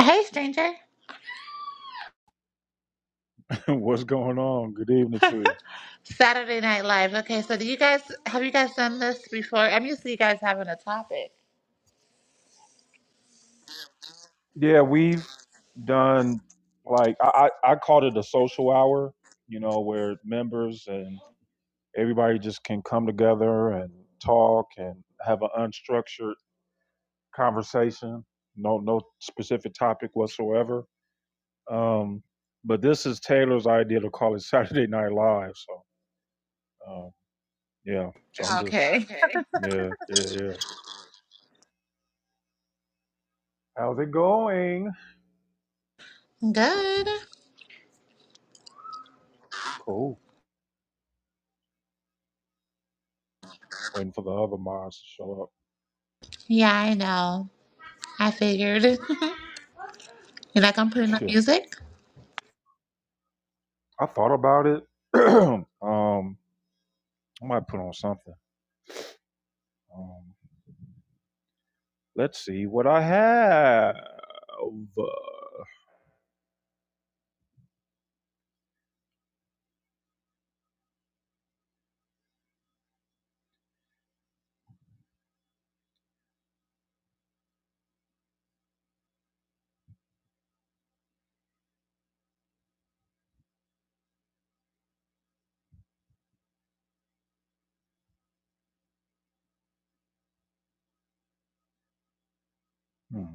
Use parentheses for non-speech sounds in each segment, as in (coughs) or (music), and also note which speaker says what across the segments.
Speaker 1: Hey, stranger.
Speaker 2: (laughs) What's going on? Good evening to you.
Speaker 1: Saturday Night Live. Okay, so do you guys have you guys done this before? I'm used to you guys having a topic.
Speaker 2: Yeah, we've done like I, I I called it a social hour, you know, where members and everybody just can come together and talk and have an unstructured conversation. No no specific topic whatsoever. Um, but this is Taylor's idea to call it (laughs) Saturday Night Live. So um, yeah, so I'm just
Speaker 1: Okay.
Speaker 2: okay. (laughs) yeah yeah yeah. How's it going?
Speaker 1: Good.
Speaker 2: Cool. Waiting for the other mods to show
Speaker 1: Yeah, I know. I figured. (laughs) you like I'm putting
Speaker 2: up.
Speaker 1: on
Speaker 2: (laughs)
Speaker 1: music?
Speaker 2: I thought about it. (clears throat) um, I might put on something. Um, let's see what I have. Hmm.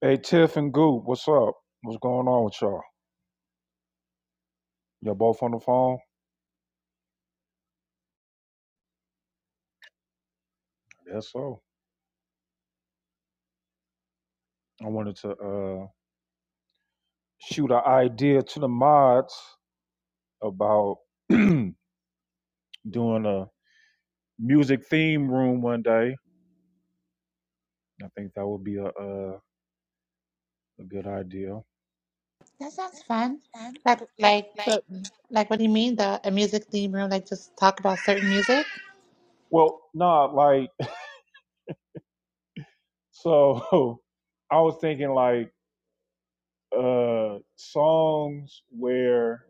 Speaker 2: Hey, Tiff and Goop, what's up? What's going on with y'all? Y'all both on the phone? I guess so. I wanted to uh, shoot an idea to the mods about (clears throat) doing a music theme room one day. I think that would be a uh, a good idea.
Speaker 1: That sounds fun. Like like but like what do you mean the a music theme room? Like just talk about certain music?
Speaker 2: Well, not like so. (laughs) I was thinking like uh, songs where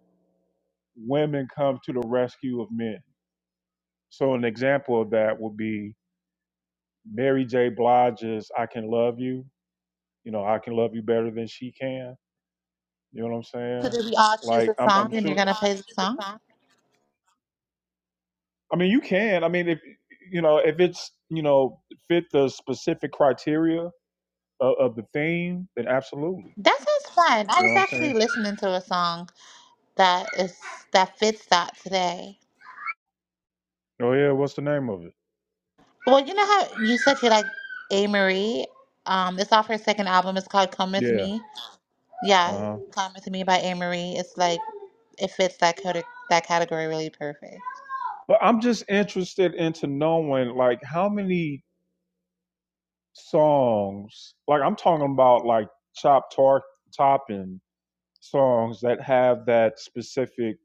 Speaker 2: women come to the rescue of men. So an example of that would be Mary J. Blige's "I Can Love You." You know, I can love you better than she can. You know what I'm
Speaker 1: So
Speaker 2: saying?
Speaker 1: did we all choose
Speaker 2: Like
Speaker 1: a
Speaker 2: I'm,
Speaker 1: song
Speaker 2: I'm
Speaker 1: and you're
Speaker 2: sure.
Speaker 1: gonna play the song?
Speaker 2: I mean, you can. I mean, if you know, if it's you know fit the specific criteria of, of the theme, then absolutely.
Speaker 1: That sounds fun. I
Speaker 2: You know
Speaker 1: was
Speaker 2: what I'm
Speaker 1: actually
Speaker 2: saying?
Speaker 1: listening to a song that is that fits that today.
Speaker 2: Oh yeah, what's the name of it?
Speaker 1: Well, you know how you said you like A. Marie? Um, it's off her second album. It's called Come With Me.
Speaker 2: Yeah. Uh
Speaker 1: Yeah,
Speaker 2: huh.
Speaker 1: Come With Me by A. Marie. It's like, it fits that, code, that category really perfect.
Speaker 2: But I'm just interested into knowing like how many songs, like I'm talking about like chop tar- topping songs that have that specific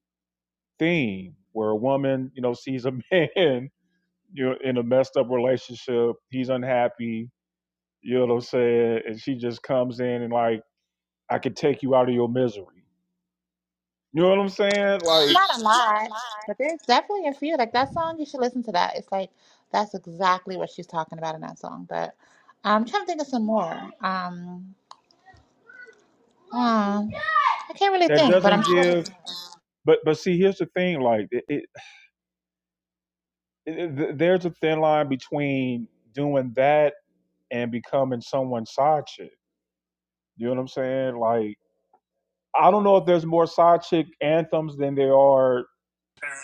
Speaker 2: theme where a woman, you know, sees a (laughs) man, you know, in a messed up relationship, he's unhappy, you know what I'm saying, and she just comes in and like, I could take you out of your misery. You know what I'm saying? Like
Speaker 1: Not a lot, but there's definitely a few. Like that song, you should listen to that. It's like, that's exactly what she's talking about in that song. But I'm trying to think of some more. Um, um I can't really
Speaker 2: that
Speaker 1: think, but I'm
Speaker 2: doesn't
Speaker 1: sure there's
Speaker 2: give but but see here's the thing, like it, it, there's a thin line between doing that and becoming someone's side chick. You know what I'm saying? Like, I don't know if there's more side chick anthems than there are,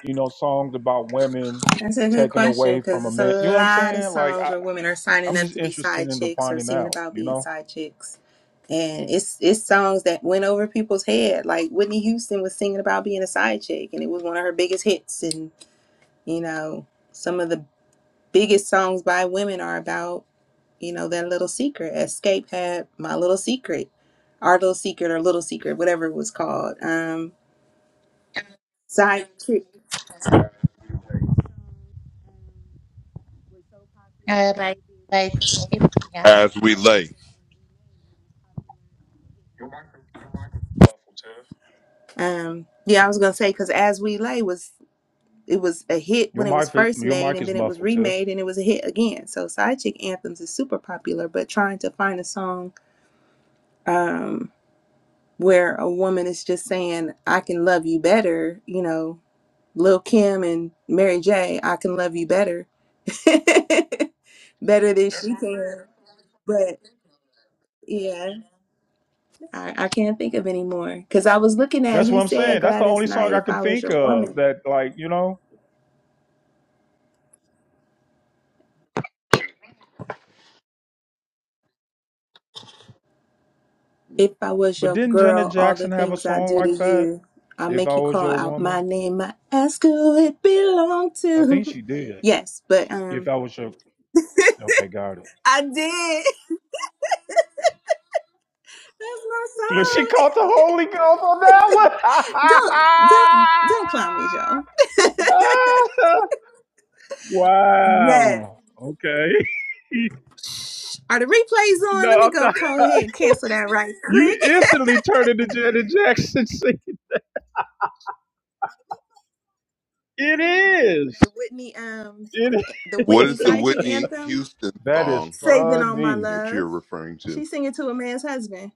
Speaker 2: you know, songs about women
Speaker 3: That's a good
Speaker 2: taken
Speaker 3: question
Speaker 2: away from
Speaker 3: because
Speaker 2: a
Speaker 3: it's a
Speaker 2: man. You know what I'm
Speaker 3: lot of
Speaker 2: saying? Like,
Speaker 3: songs
Speaker 2: I,
Speaker 3: where women are signing
Speaker 2: I'm
Speaker 3: up
Speaker 2: just
Speaker 3: to be
Speaker 2: interested
Speaker 3: side
Speaker 2: in
Speaker 3: chicks or
Speaker 2: finding
Speaker 3: singing
Speaker 2: out.
Speaker 3: about
Speaker 2: You
Speaker 3: being
Speaker 2: know,
Speaker 3: side chicks. And it's it's songs that went over people's head. Like Whitney Houston was singing about being a side chick and it was one of her biggest hits and you know, some of the biggest songs by women are about, you know, their little secret. Escape had My Little Secret, Our Little Secret or Little Secret, whatever it was called. Um side chick.
Speaker 1: more. Uh, like, like, yeah.
Speaker 4: As we lay.
Speaker 3: Um yeah, I was going to say cuz As We Lay was it was a hit
Speaker 2: your
Speaker 3: when it was
Speaker 2: mic, is-
Speaker 3: first
Speaker 2: your
Speaker 3: made
Speaker 2: mic
Speaker 3: and
Speaker 2: is
Speaker 3: then it was
Speaker 2: muffled, Tiff.
Speaker 3: remade and it was a hit again so side chick anthems is super popular but trying to find a song um where a woman is just saying i can love you better you know lil kim and mary j i can love you better (laughs) better than she can but yeah i, I can't think of any more because i was looking at
Speaker 2: That's what
Speaker 3: he
Speaker 2: I'm saying.
Speaker 3: said
Speaker 2: That's the
Speaker 3: gladys
Speaker 2: only song
Speaker 3: knight
Speaker 2: I
Speaker 3: if
Speaker 2: could
Speaker 3: i was
Speaker 2: think
Speaker 3: your
Speaker 2: of
Speaker 3: woman
Speaker 2: that, like, you know.
Speaker 3: If I was
Speaker 2: But
Speaker 3: your
Speaker 2: didn't Janet
Speaker 3: girl, all the
Speaker 2: Jackson have a
Speaker 3: things I
Speaker 2: song
Speaker 3: do to
Speaker 2: like that?
Speaker 3: you, I
Speaker 2: If
Speaker 3: make
Speaker 2: I
Speaker 3: you
Speaker 2: was
Speaker 3: call
Speaker 2: your
Speaker 3: out my
Speaker 2: woman,
Speaker 3: name. I ask who it belonged
Speaker 2: I think
Speaker 3: to.
Speaker 2: she did.
Speaker 3: Yes, but
Speaker 2: If
Speaker 3: um,
Speaker 2: I was your Okay, got it.
Speaker 3: I did. (laughs) That's
Speaker 2: Look, she caught the Holy Ghost
Speaker 3: my
Speaker 2: on
Speaker 3: song.
Speaker 2: that
Speaker 3: (laughs) don't don't don't clown me, Joe.
Speaker 2: one. (laughs)
Speaker 3: Yes.
Speaker 2: wow. Okay. (laughs)
Speaker 3: Are the replays
Speaker 2: no,
Speaker 3: on? Let me
Speaker 2: I'm
Speaker 3: go.
Speaker 2: not.
Speaker 3: Go ahead, and cancel that right
Speaker 2: You
Speaker 3: quick. (laughs)
Speaker 2: instantly turned into Janet Jackson. singing. It is.
Speaker 3: The Whitney um,
Speaker 2: It is.
Speaker 3: the
Speaker 4: What
Speaker 3: Whitney
Speaker 4: is the
Speaker 3: side chick
Speaker 4: Whitney
Speaker 3: anthem,
Speaker 4: Houston
Speaker 2: That is
Speaker 4: song
Speaker 3: "Saving All My
Speaker 2: funny.
Speaker 4: that
Speaker 3: Love."
Speaker 4: you're referring
Speaker 3: She
Speaker 4: to?
Speaker 3: singing to a man's husband.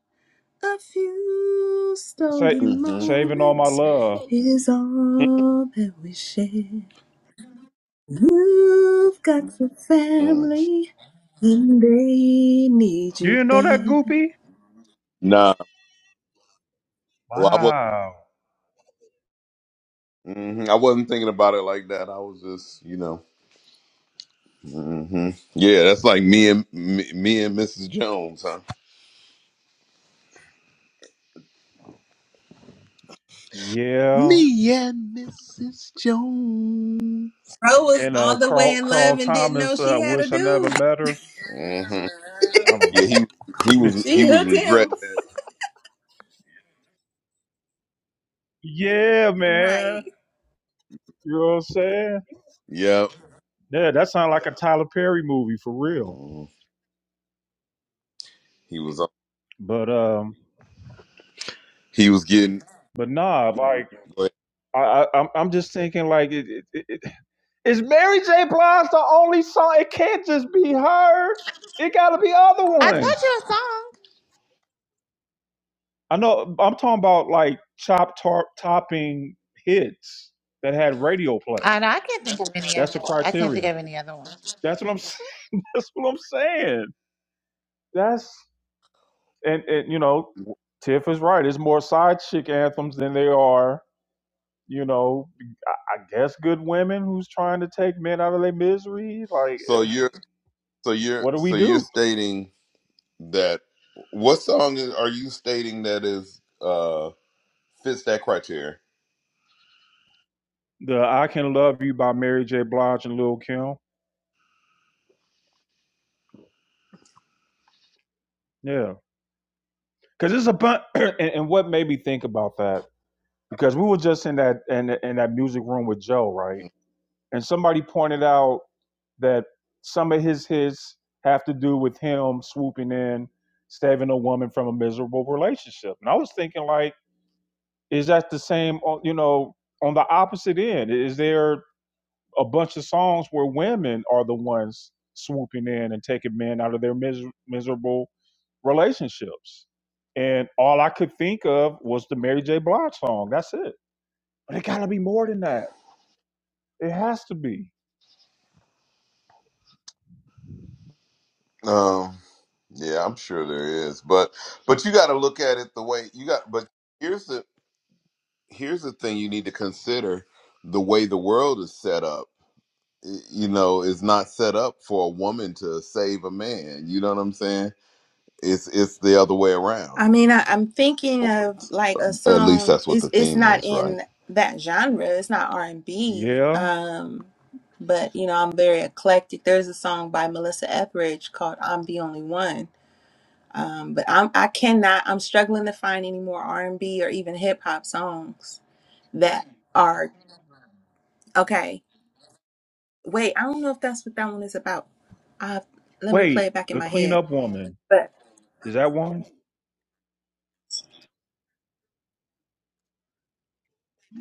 Speaker 3: A few
Speaker 2: Sa-
Speaker 3: stolen
Speaker 4: hmm
Speaker 2: saving all my
Speaker 3: moments
Speaker 2: love.
Speaker 3: is all that we share. You've got your
Speaker 4: Mm.
Speaker 3: family, and they need
Speaker 2: You
Speaker 3: you
Speaker 2: didn't know that,
Speaker 3: there.
Speaker 2: Goopy?
Speaker 4: Nah, well, I was.
Speaker 2: Wow.
Speaker 4: hmm I wasn't thinking about it like that. I was just, you know. hmm Yeah, that's like me and me, me and Mrs. Jones, huh?
Speaker 2: Yeah.
Speaker 4: Me and Mrs. Jones.
Speaker 3: Bro was
Speaker 2: And uh,
Speaker 3: all the way
Speaker 2: Carl
Speaker 3: in love
Speaker 2: Carl
Speaker 3: and didn't know
Speaker 2: Thomas. I
Speaker 3: she
Speaker 2: uh,
Speaker 3: had a
Speaker 2: wish I never
Speaker 3: dude.
Speaker 2: met her.
Speaker 4: hmm
Speaker 2: I don't
Speaker 4: Yeah,
Speaker 2: know.
Speaker 4: he he
Speaker 2: (laughs)
Speaker 4: was he was
Speaker 3: hooked him.
Speaker 4: regretting it.
Speaker 2: Yeah, man.
Speaker 3: Right.
Speaker 2: You know what I'm saying?
Speaker 4: Yep.
Speaker 2: Yeah, that sounds like a Tyler Perry movie for real.
Speaker 4: Mhm. He was
Speaker 2: But um,
Speaker 4: he was getting.
Speaker 2: but nah, like I, I I'm I'm just thinking like it, it, it, it- is Mary J. Blige the only song? It can't just be her. It got to be other
Speaker 1: I told
Speaker 2: ones.
Speaker 1: you a song.
Speaker 2: I know. I'm talking about like chop top topping hits that had radio play.
Speaker 1: I, know, I can't think of any
Speaker 2: That's
Speaker 1: other.
Speaker 2: the
Speaker 1: I can't think
Speaker 2: criteria.
Speaker 1: of any other one.
Speaker 2: That's what I'm. (laughs) That's what I'm saying. That's and and you know, Tiff is right. It's more side chick anthems than they are, you know, I guess good women who's trying to take men out of their misery. Like,
Speaker 4: So
Speaker 2: eh,
Speaker 4: you're so you're
Speaker 2: what do we
Speaker 4: so you're
Speaker 2: do?
Speaker 4: stating. That what song is, are you stating that is uh fits that criteria?
Speaker 2: The "I Can Love You" by Mary J. Blige and Lil Kim. Yeah, because it's a bunch. (clears throat) and, and what made me think about that because we were just in that in, in that music room with Joe, right? and somebody pointed out that some of his hits have to do with him swooping in, saving a woman from a miserable relationship. And I was thinking, like, is that the same? You know, on the opposite end, is there a bunch of songs where women are the ones swooping in and taking men out of their miser- miserable relationships? And all I could think of was the Mary J. Blige song. That's it. But it gotta be more than that. It has to be.
Speaker 4: Um, yeah, I'm sure there is, but but you got to look at it the way you got. But Here's the here's the thing you need to consider: the way the world is set up. y- You know, is not set up for a woman to save a man. You know what I'm saying? It's it's the other way
Speaker 3: I
Speaker 4: around.
Speaker 3: mean, I, I'm thinking of like a
Speaker 4: At least
Speaker 3: song.
Speaker 4: that's what the
Speaker 3: It's it's
Speaker 4: theme
Speaker 3: not
Speaker 4: is, right?
Speaker 3: in that genre. It's not R and B.
Speaker 2: Yeah,
Speaker 3: Um, but you know, I'm very eclectic. There's a song by Melissa Etheridge called "I'm the Only One." Um, but I'm I cannot. I'm struggling to find any more R and B or even hip hop songs that are okay. Wait, I don't know if that's what that one is about. I let me
Speaker 2: Wait,
Speaker 3: play it back in
Speaker 2: the
Speaker 3: my head.
Speaker 2: cleanup woman.
Speaker 3: But
Speaker 2: Is that one?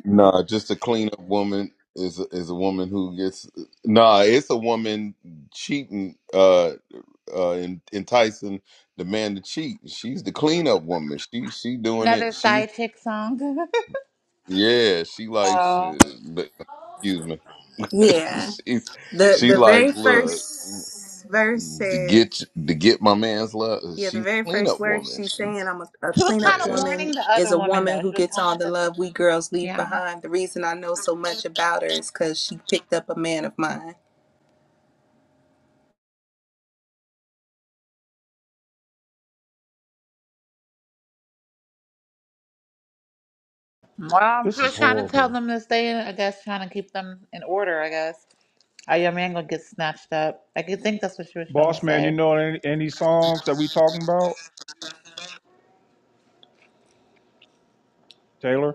Speaker 4: Nah, just a clean up woman is is a woman who gets. Nah, it's a woman cheating, uh, uh, en- enticing the man to cheat. She's the clean up woman. She she doing
Speaker 1: Another
Speaker 4: it. She
Speaker 1: side chick song. (laughs)
Speaker 4: yeah. She like,
Speaker 1: Oh,
Speaker 4: Uh, but- excuse me. (laughs)
Speaker 3: yeah,
Speaker 4: she
Speaker 3: the
Speaker 4: she
Speaker 3: the
Speaker 4: like
Speaker 3: very
Speaker 4: look
Speaker 3: first verse
Speaker 4: to get
Speaker 3: says.
Speaker 4: to get my man's love.
Speaker 3: Yeah, the
Speaker 4: She's
Speaker 3: very
Speaker 4: a clean
Speaker 3: first
Speaker 4: up
Speaker 3: words
Speaker 4: woman.
Speaker 3: she's saying,
Speaker 4: She's
Speaker 3: I'm a, a
Speaker 1: she was
Speaker 3: cleanup
Speaker 1: kind of
Speaker 4: yeah.
Speaker 1: warning
Speaker 3: woman,
Speaker 1: the
Speaker 3: is
Speaker 1: other
Speaker 3: a
Speaker 1: woman
Speaker 3: woman
Speaker 1: though.
Speaker 3: who
Speaker 1: She was
Speaker 3: gets all
Speaker 1: talking
Speaker 3: the
Speaker 1: to.
Speaker 3: love we girls leave
Speaker 1: Yeah.
Speaker 3: behind. The reason I know so much about her is because she picked up a man of mine.
Speaker 1: Well,
Speaker 2: This
Speaker 1: she
Speaker 2: is
Speaker 1: was trying to tell
Speaker 2: horrible.
Speaker 1: them to stay. in- I guess trying to keep them in order. I guess. Oh, your man gonna get snatched up. I could think that's what she was trying to
Speaker 2: Boss man, you
Speaker 1: say.
Speaker 2: know any, any songs that we talking about? Taylor?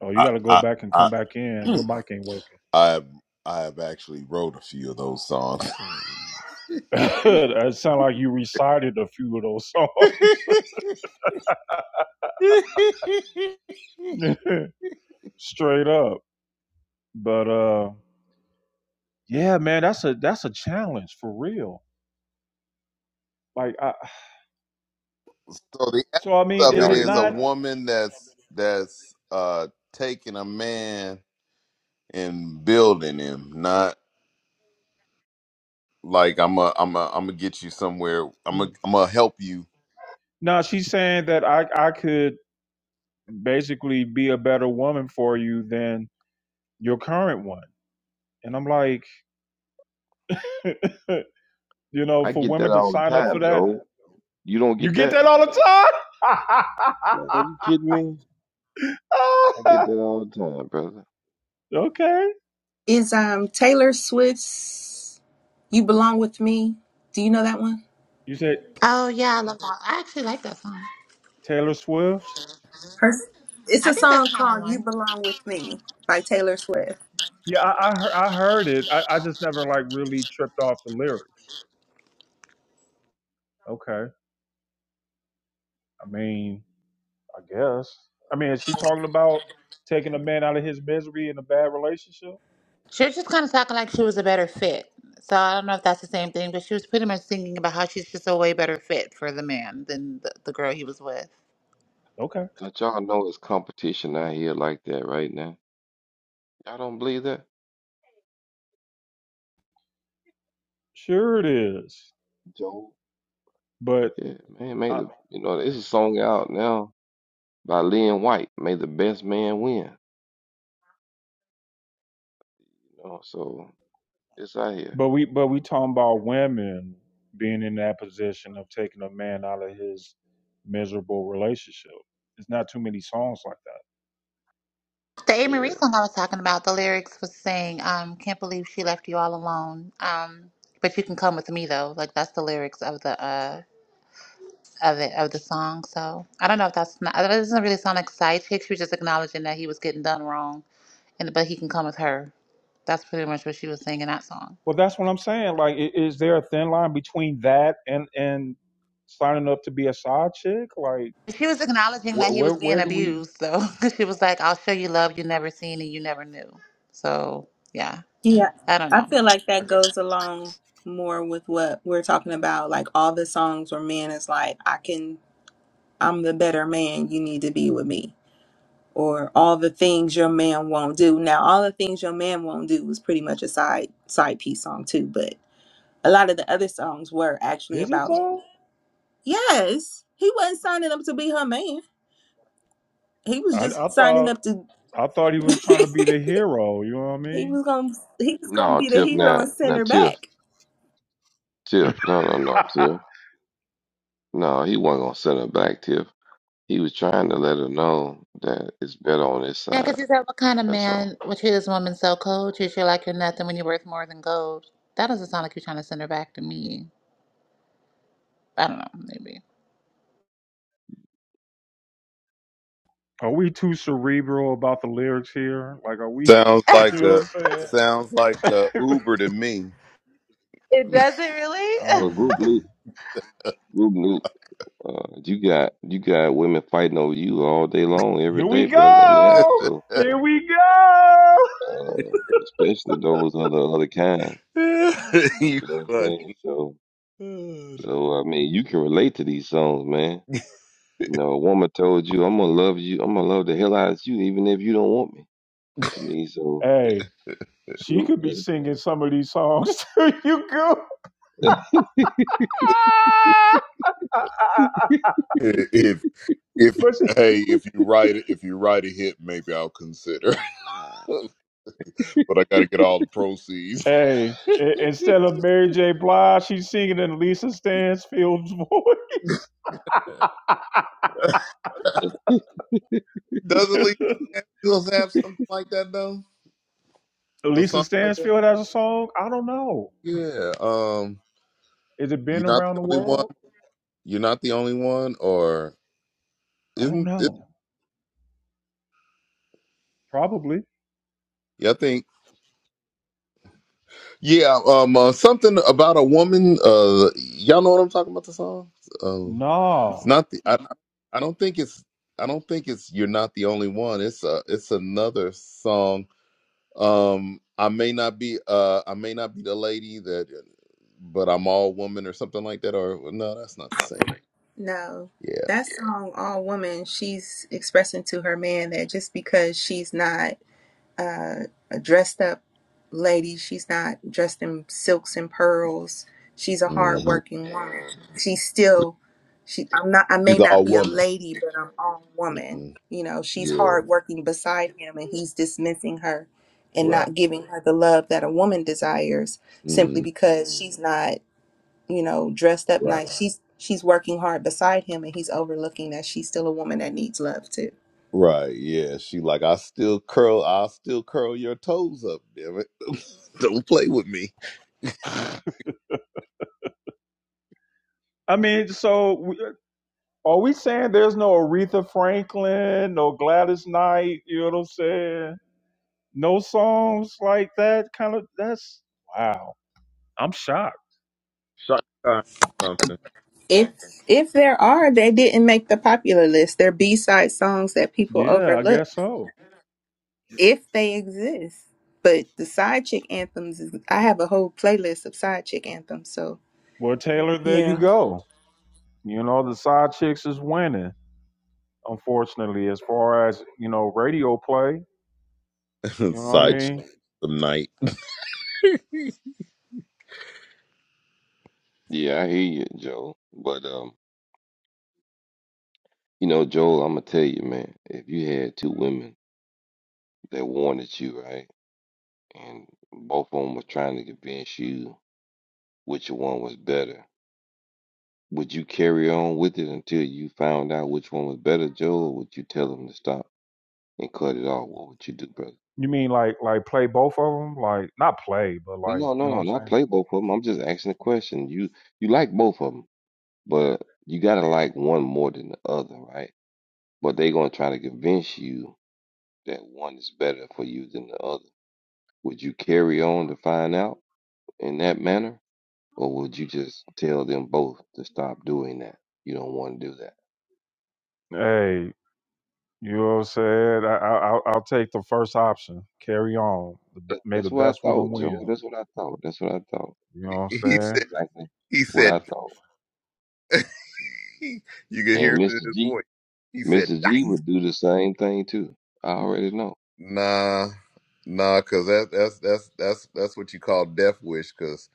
Speaker 2: Oh, you
Speaker 4: I
Speaker 2: gotta go
Speaker 4: I
Speaker 2: back and come
Speaker 4: I
Speaker 2: back in. Your
Speaker 4: (clears throat)
Speaker 2: mic ain't working.
Speaker 4: I have I have actually wrote a few of those songs. (laughs)
Speaker 2: (laughs) that sound like you recited a few of those
Speaker 4: So
Speaker 2: songs. (laughs) Straight up. But uh yeah, man, that's a that's a challenge for real. Like I
Speaker 4: the essence
Speaker 2: so I mean,
Speaker 5: Can
Speaker 4: of
Speaker 2: is
Speaker 4: it
Speaker 5: y'all
Speaker 2: it
Speaker 5: hear
Speaker 4: is
Speaker 5: me?
Speaker 4: a
Speaker 2: not
Speaker 4: woman that's that's uh taking a man and building him, not like I'm a I'm a I'm gonna get you somewhere. I'm a I'm gonna help you.
Speaker 2: no, she's saying that I I could basically be a better woman for you than your current one. And I'm like, (laughs) you know,
Speaker 5: I
Speaker 2: for
Speaker 5: get that
Speaker 2: women to
Speaker 5: all the
Speaker 2: sign up for
Speaker 5: time,
Speaker 2: that,
Speaker 5: Joe. You don't
Speaker 2: you
Speaker 5: get
Speaker 2: get
Speaker 5: that?
Speaker 2: that all the time.
Speaker 5: Man, you kidding me? I get that all the time, brother.
Speaker 2: (laughs) okay,
Speaker 3: Is um Taylor Swift's You Belong With Me? Do you know that one?
Speaker 2: you said
Speaker 1: Oh yeah, I love that. I actually like that song.
Speaker 2: Taylor Swift's.
Speaker 3: Her, it's
Speaker 1: I
Speaker 3: a
Speaker 1: think that's
Speaker 3: song
Speaker 1: kind of
Speaker 3: called You
Speaker 1: one.
Speaker 3: Belong With Me by Taylor Swift.
Speaker 2: Yeah, I I, hear- I heard it. I, I just never like really tripped off the lyrics. Okay, I mean, I guess. I mean, is she talking about taking a man out of his misery in a bad relationship?
Speaker 1: She was just kind of talking like she was a better fit. So I don't know if that's the same thing, but she was pretty much thinking about how she's just a way better fit for the man than the, the girl he was with.
Speaker 2: Okay,
Speaker 5: Don't y'all know it's competition out here like that right now? Y'all don't believe that?
Speaker 2: sure it is.
Speaker 5: Joe?
Speaker 2: But
Speaker 5: Yeah, man, may
Speaker 2: I,
Speaker 5: the you know, there's a song out now by Lynn White, May the Best Man Win. You know, so it's out here.
Speaker 2: But we but we talking about women being in that position of taking a man out of his miserable relationship. It's not too many songs like that.
Speaker 1: The Amy
Speaker 5: Yeah.
Speaker 1: Marie song I was talking about, the lyrics was saying, um, can't believe she left you all alone. Um, but you can come with me though. Like that's the lyrics of the uh of it of the song. So I don't know if that's not that doesn't really sound like a side chick. She was just acknowledging that he was getting done wrong and but he can come with her. That's pretty much what she was saying in that song.
Speaker 2: Well, that's what I'm saying. Like, i- is there a thin line between that and and signing up to be a side chick? Like,
Speaker 1: She was acknowledging
Speaker 2: where
Speaker 1: that he
Speaker 2: where,
Speaker 1: was being
Speaker 2: where do we?
Speaker 1: abused, so (laughs) she was like, "I'll show you love you never seen and you never knew." So yeah,
Speaker 3: Yeah,
Speaker 1: I don't
Speaker 3: I
Speaker 1: know.
Speaker 3: feel like
Speaker 2: I
Speaker 3: that
Speaker 2: guess
Speaker 3: goes along more with what we're talking about, like all the songs where man is like, I can, I'm the better man, you need to be with me. or all the things your man won't do. Now, all the things your man won't do was pretty much a side side piece song too, but a lot of the other songs were actually
Speaker 2: is it
Speaker 3: about
Speaker 2: though?
Speaker 3: yes, he wasn't signing up to be her man. He was
Speaker 2: I, I
Speaker 3: just signing
Speaker 2: thought
Speaker 3: up to
Speaker 2: I thought he was
Speaker 3: (laughs)
Speaker 2: trying to be the hero. You know what I
Speaker 3: he
Speaker 2: mean?
Speaker 3: was gonna he was gonna
Speaker 5: No,
Speaker 3: be the
Speaker 5: Tiff
Speaker 3: hero
Speaker 5: Not,
Speaker 3: and send
Speaker 5: now
Speaker 3: her
Speaker 5: Tiff.
Speaker 3: back.
Speaker 5: Tiff. No, no, no,
Speaker 2: (laughs)
Speaker 5: Tiff. No, he wasn't gonna send her back, Tiff. He was trying to let her know that it's better on his
Speaker 1: Yeah, because
Speaker 5: side.
Speaker 1: he said, "What kind of
Speaker 5: That's all.
Speaker 1: man would treat this woman so cold? Treat you like you're nothing when you're worth more than gold." That doesn't sound like you're trying to send her back to me. I don't know, maybe.
Speaker 2: Are we too cerebral about the lyrics here? Like, are we?
Speaker 4: Sounds
Speaker 2: (laughs)
Speaker 4: like
Speaker 2: You know
Speaker 4: a
Speaker 2: what I'm saying?
Speaker 4: sounds like a Uber to me.
Speaker 1: It doesn't
Speaker 2: (laughs) I
Speaker 1: really.
Speaker 5: Well,
Speaker 2: don't know.
Speaker 5: group Newt,
Speaker 2: man.
Speaker 5: group Newt, uh, you got you got women fighting over you all day long, every
Speaker 2: Here we
Speaker 5: day, brother, in the app.
Speaker 2: go.
Speaker 5: So,
Speaker 4: (laughs)
Speaker 2: Here we go.
Speaker 5: uh, especially those other
Speaker 2: (laughs)
Speaker 5: other kind.
Speaker 4: you
Speaker 5: You know what I'm
Speaker 4: funny.
Speaker 5: saying? So, so I mean, you can relate to these songs, man. You know, a woman told you, "I'm gonna love you. I'm gonna love the hell out of you, even if you don't want me." I mean, so
Speaker 2: Hey, she
Speaker 5: group.
Speaker 2: could
Speaker 5: (laughs)
Speaker 2: be
Speaker 5: That,
Speaker 2: singing some of these songs (laughs) to you, girl. (laughs)
Speaker 4: If if
Speaker 2: but she,
Speaker 4: hey, if you write it, if you write a hit, maybe I'll consider. (laughs) but I got to get all the proceeds.
Speaker 2: hey, i- instead
Speaker 4: (laughs)
Speaker 2: of Mary J. Blige, she's singing in Lisa Stansfield's voice.
Speaker 4: Doesn't Lisa
Speaker 2: (laughs)
Speaker 4: Samuels have something like that though? Or
Speaker 2: Lisa
Speaker 4: something like that?
Speaker 2: Stansfield has a song. I don't know.
Speaker 4: Yeah. Um
Speaker 2: Is it
Speaker 4: You're
Speaker 2: been
Speaker 4: not
Speaker 2: around
Speaker 4: the
Speaker 2: the
Speaker 4: only one.
Speaker 2: world?
Speaker 4: You're not the only one or
Speaker 2: I don't
Speaker 4: isn't it
Speaker 2: know. Probably.
Speaker 4: yeah, I think yeah, um uh, something about a woman, uh y'all know what I'm talking about the song? Uh,
Speaker 2: Nah.
Speaker 4: it's not the I I don't think it's I don't think it's you're not the only one. It's a it's another song Um, I may not be uh I may not be the lady that uh, but I'm all woman or something like that or no, that's not the same.
Speaker 3: No,
Speaker 4: Yeah.
Speaker 3: that song, All Woman, she's expressing to her man that just because she's not uh, a dressed up lady. She's not dressed in silks and pearls. She's a
Speaker 4: hmm
Speaker 3: hard-working. She's still. She. I'm not. I
Speaker 4: She's
Speaker 3: may not
Speaker 4: all
Speaker 3: be a
Speaker 4: woman.
Speaker 3: lady, but I'm all woman.
Speaker 4: hmm
Speaker 3: You know, she's
Speaker 4: Yeah,
Speaker 3: hard-working beside him, and he's dismissing her and
Speaker 4: right.
Speaker 3: not giving her the love that a woman desires simply
Speaker 4: Mm,
Speaker 3: because she's not. You know, dressed up
Speaker 4: right.
Speaker 3: nice. She's she's working hard beside him, and he's overlooking that she's still a woman that needs love too.
Speaker 4: Right. Yeah, she like I still curl i still curl your toes up, damn it. (laughs) Don't play with me.
Speaker 2: (laughs) I mean, so we. Are we saying there's no Aretha Franklin, no Gladys Knight, you know what I'm saying? No songs like that kind of that's wow. I'm shocked.
Speaker 4: Shot uh, something.
Speaker 3: If if there are, they didn't make the popular list. They're B side songs that people
Speaker 2: Yeah, I
Speaker 3: overlook
Speaker 2: guess so.
Speaker 3: if they exist. But the side chick anthems, is, I have a whole playlist of side chick anthems. So
Speaker 2: Well, Taylor, there you
Speaker 3: yeah.
Speaker 2: go. You know, the side chicks is winning, unfortunately, as far as, you know, radio play. You
Speaker 4: (laughs)
Speaker 2: know what I
Speaker 4: Side chick
Speaker 2: mean?
Speaker 5: Mhm.
Speaker 4: some night. (laughs)
Speaker 5: Yeah, I hear you, Joel. But um, you know, Joel, I'm gonna tell you, man, if you had two women that wanted you, right? and both of them were trying to convince you which one was better. Would you carry on with it until you found out which one was better, Joe, or would you tell them to stop and cut it off? What would you do, brother?
Speaker 2: You mean like like play both of them? Like not play, but
Speaker 5: No,
Speaker 2: like,
Speaker 5: no,
Speaker 2: you
Speaker 5: no,
Speaker 2: know
Speaker 5: no,
Speaker 2: what
Speaker 5: not
Speaker 2: I'm
Speaker 5: play both of them. I'm just asking a question. You you like both of them, but you gotta like one more than the other, right? But they gonna try to convince you that one is better for you than the other. Would you carry on to find out in that manner? Or would you just tell them both to stop doing that? You don't want to do that.
Speaker 2: saying? Hey. You know what I'm saying? I, I, I'll, I'll take the first option. Carry on. The, b-
Speaker 5: that.
Speaker 2: may the
Speaker 5: That's what I
Speaker 2: best woman
Speaker 5: thought,
Speaker 2: win.
Speaker 5: Joe. That's what I thought. That's what I thought.
Speaker 2: You know what
Speaker 4: He
Speaker 5: That's
Speaker 2: I'm
Speaker 4: said
Speaker 5: exactly
Speaker 4: he
Speaker 5: what
Speaker 4: said
Speaker 5: I thought.
Speaker 4: (laughs) you could
Speaker 5: And
Speaker 4: hear it in
Speaker 5: Mr.
Speaker 4: his
Speaker 5: G,
Speaker 4: voice. He said
Speaker 5: Mr. G would do the same thing too. I already know.
Speaker 4: Nah, nah, cause that that's that's that's that's what you call death wish. Cause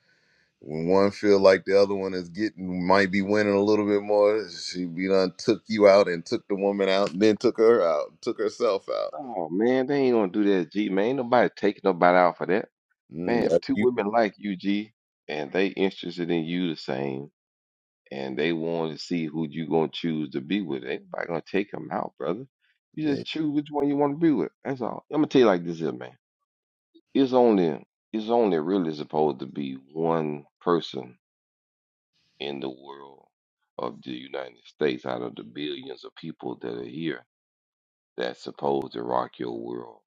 Speaker 4: when one feel like the other one is getting might be winning a little bit more, she be done took you out and took the woman out, and then took her out, took herself out.
Speaker 5: Oh man, they ain't gonna do that, G. Man, ain't nobody taking nobody out for that.
Speaker 4: Mm,
Speaker 5: Man,
Speaker 4: yeah,
Speaker 5: if two
Speaker 4: you,
Speaker 5: women like you, G, and they interested in you the same. and they want to see who you gonna choose to be with. Ain't nobody gonna take them out, brother. You
Speaker 4: yeah.
Speaker 5: just choose which one you want to be with. That's all. I'm gonna tell you like this here, man. It's only it's only really supposed to be one person in the world of the United States out of the billions of people that are here that's supposed to rock your world,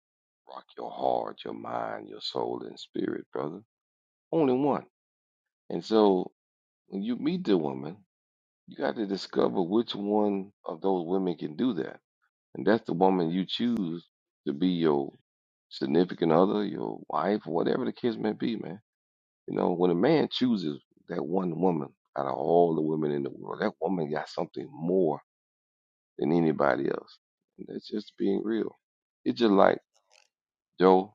Speaker 5: rock your heart, your mind, your soul, and spirit, brother. Only one. And so when you meet the woman. You got to discover which one of those women can do that. And that's the woman you choose to be your significant other, your wife, or whatever the case may be, man. You know, when a man chooses that one woman out of all the women in the world, that woman got something more than anybody else. And that's just being real. It's just like, Joe,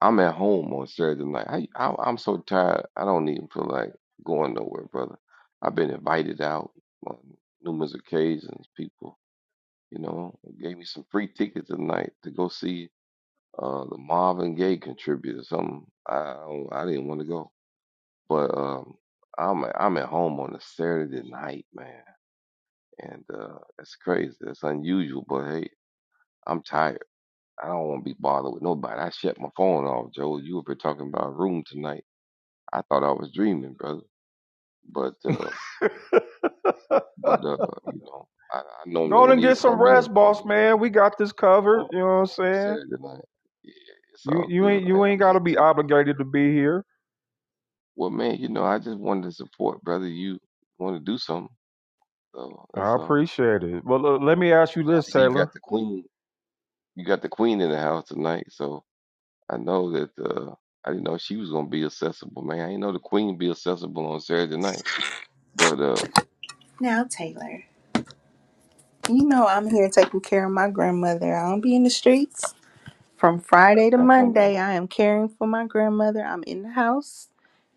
Speaker 5: I'm at home on Saturday night. I, I, I'm so tired. I don't even feel like going nowhere, brother. I've been invited out on numerous occasions. People You know, it gave me some free tickets tonight to go see uh the Marvin Gaye contributor. Something I don't- I didn't want to go, but um I'm I'm at home on a Saturday night, man, and uh it's crazy. It's unusual, but hey, I'm tired. I don't want to be bothered with nobody. I shut my phone off, Joe. You were talking about a room tonight. I thought I was dreaming, brother. But uh,
Speaker 2: saying? (laughs)
Speaker 5: but uh, you know, I, I normally
Speaker 2: Go
Speaker 5: wouldn't
Speaker 2: and
Speaker 5: even
Speaker 2: get some
Speaker 5: come in
Speaker 2: rest, boss man. We got this
Speaker 5: on,
Speaker 2: covered. You know what
Speaker 5: on,
Speaker 2: I'm
Speaker 5: on
Speaker 2: saying?
Speaker 5: Saturday night. Yeah, it's
Speaker 2: You
Speaker 5: all
Speaker 2: you
Speaker 5: good,
Speaker 2: ain't you
Speaker 5: man. I'm
Speaker 2: ain't
Speaker 5: just
Speaker 2: gotta be
Speaker 5: telling.
Speaker 2: obligated to be here.
Speaker 5: Well, man, you know, I just wanted to support, brother. You want to do something, so
Speaker 2: I
Speaker 5: that's all.
Speaker 2: appreciate it. Well, l- let me ask you
Speaker 5: I
Speaker 2: this,
Speaker 5: see you got
Speaker 2: Taylor.
Speaker 5: the queen. You got the queen in the house tonight, so I know that. Uh, I didn't know she was gonna be accessible, man. I didn't know the queen be accessible on Saturday night, but uh,
Speaker 3: Now Taylor, you know I'm here
Speaker 5: yeah,
Speaker 3: taking care of my grandmother. I don't be in the streets from Friday to
Speaker 5: no, no,
Speaker 3: Monday.
Speaker 5: no,
Speaker 3: I am caring for my grandmother. I'm in the house.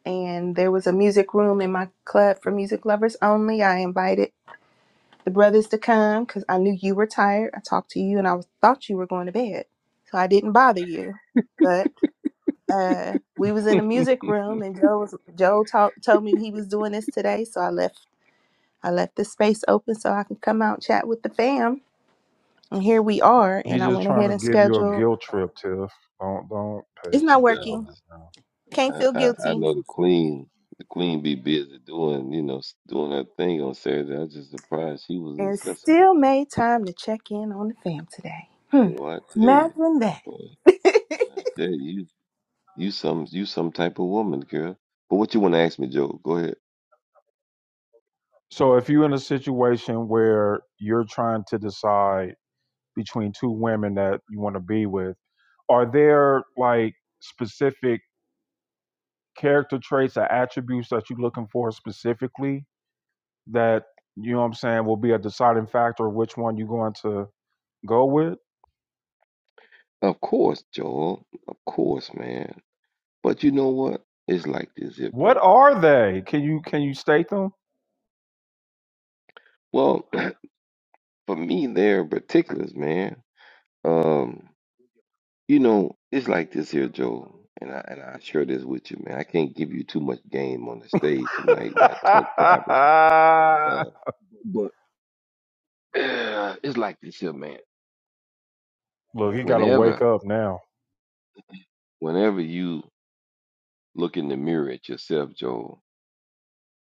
Speaker 3: And there was a music room in my club for music lovers only. I invited the brothers to come because I knew you were tired. I talked to you and I was, thought you were going to bed, so I didn't bother you. But uh, we was in the
Speaker 2: (laughs)
Speaker 3: music room and Joe was, Joe talk, told me he was doing this today, so I left I left the space open so I could come out and chat with the fam. And here we are.
Speaker 2: He's
Speaker 3: And I
Speaker 2: just
Speaker 3: went
Speaker 2: trying
Speaker 3: ahead
Speaker 2: to
Speaker 3: and
Speaker 2: give you a
Speaker 3: scheduled.
Speaker 2: guilt trip, Tiff. Don't don't pay
Speaker 3: It's not
Speaker 5: no.
Speaker 2: attention
Speaker 5: I'm
Speaker 3: working.
Speaker 2: right
Speaker 5: just,
Speaker 2: now.
Speaker 3: Can't
Speaker 5: I,
Speaker 3: feel
Speaker 5: I, I
Speaker 3: guilty.
Speaker 5: know the queen. The queen be busy doing, you know, s- doing her thing on Saturday. I was just surprised she was
Speaker 3: And
Speaker 5: accessible.
Speaker 3: still made time to check in on the fam today. Hmm.
Speaker 5: Boy, I tell you,
Speaker 3: Imagine that.
Speaker 5: boy,
Speaker 3: (laughs)
Speaker 5: man, I tell you. You some you some type of woman, girl. But what you want to ask me, Joe? Go ahead.
Speaker 2: So if you're in a situation where you're trying to decide between two women that you want to be with are there like specific character traits or attributes that you're looking for specifically that you know what i'm saying will be a deciding factor of which one you're going to go with
Speaker 5: Of course, Joel. Of course, man. But you know what? It's like this here,
Speaker 2: what
Speaker 5: brother.
Speaker 2: are they can you can you state them
Speaker 5: Well, (clears throat) for me, there in particulars, man. Um, you know, it's like this here, Joel. And I and I share this with you, man. I can't give you too much game on the stage tonight. We got to talk
Speaker 2: (laughs)
Speaker 5: privately. Uh, but (clears throat) it's like this here, man.
Speaker 2: look he gotta wake
Speaker 5: Whenever,
Speaker 2: up now
Speaker 5: whenever you look in the mirror at yourself, Joel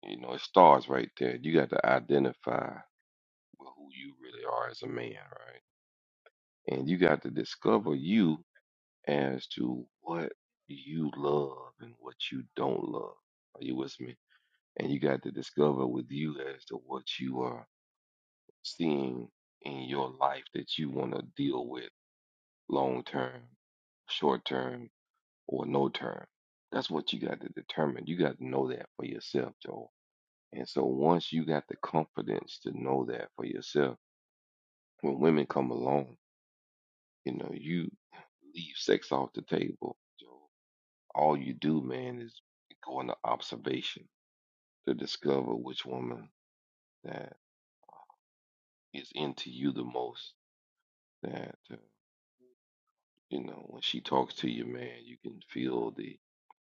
Speaker 5: You know, it starts right there. You got to identify with who you really are as a man, right? And you got to discover you as to what you love and what you don't love. Are you with me? And you got to discover with you as to what you are seeing in your life that you want to deal with long term, short term, or no term. That's what you got to determine. You got to know that for yourself, Joel. And so once you got the confidence to know that for yourself, when women come along, you know, you leave sex off the table. So all you do, man, is go into observation to discover which woman that is into you the most. That, uh, you know, when she talks to you, man, you can feel the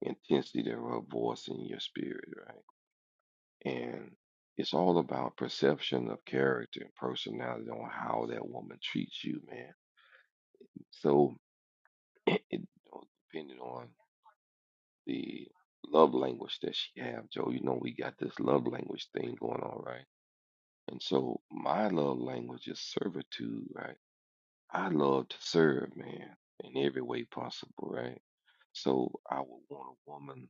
Speaker 5: intensity of her voice in your spirit, right? And it's all about perception of character and personality on how that woman treats you, man. So. it it all depending on the love language that she have, Joe. You know, we got this love language thing going on, right? And so my love language is servitude, right? I love to serve, man, in every way possible, right? So I would want a woman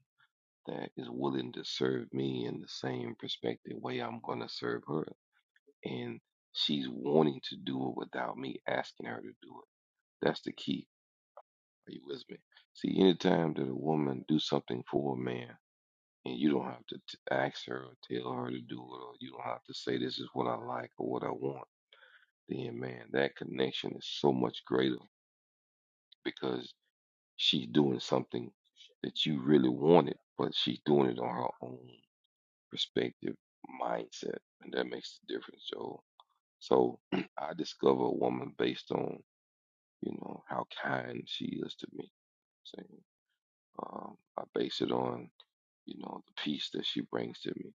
Speaker 5: that is willing to serve me in the same perspective way I'm going to serve her. And she's wanting to do it without me asking her to do it. That's the key. Are you with me? See, anytime that a woman do something for a man, And you don't have to t- ask her or tell her to do it, or you don't have to say this is what I like or what I want. Then, man, that connection is so much greater because she's doing something that you really wanted, but she's doing it on her own perspective, mindset, and that makes the difference, Joe. So (clears throat) I discover a woman based on, you know, how kind she is to me. So, um, I base it on, you know, the peace that she brings to me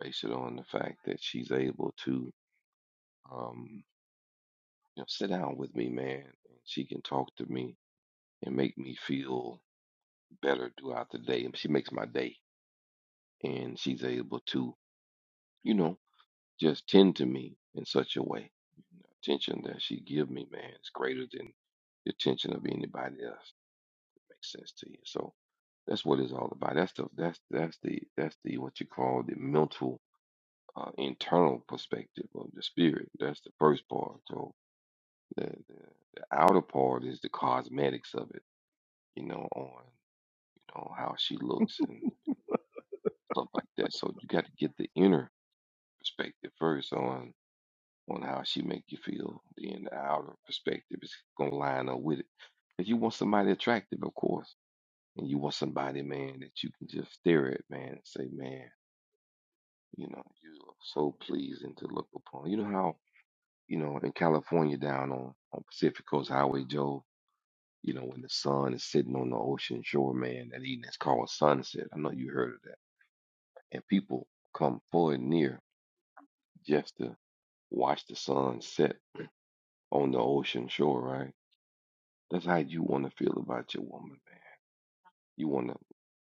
Speaker 5: Based it on the fact that she's able to, um, you know, sit down with me, man. And she can talk to me and make me feel better throughout the day. And she makes my day. And she's able to, you know, just tend to me in such a way. Attention that she give me, man, is greater than the attention of anybody else. It makes sense to you. So that's what it's all about. That's the that's that's the that's the what you call the mental uh, internal perspective of the spirit. That's the first part. So The, the the outer part is the cosmetics of it, you know, on you know how she looks and stuff like that. So you got to get the inner perspective first on on how she make you feel. Then the outer perspective is gonna line up with it. If you want somebody attractive, of course, and you want somebody, man, that you can just stare at, man, and say, man, you know, you are so pleasing to look upon. You know how you know in California down on on Pacific Coast Highway, Joe. You know, when the sun is sitting on the ocean shore, man, that evening it's called sunset. I know you heard of that. And people come full and near just to watch the sun set on the ocean shore, right? That's how you want to feel about your woman, man. You want to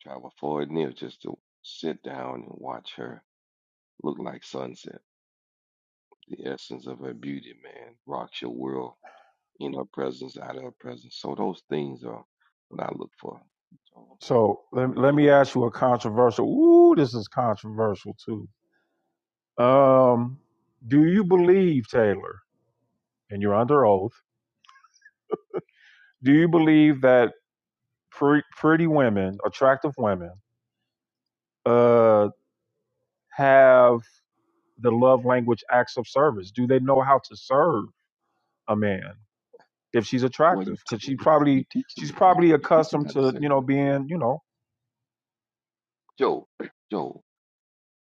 Speaker 5: travel far and near just to sit down and watch her look like sunset. The essence of her beauty, man, rocks your world in her presence, out of her presence. So those things are what I look for. So,
Speaker 2: So let, let me
Speaker 5: and
Speaker 2: ask
Speaker 5: uh,
Speaker 2: you a controversial. Ooh, this is controversial too. Um, do you believe Taylor, and you're under oath? Do you believe that pre- pretty women, attractive women, uh, have the love language acts of service? Do they know how to serve a man if she's
Speaker 5: Well,
Speaker 2: attractive?
Speaker 5: you te-
Speaker 2: Because she
Speaker 5: you
Speaker 2: probably
Speaker 5: teach
Speaker 2: she's
Speaker 5: them you,
Speaker 2: probably
Speaker 5: you teach them
Speaker 2: accustomed
Speaker 5: how to
Speaker 2: to
Speaker 5: serve.
Speaker 2: you know being you know
Speaker 5: Joe, Joe,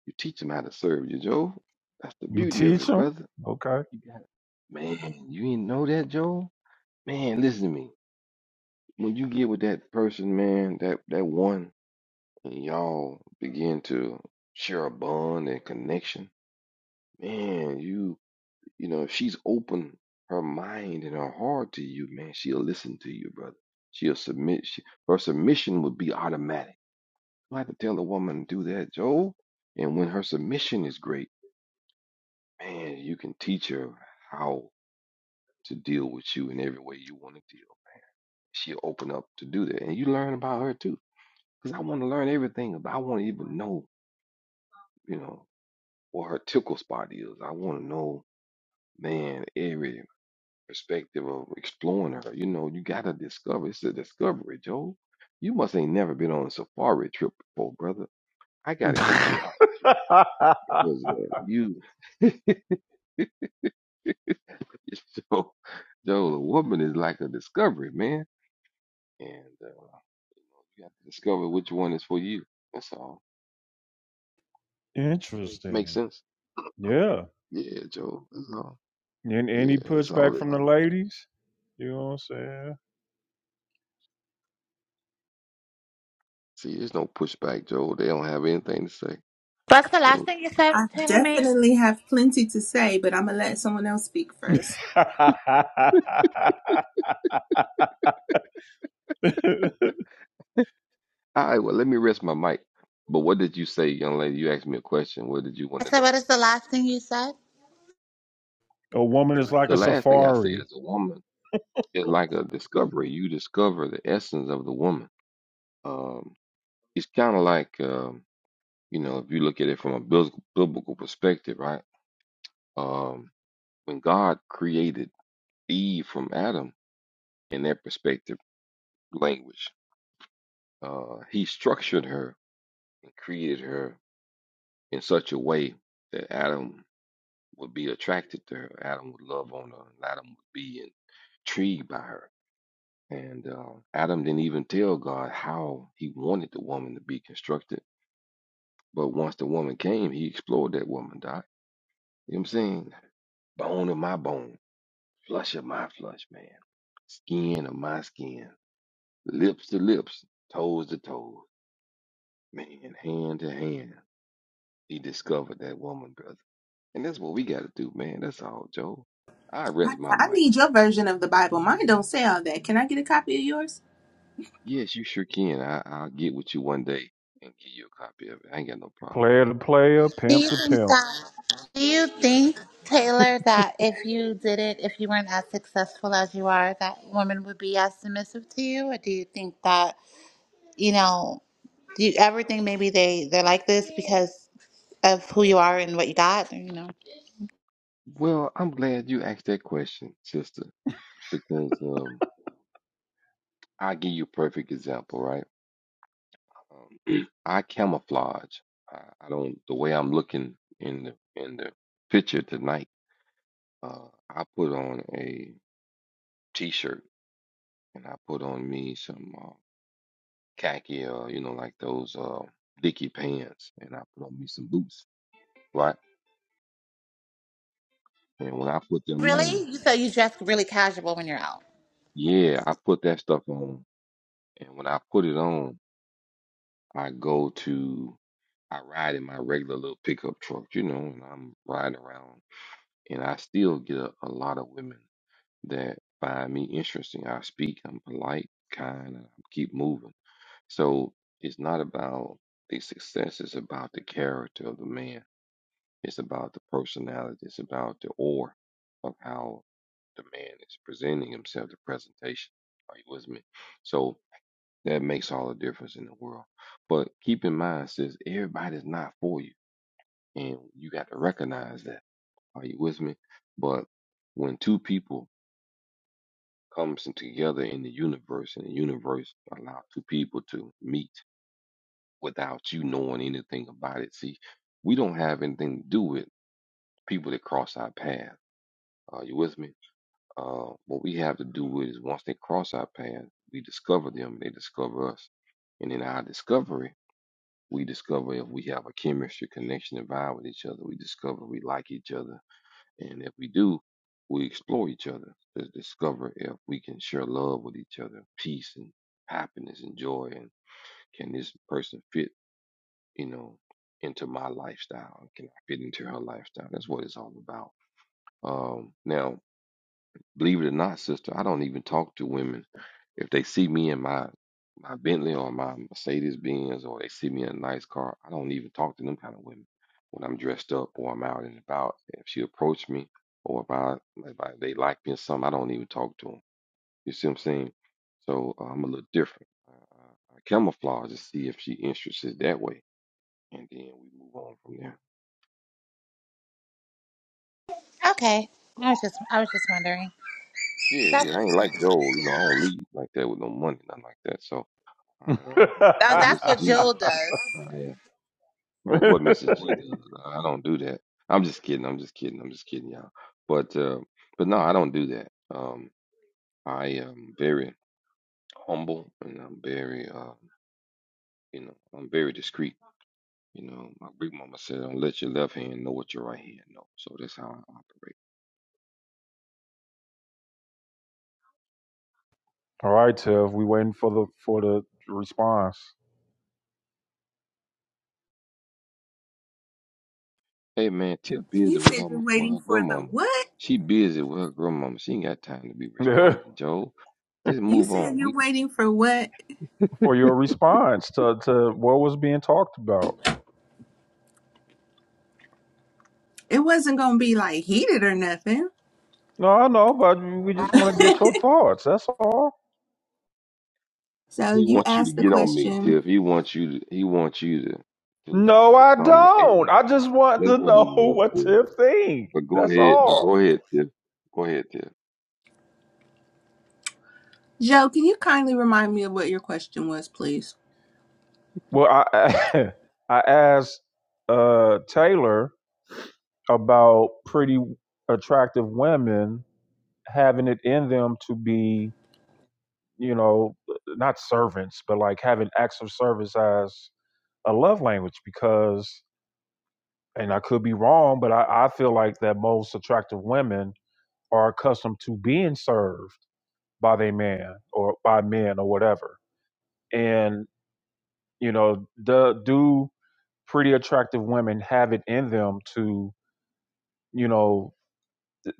Speaker 5: you teach them how to serve you, Joe. That's the
Speaker 2: you
Speaker 5: beauty of
Speaker 2: teach
Speaker 5: it,
Speaker 2: them.
Speaker 5: brother.
Speaker 2: Okay.
Speaker 5: You got it. man. You didn't know that, Joe. Man, listen to me. When you get with that person, man, that that one, and y'all begin to share a bond and connection, man, you you know if she's open her mind and her heart to you, man, she'll listen to you, brother. She'll submit. She, her submission would be automatic I had to tell a woman do that, Joe. And when her submission is great, man, you can teach her how to deal with you in every way you want to deal. She'll open up to do that, and you learn about her too. Because I want to learn everything. About, I want to even know, you know, what her tickle spot is. I want to know, man, every perspective of exploring her. You know, you got to discover. It's a discovery, Joe. You must ain't never been on a safari trip before, brother. I got to get you out
Speaker 2: (laughs)
Speaker 5: because uh, you. (laughs) (laughs) So, so a woman is like a discovery, man. And uh, you have to discover which one is for you. That's all. Makes
Speaker 2: Interesting.
Speaker 5: sense.
Speaker 2: Yeah.
Speaker 5: Yeah, Joe. That's all.
Speaker 2: And
Speaker 5: Yeah,
Speaker 2: any
Speaker 5: that's
Speaker 2: pushback
Speaker 5: all it
Speaker 2: from the
Speaker 5: is.
Speaker 2: ladies? You know what
Speaker 5: See, there's no pushback, Joe. They don't have anything to say.
Speaker 1: (laughs) What's the last
Speaker 5: So,
Speaker 1: thing you said,
Speaker 3: I
Speaker 1: Taylor May?
Speaker 3: definitely have plenty to say, but I'm gonna let someone else speak first.
Speaker 2: I'm saying? (laughs)
Speaker 5: all right, well, let me rest my mic. But what did you say, young lady? You asked me a question. What did you
Speaker 1: I
Speaker 5: want to
Speaker 1: said,
Speaker 5: know?
Speaker 1: "What is the last thing you said?"
Speaker 2: a woman is like
Speaker 5: The
Speaker 2: a
Speaker 5: last thing I said
Speaker 2: safari.
Speaker 5: is a woman is like a discovery. You discover the essence of the woman. Um, it's kind of like. um. You know, if you look at it from a bus- biblical perspective, right? Um, when God created Eve from Adam in that perspective language, uh, he structured her and created her in such a way that Adam would be attracted to her. Adam would love on her. And Adam would be intrigued by her. And uh, Adam didn't even tell God how he wanted the woman to be constructed. But once the woman came, he explored that woman, Doc. You know what I'm saying? Bone of my bone Flush of my flush, man. Skin of my skin. Lips to lips. Toes to toes. Man, hand to hand. He discovered that woman, brother. And that's what we got to do, man. That's all, Joe. I
Speaker 3: I,
Speaker 5: rest my
Speaker 3: I
Speaker 5: mic,
Speaker 3: need
Speaker 5: man.
Speaker 3: your version of the Bible. Mine don't say all that. Can I get a copy of yours?
Speaker 5: Yes, you sure can. I, I'll get with you one day and give you a copy of it. I ain't got no problem with
Speaker 2: Player
Speaker 5: that.
Speaker 2: to player,
Speaker 1: Do
Speaker 2: pimp
Speaker 1: you
Speaker 2: to
Speaker 1: think
Speaker 2: pimp.
Speaker 1: that? Do you think Taylor that if you didn't, if you weren't as successful as you are, that women would be as submissive to you, or do you think that you know, do you ever think maybe they they're like this because of who you are and what you got, or, you know?
Speaker 5: Well, I'm glad you asked that question, sister, because um, I'll give you a perfect example, right? Um, (clears throat) I camouflage. I, I don't. The way I'm looking in the in the picture tonight, uh, I put on a t-shirt and I put on me some uh, khaki, uh, you know, like those uh, dicky pants, and I put on me some boots, right? And when I put them on,
Speaker 1: Really? So you dress really casual when you're out?
Speaker 5: yeah, I put that stuff on. And when I put it on, I go to I ride in my regular little pickup truck, you know, and I'm riding around and I still get a, a lot of women that find me interesting. I speak, I'm polite, kind, and I keep moving. So it's not about the success, it's about the character of the man. It's about the personality, it's about the aura of how the man is presenting himself, the presentation. Are you with me? So that makes all the difference in the world. But keep in mind, sis, everybody's not for you. And you got to recognize that. Are you with me? But when two people comes in together in the universe, and the universe allows two people to meet without you knowing anything about it. See, we don't have anything to do with people that cross our path. Are you with me? Uh, what we have to do with is once they cross our path, we discover them, they discover us, and in our discovery, we discover if we have a chemistry connection and vibe with each other. We discover we like each other And if we do, we explore each other to discover if we can share love with each other, peace and happiness and joy. And can this person fit, you know, into my lifestyle? Can I fit into her lifestyle? That's what it's all about. Um, now, believe it or not, sister, I don't even talk to women if they see me in my my Bentley or my Mercedes Benz or they see me in a nice car, I don't even talk to them kind of women when I'm dressed up or I'm out and about. If she approach me or if I if I, they like me or something, I don't even talk to them. You see what I'm saying? So uh, I'm a little different. Uh, I camouflage to see if she interested that way, and then we move on from there.
Speaker 1: Okay, I was just I was just wondering.
Speaker 5: Yeah,
Speaker 1: But that's
Speaker 5: yeah, I ain't like Joe. You know, I don't leave like that with no money, nothing like that. So I um,
Speaker 1: that,
Speaker 5: or
Speaker 1: that's
Speaker 5: Mr.
Speaker 1: what
Speaker 5: G.
Speaker 1: Jill does.
Speaker 5: I That's what Mrs.
Speaker 2: (laughs)
Speaker 5: G does. I don't do that. I'm just kidding. I'm just kidding. I'm just kidding, y'all. But uh, but no, I don't do that. Um, I am very humble and I'm very um, you know, I'm very discreet. You know, my big mama said, "Don't let your left hand know what your right hand know." So that's how I operate.
Speaker 2: All right, Tev, we waiting for the for the response.
Speaker 5: Hey man, Tiff busy
Speaker 3: You
Speaker 5: with
Speaker 3: said
Speaker 5: her
Speaker 3: you're
Speaker 5: with
Speaker 3: waiting
Speaker 5: her
Speaker 3: for the
Speaker 5: grandmama.
Speaker 3: what?
Speaker 5: She busy with her grandmama. She ain't got time to be
Speaker 2: (laughs)
Speaker 5: responding, Joe. Just
Speaker 3: You
Speaker 5: move on.
Speaker 3: said you're
Speaker 5: We.
Speaker 3: waiting for what?
Speaker 2: for your response to, to what was being talked about.
Speaker 3: It wasn't gonna be like heated or nothing.
Speaker 2: No, I know, but we just want to get
Speaker 3: (laughs)
Speaker 2: your thoughts. That's all.
Speaker 3: so
Speaker 5: He
Speaker 3: you
Speaker 5: wants you to
Speaker 3: asked the
Speaker 5: get on me,
Speaker 3: question.
Speaker 5: Tiff. He wants you to he wants you to to,
Speaker 2: No,
Speaker 5: to
Speaker 2: I
Speaker 5: come at
Speaker 2: don't.
Speaker 5: me.
Speaker 2: I just want
Speaker 5: That's
Speaker 2: to
Speaker 5: what
Speaker 2: know
Speaker 5: he
Speaker 2: (laughs)
Speaker 5: wants,
Speaker 2: what
Speaker 5: Tiff.
Speaker 2: Tiff think.
Speaker 5: But go
Speaker 2: That's
Speaker 5: ahead, but
Speaker 2: all.
Speaker 5: go ahead, Tiff. Go ahead, Tiff.
Speaker 3: Joe, can you kindly remind me of what your question was, please?
Speaker 2: Well, I (laughs) I asked uh, Taylor about pretty attractive women having it in them to be, you know, not servants, but like having acts of service as a love language because, and I could be wrong, but I, I feel like that most attractive women are accustomed to being served by their man or by men or whatever. And, you know, do, do pretty attractive women have it in them to, you know,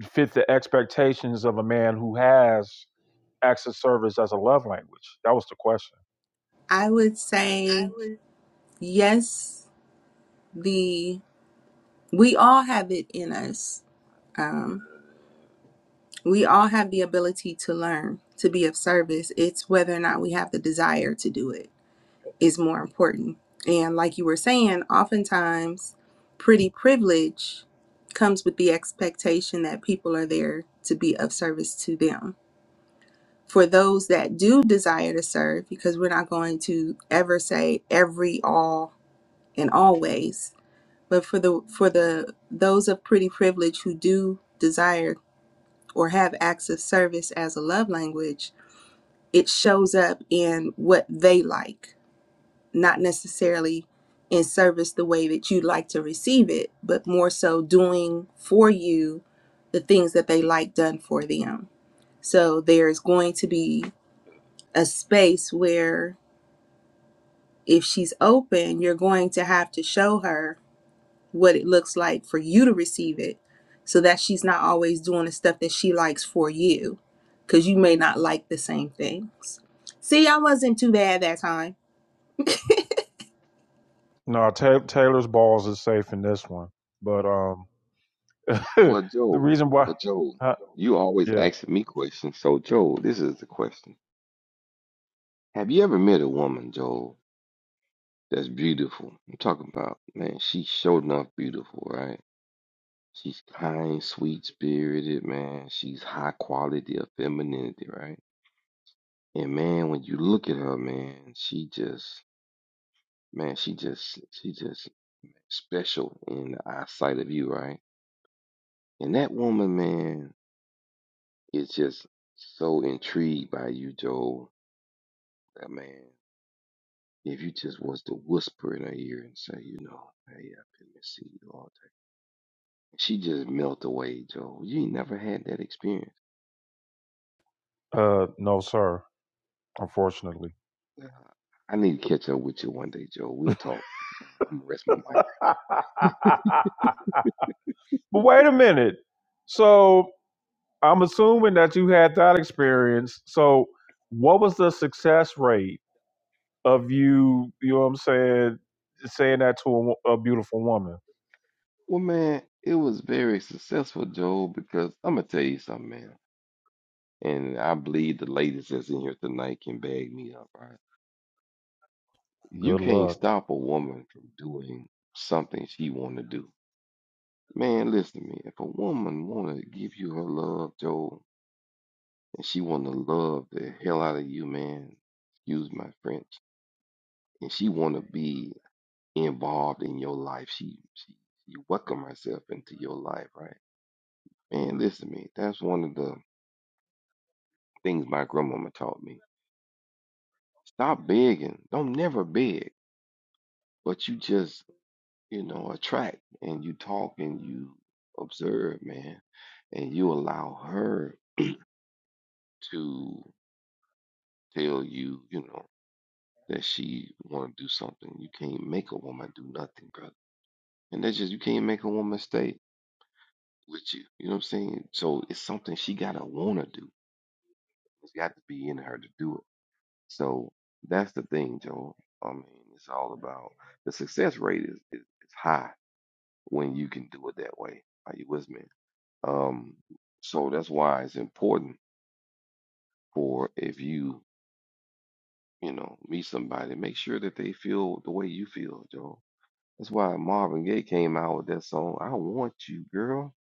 Speaker 2: fit the expectations of a man who has acts of service as a love language? That was the question.
Speaker 3: I would say yes, the we all have it in us. um, We all have the ability to learn, to be of service. It's whether or not we have the desire to do it is more important. And like you were saying, oftentimes pretty privilege comes with the expectation that people are there to be of service to them. For those that do desire to serve, because we're not going to ever say every, all, and always, but for the for the those of pretty privilege who do desire or have acts of service as a love language, it shows up in what they like, not necessarily in service the way that you'd like to receive it, but more so doing for you the things that they like done for them. So there's going to be a space where if she's open, you're going to have to show her what it looks like for you to receive it so that she's not always doing the stuff that she likes for you because you may not like the same things. See, I wasn't too bad that time.
Speaker 2: No, Ta Taylor's balls is safe in this one. But um (laughs) the
Speaker 5: Well, Joe,
Speaker 2: reason why,
Speaker 5: but Joe,
Speaker 2: huh,
Speaker 5: you always
Speaker 2: yeah.
Speaker 5: asking me questions. So Joe, this is the question. Have you ever met a woman, Joe, that's beautiful? I'm talking about, man, she's sure enough beautiful, right? She's kind, sweet spirited, man. She's high quality of femininity, right? And man, when you look at her, man, she just Man, she just she just special in the eyesight of you, right? And that woman, man, is just so intrigued by you, Joel. That man, if you just was to whisper in her ear and say, you know, hey, I've been missing you all day. She just melt away, Joel. You ain't never had that experience.
Speaker 2: Uh, no, sir. Unfortunately.
Speaker 5: Yeah. I need to catch up with you one day, Joel. We'll talk. Uh, I'm gonna rest my mic.
Speaker 2: (laughs) but wait a minute. So I'm assuming that you had that experience. So what was the success rate of you? You know what I'm saying? Saying that to a, wo- a beautiful woman.
Speaker 5: Well, man, it was very successful, Joel, because I'm gonna tell you something, man. And I believe the ladies that's in here tonight can bag me up, right? You
Speaker 2: Good
Speaker 5: can't
Speaker 2: luck.
Speaker 5: stop a woman from doing something she want to do. Man, listen to me. If a woman want to give you her love, Joel, and she want to love the hell out of you, man, excuse my French, and she want to be involved in your life, she, she, she welcome herself into your life, right? Man, listen to me. That's one of the things my grandmama taught me. Stop begging. Don't never beg but you just you know, attract and you talk and you observe, man, and you allow her to tell you, you know, that she want to do something. You can't make a woman do nothing, brother. And that's just you can't make a woman stay with you. You know what I'm saying? So it's something she gotta wanna do. It's got to be in her to do it. So that's the thing, Joe. I mean, it's all about the success rate is, is, is high when you can do it that way. Are you with me? Um, so that's why it's important for if you, you know, meet somebody, make sure that they feel the way you feel, Joe. That's why Marvin Gaye came out with that song, I want you, girl,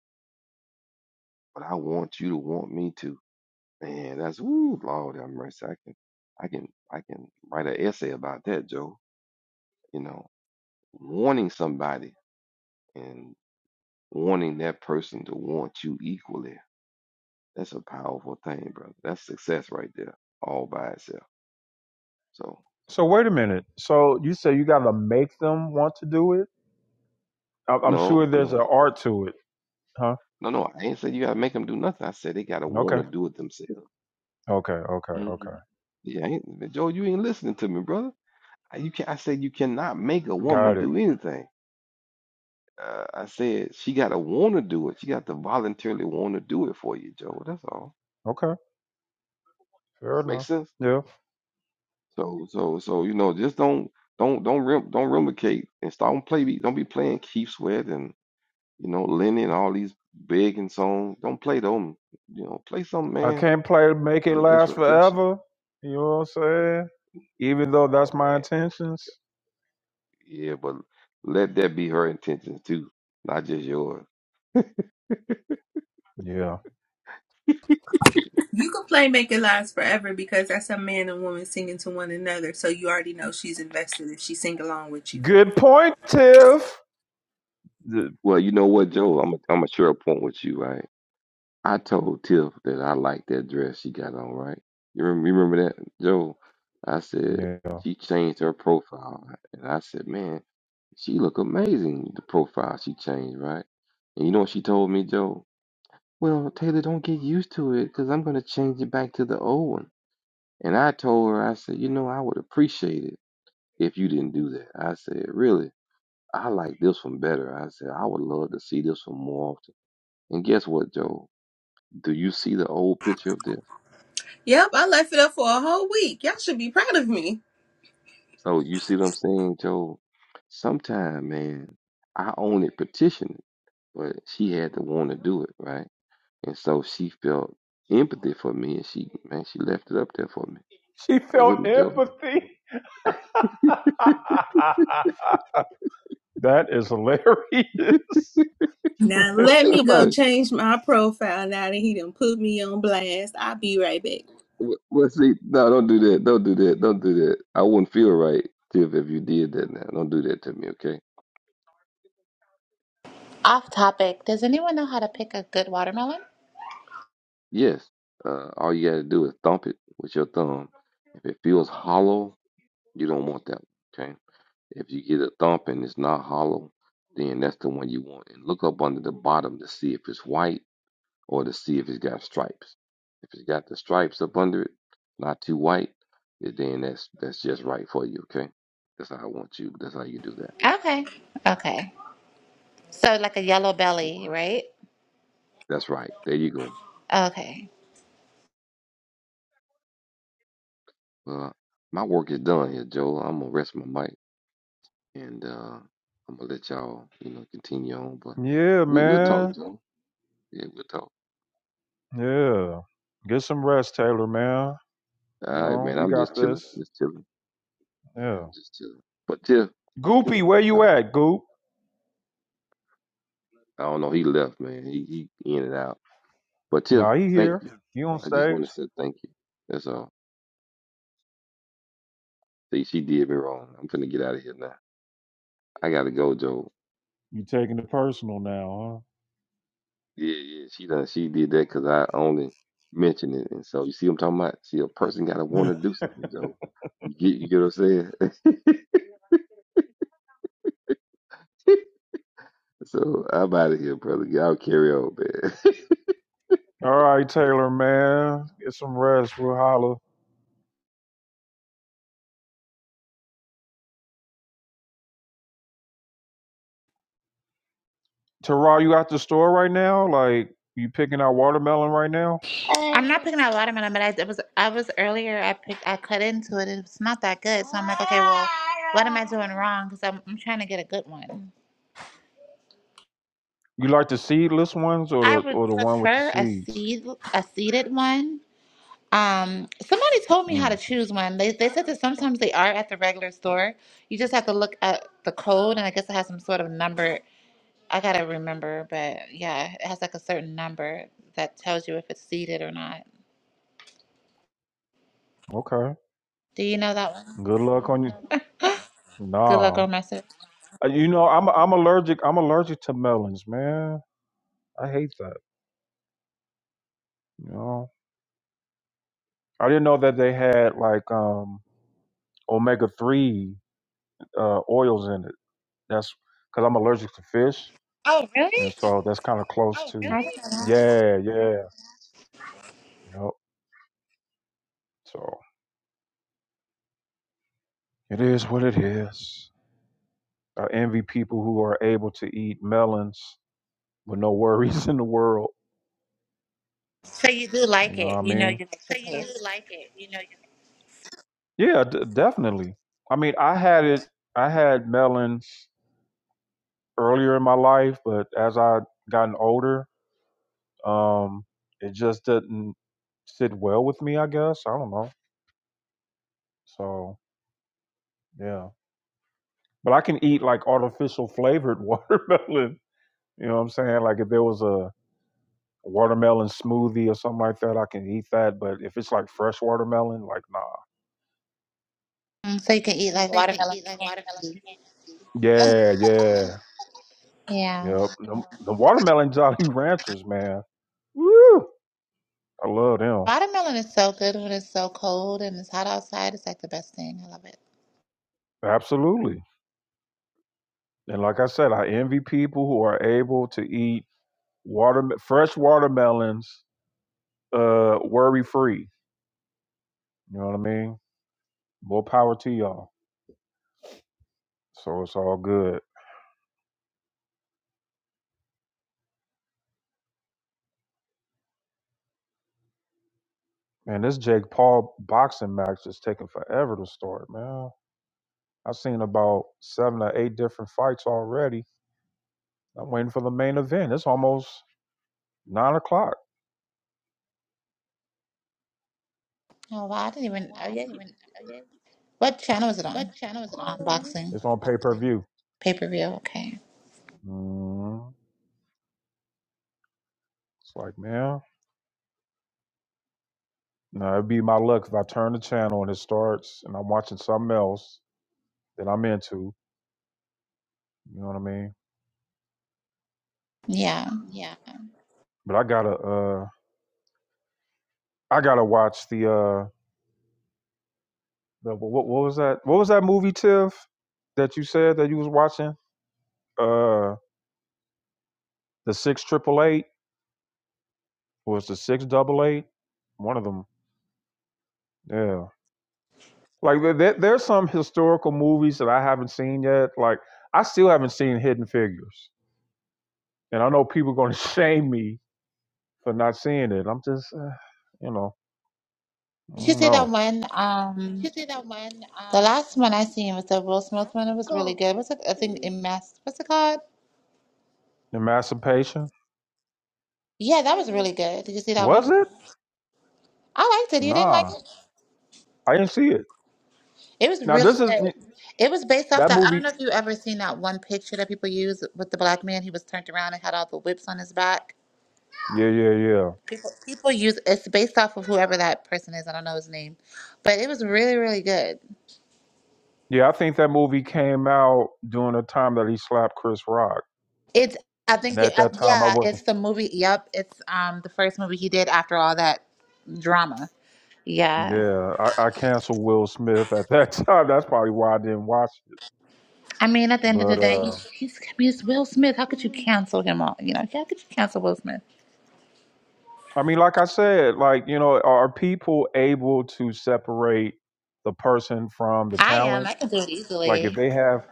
Speaker 5: but I want you to want me too. Man, that's woo, Lord have mercy. I can I can I can write an essay about that, Joe. You know, wanting somebody and wanting that person to want you equally. That's a powerful thing, brother. That's success right there, all by itself. So.
Speaker 2: So wait a minute. So you say you got to make them want to do it? I- I'm sure
Speaker 5: No,
Speaker 2: there's
Speaker 5: no,
Speaker 2: an
Speaker 5: I said,
Speaker 2: art to it, huh?
Speaker 5: no, no, I ain't said you gotta make them do nothing. I said they gotta want
Speaker 2: Okay.
Speaker 5: to do it themselves.
Speaker 2: Okay. Okay.
Speaker 5: hmm
Speaker 2: Okay.
Speaker 5: Yeah, I ain't, Joe, you ain't listening to me, brother. I, you can, I said you cannot make a woman
Speaker 2: Got it.
Speaker 5: do anything. Uh, I said she gotta want to do it. She got to voluntarily want to do it for you, Joe. That's all.
Speaker 2: Okay. Fair
Speaker 5: Makes
Speaker 2: enough.
Speaker 5: sense.
Speaker 2: Yeah.
Speaker 5: So, so, so you know, just don't, don't, don't, rem, don't replicate and stop don't play. Don't be playing Keith Sweat and you know Lenny and all these big and songs. Don't play them. You know, play something,
Speaker 2: I
Speaker 5: man.
Speaker 2: can't play to make it
Speaker 5: To, that's
Speaker 2: last
Speaker 5: refreshing.
Speaker 2: forever. You know what I'm saying? Even though
Speaker 5: Oh
Speaker 2: that's my
Speaker 5: man, you don't-
Speaker 2: intentions.
Speaker 5: yeah, but let that be her intention too, not just yours.
Speaker 2: Yeah.
Speaker 3: You can play Make It Last Forever because that's a man and woman singing to one another. So you already know she's invested if she sing along with you.
Speaker 2: Good point, Tiff. The-
Speaker 5: Well, you know what, Joe? I'm i I'm gonna share a point with you, right? I told Tiff that I liked that dress she got on, right? You remember, you remember that, Joe? I said
Speaker 2: Yeah.
Speaker 5: she changed her profile, and I said, man, she look amazing. The profile she changed, right? And you know what she told me, Joe? Well, Taylor, don't get used to it, cause I'm gonna change it back to the old one. And I told her, I said, you know, I would appreciate it. if you didn't do that. I said, really? I like this one better. I said, I would love to see this one more often. And guess what, Joe? Do you see the old picture up there?
Speaker 3: Yep, I left it up for a whole week. Y'all should be proud of me.
Speaker 5: So you see what I'm saying, Joe? Sometime, man, I own it petition it, but she had to want to do it, right? And so she felt empathy for me, and she, man, she left it up there for me.
Speaker 2: She
Speaker 5: Are you
Speaker 2: felt
Speaker 5: with me, Joe?
Speaker 2: empathy. (laughs) that is hilarious.
Speaker 3: Now
Speaker 5: But
Speaker 3: let
Speaker 2: (laughs)
Speaker 5: think
Speaker 3: me
Speaker 5: about
Speaker 3: go
Speaker 5: it.
Speaker 3: change my profile now that he done put me on blast. I'll be right back.
Speaker 5: W- Well, see, no, don't do that. Don't do that. Don't do that. I wouldn't feel right, Tiff, if you did that now. Don't do that to me, okay?
Speaker 1: Off topic. Does anyone know how to pick a good watermelon?
Speaker 5: Yes. Uh, all you gotta do is thump it with your thumb. If it feels hollow, you don't want that one. Okay. If you get a thump and it's not hollow, then that's the one you want. And look up under the bottom to see if it's white or to see if it's got stripes. If it's got the stripes up under it, not too white, then that's that's just right for you. Okay. That's how I want you. That's how you do that.
Speaker 1: Okay. Okay. So like a yellow belly, right?
Speaker 5: That's right. There you go.
Speaker 1: Okay.
Speaker 5: Uh, my work is done here, Joel. I'm gonna rest my mic. and uh, I'm gonna let y'all, you know, continue on. But
Speaker 2: yeah,
Speaker 5: we we'll talk,
Speaker 2: man.
Speaker 5: Joe. Yeah, we'll talk.
Speaker 2: Yeah. Get some rest, Taylor, man. You
Speaker 5: All right,
Speaker 2: know,
Speaker 5: man.
Speaker 2: we
Speaker 5: I'm
Speaker 2: got
Speaker 5: just chilling,
Speaker 2: this.
Speaker 5: just chilling. Yeah,
Speaker 2: Yeah.
Speaker 5: I'm just chilling. But Tiff,
Speaker 2: Goopy, where
Speaker 5: uh,
Speaker 2: you at, Goop?
Speaker 5: I don't know. He left, man. He he in and out. But Tiff,
Speaker 2: Nah, he
Speaker 5: thank
Speaker 2: here.
Speaker 5: you.
Speaker 2: (laughs) He on
Speaker 5: I just
Speaker 2: stage.
Speaker 5: want to say thank you. That's all. See, she did me wrong. I'm finna get out of here now. I gotta go, Joe.
Speaker 2: You taking it personal now,
Speaker 5: Yeah, yeah. She done. She did that because I only mentioned it. And so you see, what I'm talking about. See, a person gotta
Speaker 2: huh? (laughs)
Speaker 5: want to do something, Joe. You get, you get what I'm saying? (laughs) So I'm out of here, brother. Y'all carry on, man. (laughs)
Speaker 2: All right, Taylor, man. Get some rest. We'll holler. Terrell, you at the store right now? Like, you picking out watermelon right now?
Speaker 1: I'm not picking out watermelon, but I it was I was earlier. I picked. I cut into it. It's not that good. So I'm like, okay, well, what am I doing wrong? Because I'm I'm trying to get a good one.
Speaker 2: You like the seedless ones or
Speaker 1: I
Speaker 2: the
Speaker 1: would
Speaker 2: or the one with the
Speaker 1: prefer a
Speaker 2: seeds?
Speaker 1: seed a seeded one. Um, somebody told me how
Speaker 2: Mm,
Speaker 1: to choose one. They they said that sometimes they are at the regular store. You just have to look at the code, and I guess it has some sort of number. I gotta remember, but yeah, it has like a certain number that tells you if it's seeded or not.
Speaker 2: okay.
Speaker 1: Do you know that one?
Speaker 2: Good luck on you.
Speaker 1: Good luck
Speaker 2: Nah.
Speaker 1: on my search.
Speaker 2: Uh, You know, I'm I'm allergic. I'm allergic to melons, man. I hate that. You know, I didn't know that they had like um omega three uh, oils in it. That's because I'm allergic to fish,
Speaker 1: Oh, really?
Speaker 2: and so that's kind of close to.
Speaker 1: Hi, Stella.
Speaker 2: Yeah, yeah. Yep. So it is what it is. I envy people who are able to eat melons with no worries (laughs) in the world.
Speaker 1: So you do
Speaker 2: You
Speaker 1: like
Speaker 2: know what
Speaker 1: it.
Speaker 2: I
Speaker 1: You know you
Speaker 2: mean?
Speaker 1: like the taste.
Speaker 2: Yeah, d- definitely. I mean, I had it. I had melons earlier in my life, but as I gotten older, um, it just didn't sit well with me. I guess I don't know. So yeah, but I can eat like artificial flavored (laughs) watermelon. You know what I'm saying? Like if there was a watermelon smoothie or something like that, I can eat that. But if it's like fresh watermelon, like nah.
Speaker 1: Mm, So you can eat like watermelon candy.
Speaker 2: Yeah, yeah.
Speaker 1: Yeah.
Speaker 2: Yep. The, the watermelon Jolly Ranchers, man. Woo! I love them.
Speaker 1: Watermelon is so good when it's so cold and it's hot outside. It's like the best thing. I love it.
Speaker 2: Absolutely. And like I said, I envy people who are able to eat water fresh watermelons uh worry free. You know what I mean? More power to y'all. So it's all good. Man, this Jake Paul boxing match is taking forever to start, man. I've seen about seven or eight different fights already. I'm waiting for the main event. It's almost nine o'clock.
Speaker 1: Oh, wow. I didn't even. Oh, yeah. you- What channel is it on? Unboxing.
Speaker 2: It's on pay per view.
Speaker 1: Pay per view. Okay.
Speaker 2: mm It's like, man, no, it'd be my luck if I turn the channel and it starts and I'm watching something else that I'm into. You know what I mean?
Speaker 1: Yeah.
Speaker 2: But I gotta, uh, I gotta watch the, uh, the what, what was that? What was that movie, Tiff, that you said that you was watching? Uh, the six triple eight was the six double eight. One of them. Yeah. Like there, there- there's some historical movies that I haven't seen yet. Like I still haven't seen Hidden Figures, and I know people are going to (laughs) shame me for not seeing it. I'm just, uh, you know, I
Speaker 1: Did you
Speaker 2: don't
Speaker 1: see that
Speaker 2: know.
Speaker 1: one? Um, the last one I seen was the Will Smith one. It was really good. What's it? I think it mass. What's it called?
Speaker 2: Emancipation
Speaker 1: Yeah, that was really good. Did you see that one?
Speaker 2: was it?
Speaker 1: I liked it. You didn't like
Speaker 2: Nah,
Speaker 1: it?
Speaker 2: I didn't see it.
Speaker 1: It was
Speaker 2: Now
Speaker 1: really
Speaker 2: this is
Speaker 1: good. It was based off
Speaker 2: that
Speaker 1: that. I don't
Speaker 2: movie.
Speaker 1: know if you ever seen that one picture that people use with the black man. He was turned around and had all the whips on his back.
Speaker 2: Yeah, yeah, yeah,
Speaker 1: People, people use it's based off of whoever that person is. I don't know his name, but it was really, really good.
Speaker 2: yeah. I think that movie came out during the time that he slapped Chris Rock,
Speaker 1: It's I
Speaker 2: and
Speaker 1: think it,
Speaker 2: at
Speaker 1: uh,
Speaker 2: that time I
Speaker 1: yeah,
Speaker 2: wasn't.
Speaker 1: it's the movie. Yep, it's um the first movie he did after all that drama. Yeah,
Speaker 2: Yeah, I, I canceled Will Smith at that (laughs) time. That's probably why I didn't watch it.
Speaker 1: I mean at the end of the
Speaker 2: But
Speaker 1: day,
Speaker 2: uh
Speaker 1: he's he's I mean it's Will Smith. How could you cancel him all? You know, how could you cancel Will Smith?
Speaker 2: I mean, like I said, like, you know, are people able to separate the person from the
Speaker 1: I am.
Speaker 2: talent?
Speaker 1: I can do it
Speaker 2: Like, if
Speaker 1: easily.
Speaker 2: they have,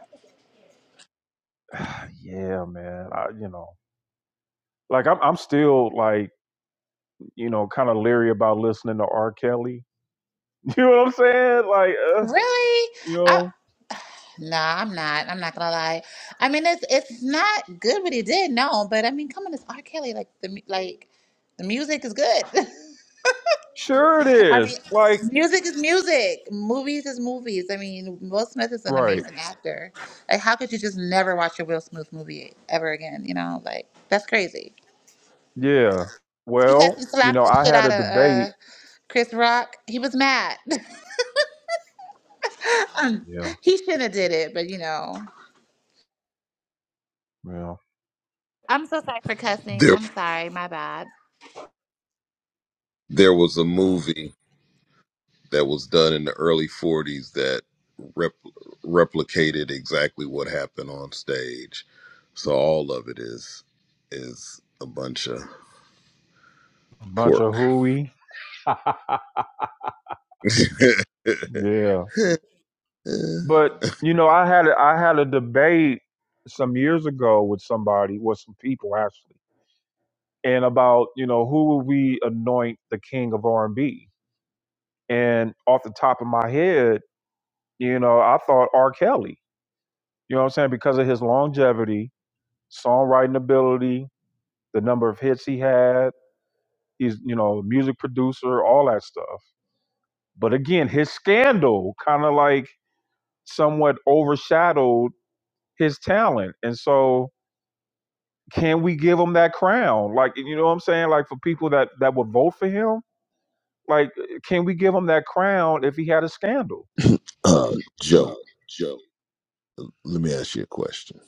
Speaker 2: (sighs) yeah, man, I, you know, like I'm, I'm still like, you know, kind of leery about listening to R. Kelly. (laughs) You know what I'm saying? Like, uh,
Speaker 1: Really?
Speaker 2: you
Speaker 1: I,
Speaker 2: know,
Speaker 1: Nah, I'm not. I'm not gonna lie. I mean, it's it's not good what he did, no. But I mean, come on, it's R. Kelly. Like the mu- like, the music is good. (laughs)
Speaker 2: sure it
Speaker 1: I mean,
Speaker 2: is. Like,
Speaker 1: music is music. Movies is movies. I mean, Will Smith is an
Speaker 2: right.
Speaker 1: amazing actor. Like, how could you just never watch a Will Smith movie ever again? You know, like that's crazy.
Speaker 2: Yeah.
Speaker 1: Because he
Speaker 2: Well, you
Speaker 1: slapped
Speaker 2: know,
Speaker 1: the
Speaker 2: I
Speaker 1: shit
Speaker 2: had a
Speaker 1: out of
Speaker 2: debate.
Speaker 1: uh, Chris Rock, he was mad. (laughs)
Speaker 2: Yeah.
Speaker 1: he shouldn't have did it, but you know.
Speaker 2: Yeah.
Speaker 1: I'm so sorry for cussing.
Speaker 4: There,
Speaker 1: I'm sorry, my bad.
Speaker 4: there was a
Speaker 2: yeah.
Speaker 4: movie that was done in the early '40s that rep, replicated exactly what happened on stage. So all of it is is a bunch of
Speaker 2: Bunch of
Speaker 4: pork.
Speaker 2: hooey.
Speaker 4: (laughs)
Speaker 2: Yeah.
Speaker 4: uh,
Speaker 2: But you know, I had a, I had a debate some years ago with somebody, with some people actually, and about you know who will we anoint the king of R and B? And off the top of my head, you know, I thought R. Kelly. You know what I'm saying? Because of his longevity, songwriting ability, the number of hits he had, he's you know a music producer, all that stuff. But again, his scandal kind of like somewhat overshadowed his talent, and so can we give him that crown? Like, you know what I'm saying? Like for people that that would vote for him, like, can we give him that crown if he had a scandal?
Speaker 4: uh, Joe, let me ask you a question.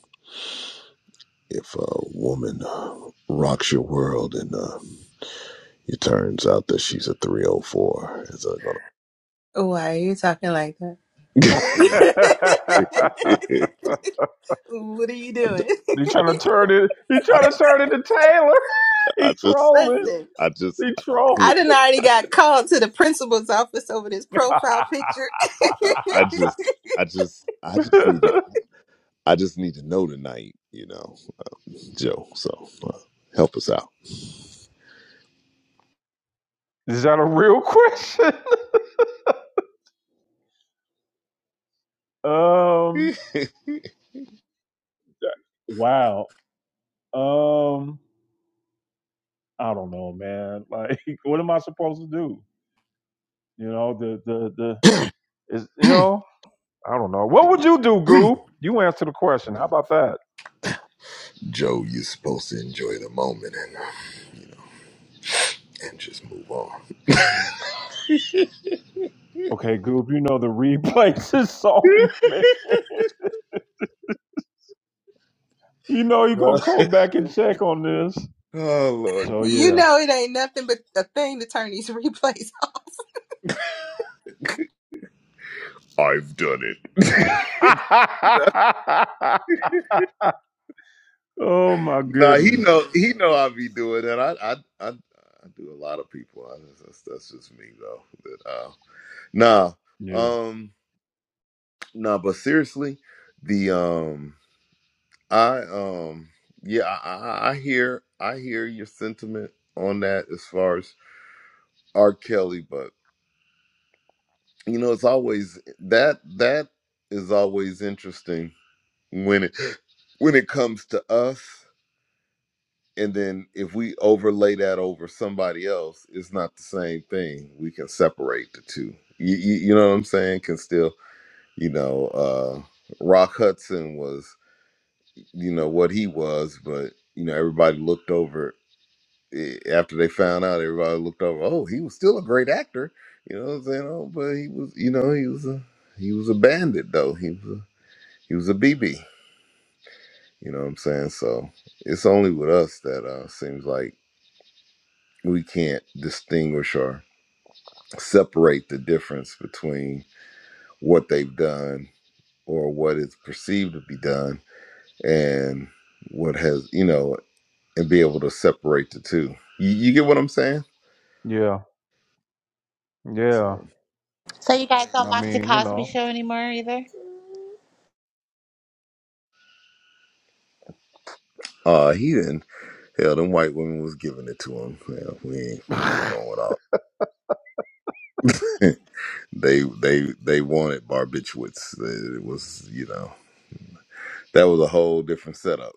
Speaker 4: If a woman uh, rocks your world and uh, it turns out that she's a 304, is that gonna?
Speaker 3: Why are you talking like that?
Speaker 2: (laughs) he
Speaker 4: (laughs)
Speaker 3: (laughs) what are you
Speaker 4: I,
Speaker 3: doing? (laughs)
Speaker 4: I,
Speaker 2: trying to turn it. He
Speaker 4: I,
Speaker 2: trying to turn it to Taylor. (laughs) he
Speaker 4: I just,
Speaker 2: trolling.
Speaker 3: Listen,
Speaker 4: I just,
Speaker 2: He
Speaker 4: I
Speaker 2: trolling.
Speaker 4: need,
Speaker 3: I done already
Speaker 4: I,
Speaker 3: got called to the principal's office over this profile picture. (laughs)
Speaker 4: I I just, I just, I just need to,
Speaker 2: (laughs)
Speaker 4: I just need to know tonight, you know. Joe. So uh, help us out.
Speaker 2: Is that a real question? (laughs) Um.
Speaker 4: (laughs)
Speaker 2: yeah, Wow. Um. I don't know, man. (laughs) Like, what am I supposed to do? You know, the the the is you know. I don't know. What would you do, Goob? You answer the question. How about that?
Speaker 4: Joe, you're supposed to enjoy the moment and, um, you know, and just move on.
Speaker 2: Okay, Goob, you know the (laughs) replays is on, man. You know you're
Speaker 4: (laughs)
Speaker 2: going to go back and check on this.
Speaker 4: oh Lord,
Speaker 2: So,
Speaker 3: you
Speaker 2: yeah.
Speaker 3: know it ain't nothing but a thing to turn these (laughs) replays
Speaker 4: I've done it. (laughs)
Speaker 2: (laughs) oh, my
Speaker 4: nah, he
Speaker 2: goodness.
Speaker 4: know he know I be doing it. I I I, I do a lot of people. I, that's, that's just me though. But, uh, nah.
Speaker 2: Yeah.
Speaker 4: um. No, but seriously, the um I um yeah, I, I I hear I hear your sentiment on that as far as R. Kelly, but you know, it's always that that is always interesting when it when it comes to us and then if we overlay that over somebody else, it's not the same thing. We can separate the two. You, you, you know what I'm saying? Can still, you know, uh Rock Hudson was you know what he was, but you know everybody looked over eh, after they found out. Everybody looked over. Oh, he was still a great actor. You know what I'm saying? Oh, but he was, you know, he was a he was a bandit though. He was a, he was a BB. You know what I'm saying? So it's only with us that uh seems like we can't distinguish or separate the difference between what they've done or what is perceived to be done and what has you know and be able to separate the two. You, you get what I'm saying?
Speaker 2: Yeah. Yeah.
Speaker 4: So
Speaker 1: So you guys don't
Speaker 2: I
Speaker 1: watch the
Speaker 2: mean, you
Speaker 1: Cosby
Speaker 2: know,
Speaker 1: Show anymore either?
Speaker 4: uh he didn't hell them white women was giving it to him. Yeah, we ain't
Speaker 2: (laughs)
Speaker 4: we ain't
Speaker 2: I
Speaker 4: going with all (laughs) they they they wanted barbiturates. It was you know that was a whole different setup.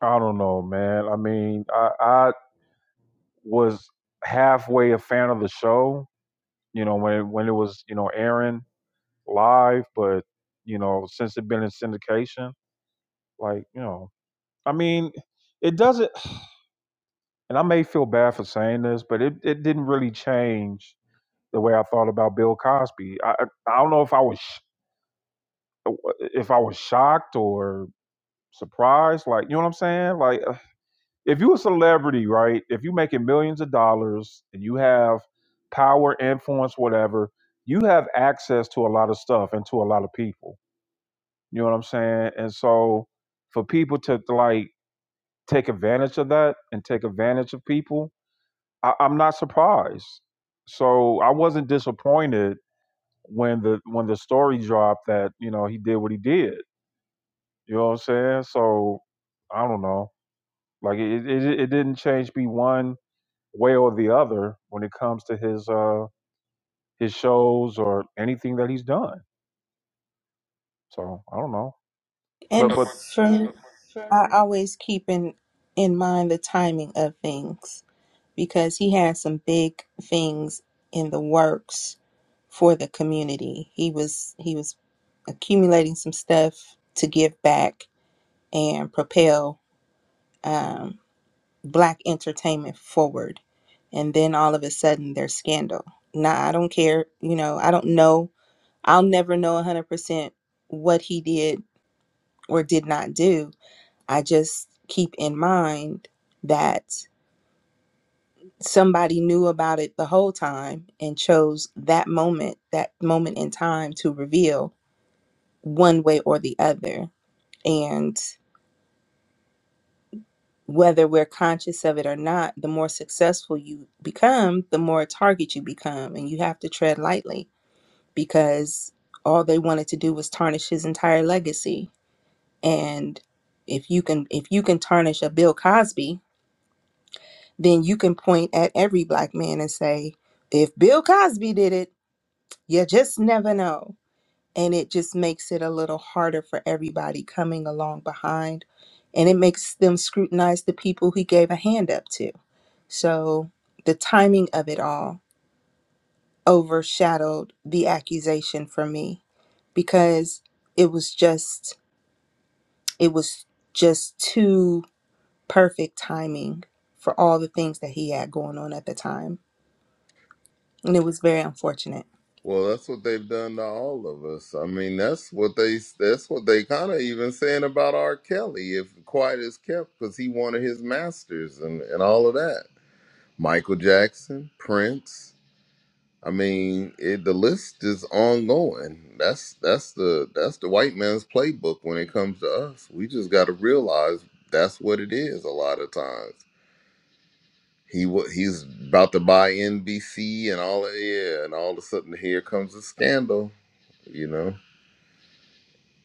Speaker 2: don't know, man. I mean, I, I was halfway a fan of the show, you know, when it, when it was, you know, airing live, but, you know, since it been in syndication, Like, you know, I mean, it doesn't, and I may feel bad for saying this, but it, it didn't really change the way I thought about Bill Cosby. I, I I don't know if I was, sh- if I was shocked or surprised. Like, you know what I'm saying? Like, uh, if you a celebrity, right? If you making millions of dollars and you have power, influence, whatever, you have access to a lot of stuff and to a lot of people. You know what I'm saying? And so for people to like take advantage of that and take advantage of people, I, I'm not surprised. So I wasn't disappointed when the when the story dropped that you know he did what he did. You know what I'm saying? So I don't know. Like it it, it didn't change me one way or the other when it comes to his uh his shows or anything that he's done. So I don't know. But but
Speaker 3: For me, I always keep in, in mind the timing of things because he had some big things in the works for the community. He was he was accumulating some stuff to give back and propel um, black entertainment forward. And then all of a sudden, there's scandal. Nah, I don't care. You know, I don't know. I'll never know 100% what he did or did not do I just keep in mind that somebody knew about it the whole time and chose that moment, that moment in time to reveal one way or the other. And whether we're conscious of it or not, the more successful you become, the more a target you become. And you have to tread lightly because all they wanted to do was tarnish his entire legacy. And if you can if you can tarnish a Bill Cosby then you can point at every black man and say, if Bill Cosby did it, you just never know. And it just makes it a little harder for everybody coming along behind. And it makes them scrutinize the people he gave a hand up to. So the timing of it all overshadowed the accusation for me because it was just, it was just too perfect timing for all the things that he had going on at the time. And it was very unfortunate.
Speaker 4: Well, that's what they've done to all of us. I mean, that's what they that's what they kind of even saying about R. Kelly, if quiet is kept, because he wanted his masters and and all of that. Michael Jackson, Prince. I mean, it, the list is ongoing. That's that's the that's the white man's playbook when it comes to us. We just got to realize that's what it is. A lot of times, he wa- he's about to buy NBC and all of yeah, and all of a sudden here comes a scandal. You know,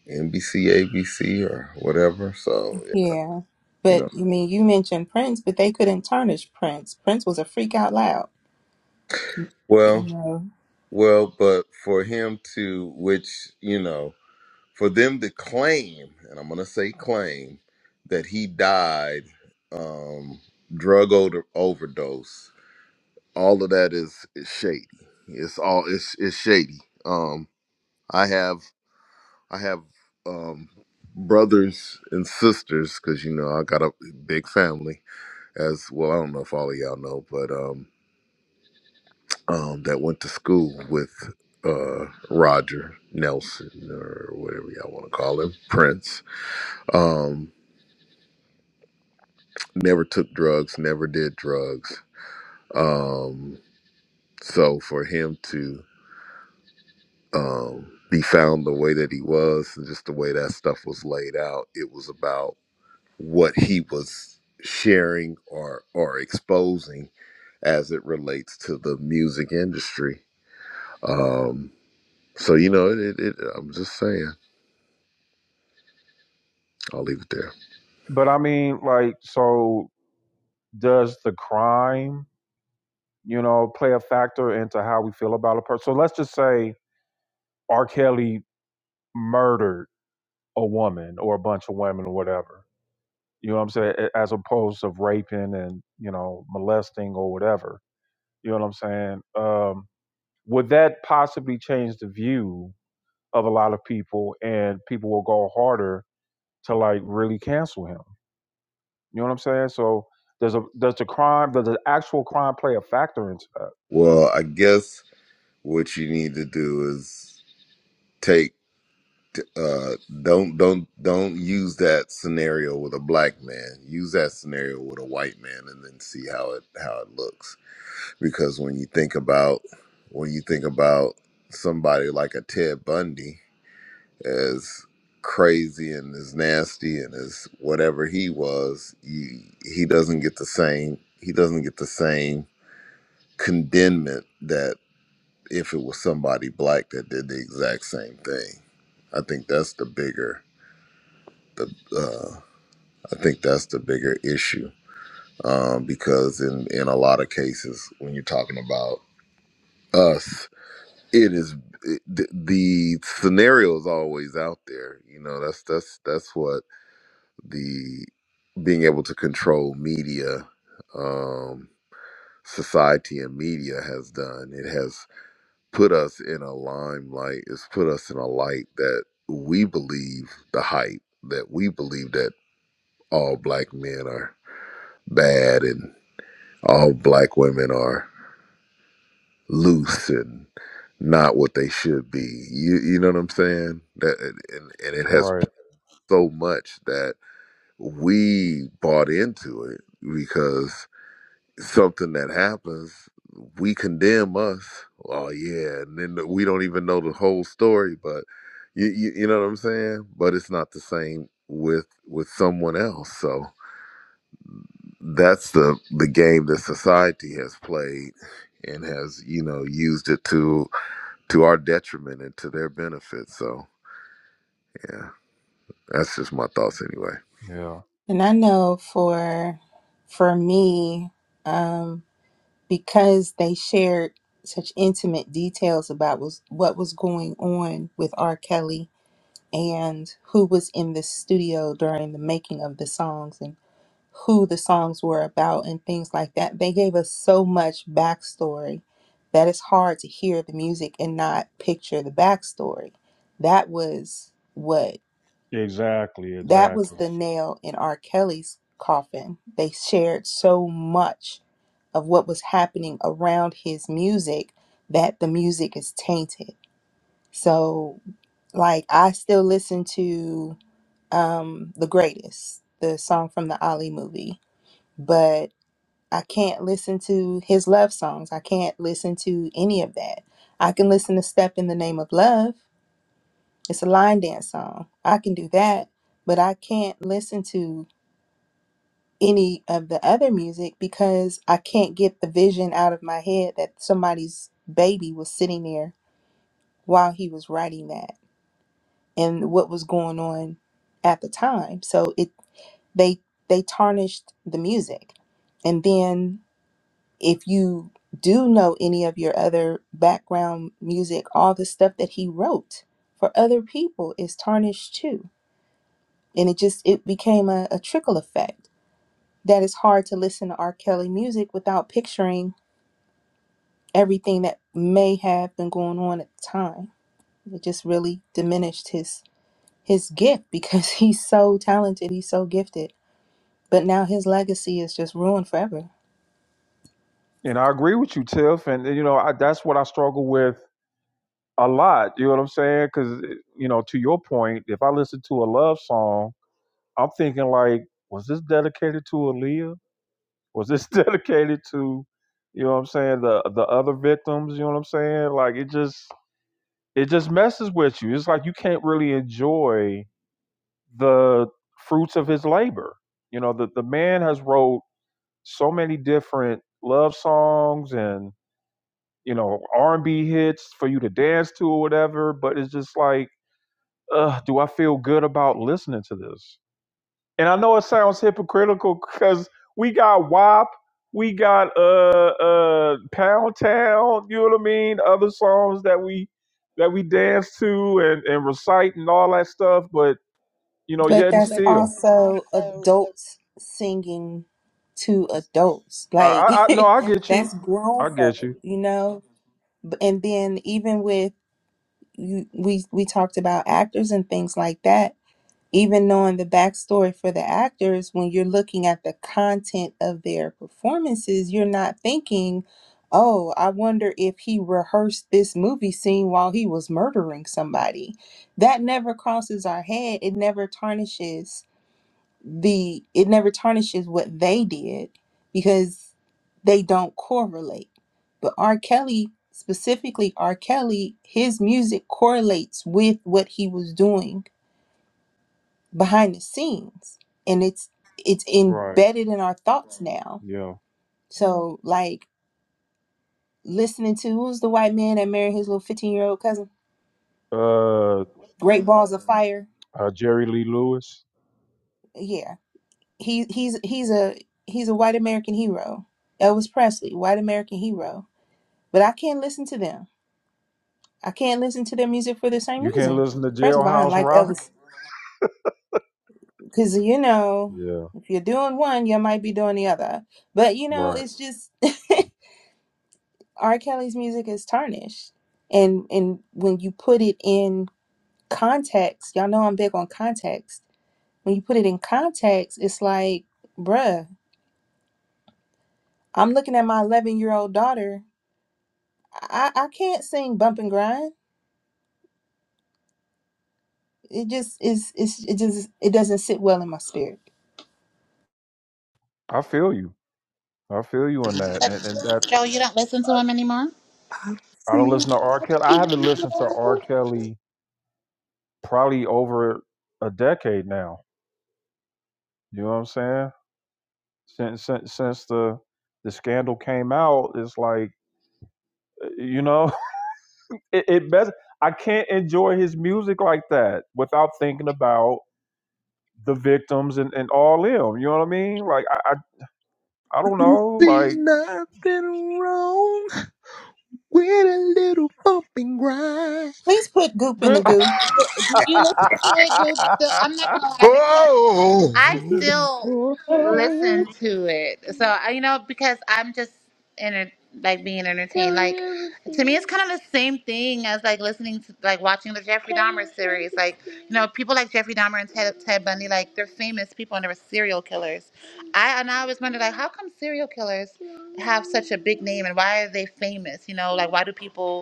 Speaker 4: NBC, ABC, or whatever. So yeah,
Speaker 3: Yeah.
Speaker 4: you
Speaker 3: But
Speaker 4: know,
Speaker 3: I mean, you mentioned Prince, but they couldn't tarnish Prince. Prince was a freak out loud, you
Speaker 4: well,
Speaker 3: know.
Speaker 4: well, but for him to which you know. for them to claim, and I'm going to say claim, that he died um, drug over- overdose. All of that is, is shady. It's all it's it's shady. Um, I have I have um, brothers and sisters because you know I got a big family as well. I don't know if all of y'all know, but um, um, that went to school with uh, Roger Nelson or whatever y'all want to call him, Prince. Um, never took drugs, never did drugs. Um, so for him to um, be found the way that he was, and just the way that stuff was laid out, it was about what he was sharing or or exposing as it relates to the music industry. Um, so you know, it, it, it, I'm just saying. I'll leave it there.
Speaker 2: but I mean like so does the crime you know, play a factor into how we feel about a person. So let's just say R. Kelly murdered a woman or a bunch of women or whatever. You know what I'm saying? As opposed to raping and you know molesting or whatever. You know what I'm saying? Um, would that possibly change the view of a lot of people, and people will go harder to like really cancel him? You know what I'm saying? So does a does the crime does the actual crime play a factor into that?
Speaker 4: Well, I guess what you need to do is take uh don't don't don't use that scenario with a black man use that scenario with a white man and then see how it how it looks because when you think about when you think about somebody like a ted bundy as crazy and as nasty and as whatever he was you, he doesn't get the same he doesn't get the same condemnment that if it was somebody black that did the exact same thing i think that's the bigger the uh, I think that's the bigger issue um, because in in a lot of cases when you're talking about us, it is it, the, the scenario is always out there. You know that's that's that's what the being able to control media, um, society and media has done. It has put us in a limelight. It's put us in a light that we believe the hype that we believe that all black men are. bad and all black women are loose and not what they should be. You you know what I'm saying? That and, and it has
Speaker 2: Right.
Speaker 4: so much that we bought into it because something that happens, we condemn us. Oh yeah, and then we don't even know the whole story, but you you, you know what I'm saying? But it's not the same with with someone else. So that's the the game that society has played and has you know used it to to our detriment and to their benefit so yeah that's just my thoughts anyway
Speaker 2: Yeah.
Speaker 3: And I know for for me, um, because they shared such intimate details about was what was going on with R. Kelly and who was in the studio during the making of the songs who the songs were about and things like that. They gave us so much backstory that it's hard to hear the music and not picture the backstory. That was what
Speaker 2: Exactly.
Speaker 3: that was
Speaker 2: Exactly.
Speaker 3: the nail in R. Kelly's coffin. They shared so much of what was happening around his music that the music is tainted. So like I still listen to um The Greatest, the song from the Ali movie. But I can't listen to his love songs. I can't listen to any of that. I can listen to Step in the Name of Love. It's a line dance song. I can do that, but I can't listen to any of the other music because I can't get the vision out of my head that somebody's baby was sitting there while he was writing that and what was going on at the time. So it they they tarnished the music. And then if you do know any of your other background music, all the stuff that he wrote for other people is tarnished too. And it just it became a, a trickle effect that it's hard to listen to R. Kelly music without picturing everything that may have been going on at the time. It just really diminished his his gift because (laughs) he's so talented, he's so gifted. But now his legacy is just ruined forever.
Speaker 2: And I agree with you, Tiff. And you know, I, that's what I struggle with a lot. You know what I'm saying? Because you know, to your point, if I listen to a love song, I'm thinking like, was this dedicated to Aaliyah? Was this (laughs) dedicated to, you know, what I'm saying the the other victims? You know what I'm saying? Like it just it just messes with you. It's like you can't really enjoy the fruits of his labor. You know, the the man has wrote so many different love songs and you know r&b hits for you to dance to or whatever but it's just like ugh, do i feel good about listening to this and i know it sounds hypocritical because we got WAP, we got uh uh pound town you know what i mean other songs that we that we dance to and and recite and all that stuff but you know
Speaker 3: But
Speaker 2: yet and But that's
Speaker 3: that's
Speaker 2: still us.
Speaker 3: also adults singing to adults.
Speaker 2: i
Speaker 3: Like
Speaker 2: i, I no i
Speaker 3: (laughs)
Speaker 2: get you
Speaker 3: that's grown
Speaker 2: i get
Speaker 3: folk,
Speaker 2: you
Speaker 3: you know? B- And then even with you we we talked about actors and things like that. Even knowing the backstory for the actors, when you're looking at the content of their performances, you're not thinking, oh, I wonder if he rehearsed this movie scene while he was murdering somebody. That never crosses our head. It never tarnishes the it never tarnishes what they did because they don't correlate. But R. Kelly, specifically R. Kelly, his music correlates with what he was doing behind the scenes. And it's it's
Speaker 2: right
Speaker 3: embedded in our thought now.
Speaker 2: yeah
Speaker 3: So like listening to who's the white man that married his little fifteen year old cousin?
Speaker 2: uh,
Speaker 3: Great Fire.
Speaker 2: uh jerry lee lewis
Speaker 3: Yeah. He he's he's a he's a white American hero. Elvis Presley, white American hero but I can't listen to them. I can't listen to their music for the same
Speaker 2: you can't
Speaker 3: reason.
Speaker 2: listen to
Speaker 3: First of all,
Speaker 2: jailhouse rock
Speaker 3: because you know,
Speaker 2: Yeah,
Speaker 3: if you're doing one, you might be doing the other. But you know,
Speaker 2: right.
Speaker 3: it's just (laughs) R. Kelly's music is tarnished, and and when you put it in context, y'all know I'm big on context. When you put it in context, it's like, bruh, I'm looking at my 11 year old daughter. I I can't sing bump and grind. It just is. It's it just it doesn't sit well in my spirit.
Speaker 2: I feel you. I feel you on that. And
Speaker 1: The
Speaker 2: and that's
Speaker 1: show you don't listen to him anymore?
Speaker 2: I don't
Speaker 4: See,
Speaker 2: listen to R. Kelly. I haven't listened to R. Kelly probably over a decade now. You know what I'm saying? Since since since the the scandal came out, it's like uh, you know, (laughs) it, it best I can't enjoy his music like that without thinking about the victims and, and all them. You know what I mean? Like I I, I don't know,
Speaker 4: see,
Speaker 2: like
Speaker 4: we-
Speaker 3: Please put Goop in the
Speaker 1: Group,
Speaker 2: (laughs)
Speaker 3: goo.
Speaker 1: do you listen to it, Group? Still, I'm not gonna lie
Speaker 4: Oh! (laughs)
Speaker 1: because I still listen to it. So I- you know, because I'm just enter- like being entertained. Like to me, it's kind of the same thing as like listening to like watching the Jeffrey Dahmer series. Like you know, people like Jeffrey Dahmer and Ted, Ted Bundy, like they're famous people and they were serial killers. I and I always wonder like how come serial killers have such a big name and why are they famous? You know, like why do people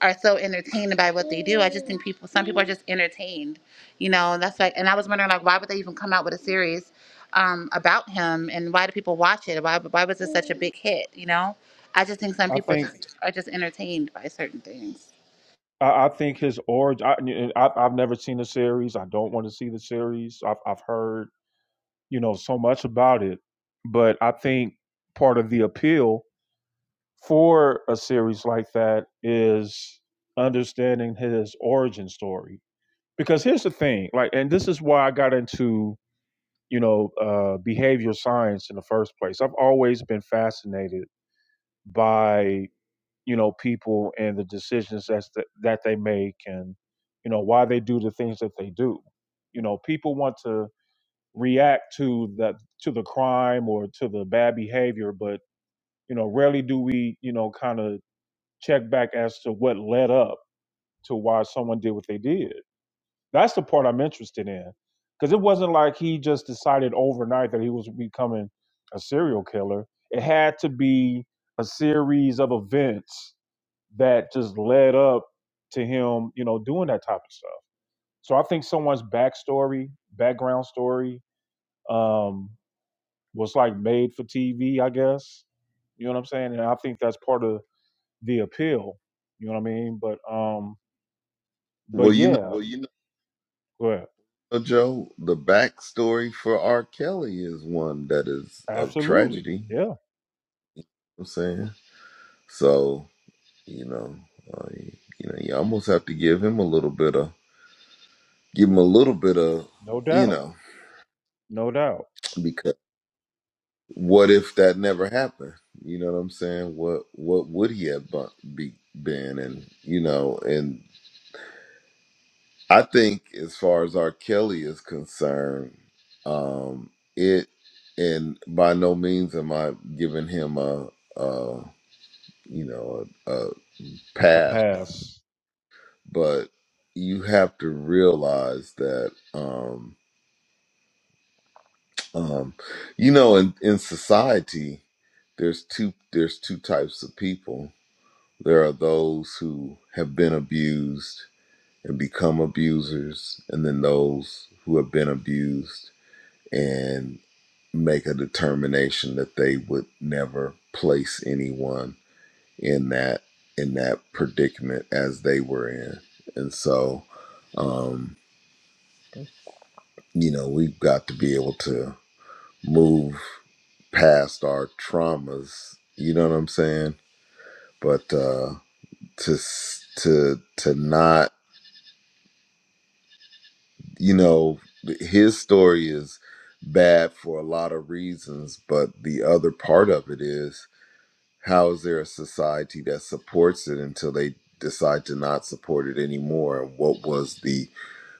Speaker 1: are so entertained by what they do. I just think people, some people are just entertained, you know. And that's like, and I was wondering, like, why would they even come out with a series um, about him, and why do people watch it? Why, why was it such a big hit? You know, I just think some
Speaker 2: I
Speaker 1: people are
Speaker 2: think
Speaker 1: just are just entertained by certain things.
Speaker 2: I, I think his origin. I, I, I've never seen the series. I don't want to see the series. I've, I've heard you know so much about it, but I think part of the appeal for a series like that is understanding his origin story. Because here's the thing, like, and this is why I got into you know uh, behavior science in the first place. I've always been fascinated by you know people and the decisions that's the, that they make and you know why they do the things that they do you know people want to react to that to the crime or to the bad behavior but you know rarely do we you know kind of check back as to what led up to why someone did what they did that's the part i'm interested in because it wasn't like he just decided overnight that he was becoming a serial killer it had to be a series of events that just led up to him, you know, doing that type of stuff. So I think someone's backstory, background story, um, was like made for TV, I guess. You know what I'm saying? And I think that's part of the appeal. You know what I mean? But um,
Speaker 4: well
Speaker 2: but
Speaker 4: you know
Speaker 2: yeah, but
Speaker 4: joe the backstory for r kelly is one that is of
Speaker 2: absolutely,
Speaker 4: tragedy you
Speaker 2: yeah,
Speaker 4: know what i'm saying so you know uh, you you know you almost have to give him a little bit of give him a little bit of
Speaker 2: no
Speaker 4: you
Speaker 2: doubt,
Speaker 4: know
Speaker 2: no doubt,
Speaker 4: because what if that never happened? You know what I'm saying? What what would he have bu- be, been? And you know, and I think as far as R. Kelly is concerned, um, it and by no means am I giving him a, a you know a, a
Speaker 2: a
Speaker 4: pass,
Speaker 2: pass,
Speaker 4: but you have to realize that um, um, you know in in society there's two there's two types of people There are those who have been abused and become abusers, and then those who have been abused and make a determination that they would never place anyone in that in that predicament as they were in and so um you know we've got to be able to move past our traumas you know what i'm saying but uh to to to not you know, his story is bad for a lot of reasons, but the other part of it is how is there a society that supports it until they decide to not support it anymore? And what was the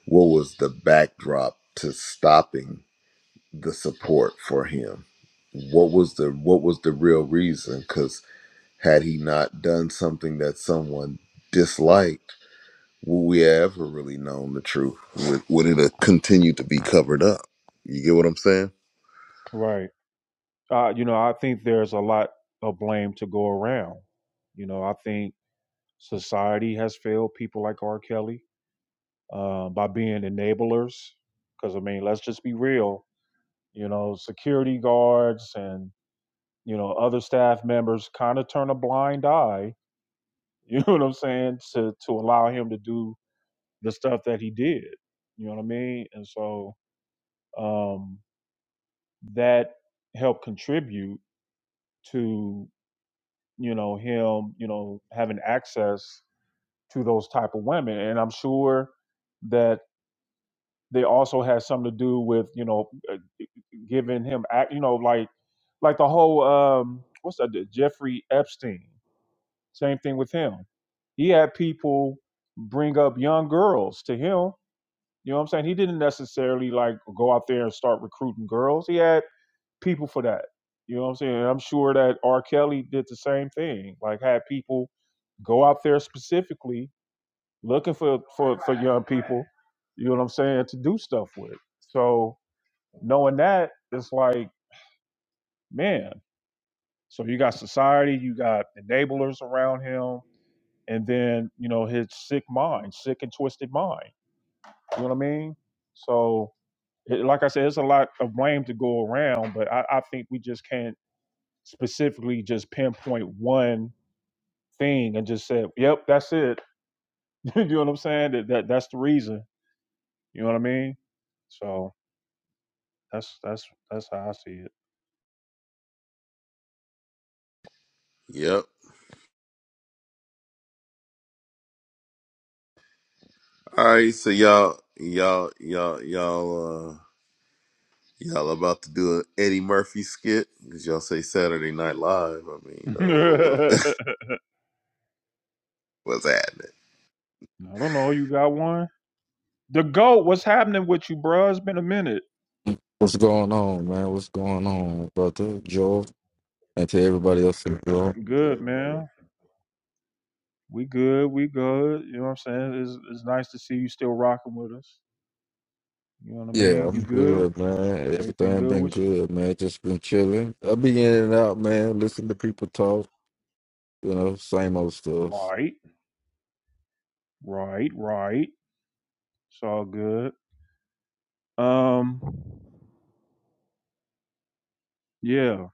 Speaker 4: what was the backdrop to stopping the support for him? What was the what was the real reason? Because had he not done something that someone disliked, Will we ever really known the truth? Would, would it have continued to be covered up? You get what I'm saying?
Speaker 2: right? Uh, you know, I think there's a lot of blame to go around. You know, I think society has failed people like R. Kelly uh, by being enablers. Because I mean, let's just be real. You know, security guards and you know other staff members kind of turn a blind eye. (laughs) You know what I'm saying? To to allow him to do the stuff that he did. You know what I mean? And so um, that helped contribute to you know him you know having access to those type of women. And I'm sure that. They also had something to do with you know uh, giving him act. You know, like like the whole um, what's that? the Jeffrey Epstein. Same thing with him. He had people bring up young girls to him. You know what I'm saying? He didn't necessarily like go out there and start recruiting girls. He had people for that. You know what I'm saying? And I'm sure that R. Kelly did the same thing. Like had people go out there specifically looking for for, for young people. You know what I'm saying? To do stuff with. So Knowing that, it's like, man, so you got society, you got enablers around him, and then, you know, his sick mind, sick and twisted mind. You know what I mean? So, it, like I said, it's a lot of blame to go around, but I, I think we just can't specifically just pinpoint one thing and just say, yep, that's it. (laughs) you know what I'm saying? That, that That's the reason. You know what I mean? So that's that's that's how I see it.
Speaker 4: Yep. All right, so y'all, y'all, y'all, y'all, uh, y'all about to do an Eddie Murphy skit because y'all say Saturday Night Live. I mean, you know, what,
Speaker 2: (laughs)
Speaker 4: what, (laughs) what's happening?
Speaker 2: I don't know. You got one? The goat, what's happening with you, bro? It's been a minute.
Speaker 6: What's going on, man? What's going on, brother Joe, and to everybody else in the room?
Speaker 2: Good, man. We good. We good. You know what I'm saying? It's, it's nice to see you still rocking with us. You know what I
Speaker 6: Yeah,
Speaker 2: mean? You
Speaker 6: I'm
Speaker 2: good?
Speaker 6: good, man.
Speaker 2: Everything
Speaker 6: Everything
Speaker 2: good
Speaker 6: been
Speaker 2: with you?
Speaker 6: good, man. Just been chilling. I be in and out, man. Listen to people talk. You know, same old stuff.
Speaker 2: Right. Right. Right. It's all good. Um, yeah.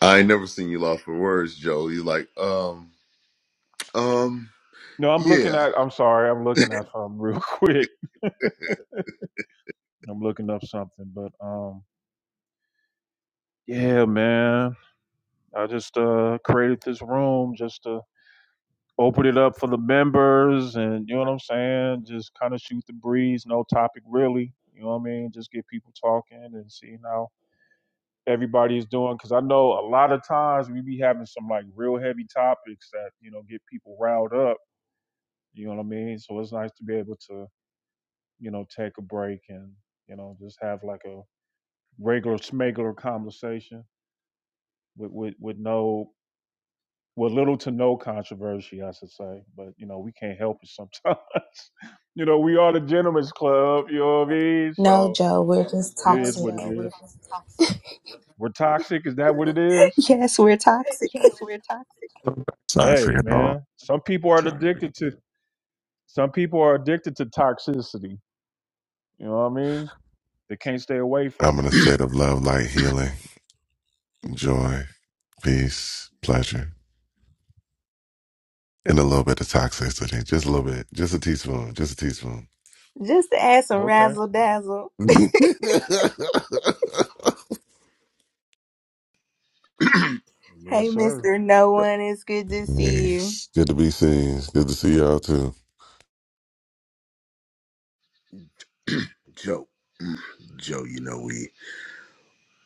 Speaker 4: I ain't never seen you lost for words, Joe. You like, um, um,
Speaker 2: No, I'm looking
Speaker 4: yeah.
Speaker 2: at. I'm sorry. I'm looking at something (laughs) real quick.
Speaker 4: (clears throat)
Speaker 2: I'm looking up something, but um, yeah, man. I just uh created this room just to open it up for the members and you know what I'm saying? Just kind of shoot the breeze, no topic really. You know what I mean? Just get people talking and seeing how everybody is doing. Cause I know a lot of times we be having some like real heavy topics that, you know, get people riled up. You know what I mean? So it's nice to be able to, you know, take a break and, you know, just have like a regular smegular conversation with, with, with no with little to no controversy, I should say. But you know, we can't help it sometimes. (laughs) you know, we are the gentlemen's club. You know what I mean?
Speaker 3: No,
Speaker 2: So
Speaker 3: Joe, we're just
Speaker 2: it No is what it Joe,
Speaker 3: toxic.
Speaker 2: we're We're toxic. Is that what it
Speaker 3: (laughs)
Speaker 2: is?
Speaker 3: Yes, we're toxic.
Speaker 7: Toxic
Speaker 2: Hey,
Speaker 7: at all.
Speaker 2: man. Some people are addicted to. Some people are addicted to toxicity. You know what I mean? They can't stay away
Speaker 7: I'm
Speaker 2: from
Speaker 7: in
Speaker 2: it.
Speaker 7: a state of love, light, healing, joy, peace, pleasure, and a little bit of toxicity. Just a little bit. Just a teaspoon. Just a teaspoon.
Speaker 3: (laughs) Just to add some
Speaker 2: Okay.
Speaker 3: razzle dazzle.
Speaker 7: (laughs)
Speaker 3: Hey,
Speaker 2: Yes, sir.
Speaker 3: Mr. No
Speaker 4: Joe,
Speaker 3: One, it's good to see you.
Speaker 7: Nice. Good to be seen. It's Good to see y'all too.
Speaker 4: Joe, mm, Joe, you know we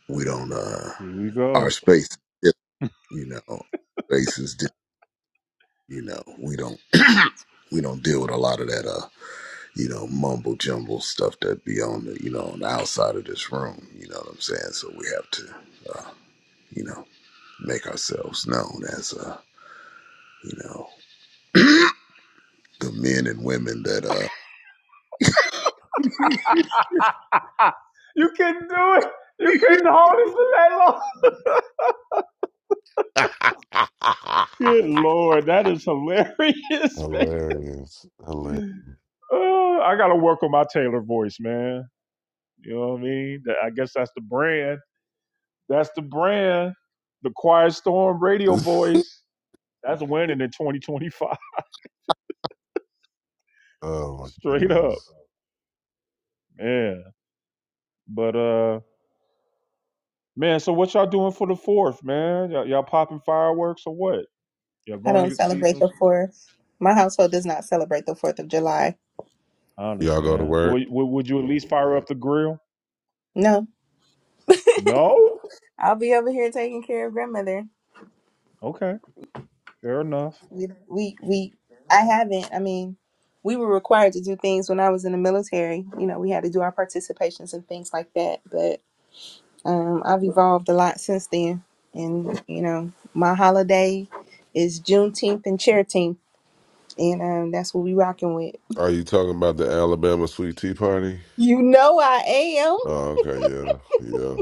Speaker 4: we don't uh
Speaker 2: Here we
Speaker 4: our
Speaker 2: go.
Speaker 4: space, is different, you know, space is different, you know. We don't (clears throat) we don't deal with a lot of that uh you know mumble jumble stuff that be on the you know on the outside of this room. You know what I'm saying? So we have to uh you know make ourselves known as uh you know (clears throat) the men and women that uh
Speaker 2: (laughs) you couldn't do it. You couldn't hold it for that long.
Speaker 7: (laughs)
Speaker 2: (laughs) Good lord, that is hilarious, (laughs) man.
Speaker 7: Hilarious. Hilarious.
Speaker 2: Uh, I gotta work on my Taylor voice, man. You know what I mean? I guess that's the brand. That's the brand. The Quiet Storm radio
Speaker 7: (laughs)
Speaker 2: voice. That's winning in 2025.
Speaker 7: Oh
Speaker 2: (laughs)
Speaker 7: my
Speaker 2: Straight up,
Speaker 7: goodness.
Speaker 2: man. But uh, man. So what y'all doing for the fourth, man? Y'all, y'all popping fireworks or what? Y'all
Speaker 3: I
Speaker 2: going to
Speaker 3: don't
Speaker 2: get to see
Speaker 3: celebrate
Speaker 2: some?
Speaker 3: the 4th. My household does not celebrate the 4th of July.
Speaker 2: I
Speaker 7: Y'all go to
Speaker 2: understand.
Speaker 7: work?
Speaker 2: would would you at least fire up the grill?
Speaker 3: No.
Speaker 2: No.
Speaker 3: I'll be over here taking care of grandmother.
Speaker 2: Okay. Fair enough.
Speaker 3: We, we, we, I haven't. I mean, we were required to do things when I was in the military. You know, we had to do our participations and things like that. But. Um, I've evolved a lot since then, and you know, my holiday is Juneteenth and Charitine, and um, that's what we rocking with.
Speaker 7: Are you talking about the Alabama sweet tea party?
Speaker 3: You know, I am.
Speaker 7: Oh, okay, yeah. Yeah.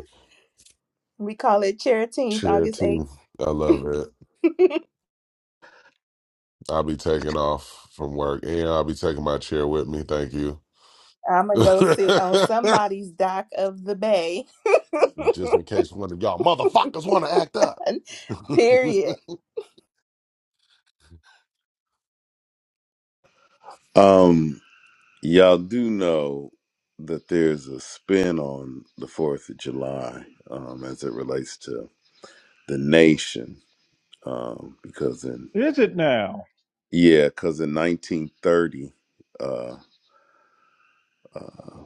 Speaker 3: We call it Charitine, August
Speaker 7: Charity.
Speaker 3: eighth.
Speaker 7: I love it.
Speaker 3: (laughs) I'm
Speaker 7: I'll be taking off from work and I'll be taking my chair with me. Thank you.
Speaker 3: gonna go sit on
Speaker 7: (laughs)
Speaker 3: somebody's dock of the bay. (laughs)
Speaker 7: Just in case one of y'all motherfuckers want to act up.
Speaker 3: Period.
Speaker 7: (laughs)
Speaker 4: um Y'all do know that there's a spin on the 4th of July um, as it relates to the nation. Um, because in,
Speaker 2: Is it now?
Speaker 4: yeah, because in 1930 uh, uh,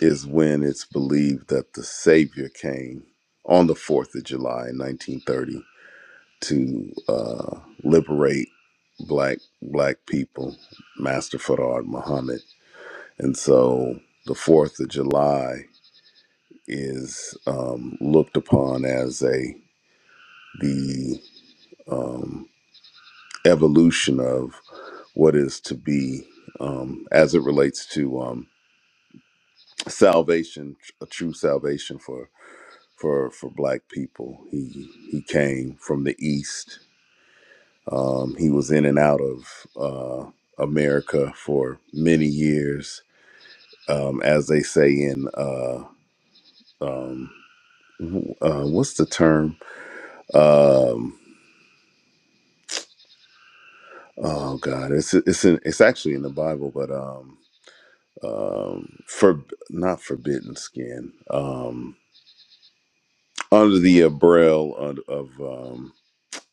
Speaker 4: is when it's believed that the Savior came on the 4th of July in 1930 to uh, liberate black black people, Master Farad Muhammad. And so the 4th of July is um, looked upon as a the um, evolution of what is to be um, as it relates to um, salvation, a true salvation for for for black people. He he came from the east. Um, he was in and out of uh, America for many years, um, as they say in uh, um, uh, what's the term? Um, Oh God, it's it's in, it's actually in the Bible, but um um for not forbidden skin um under the umbrella of, of um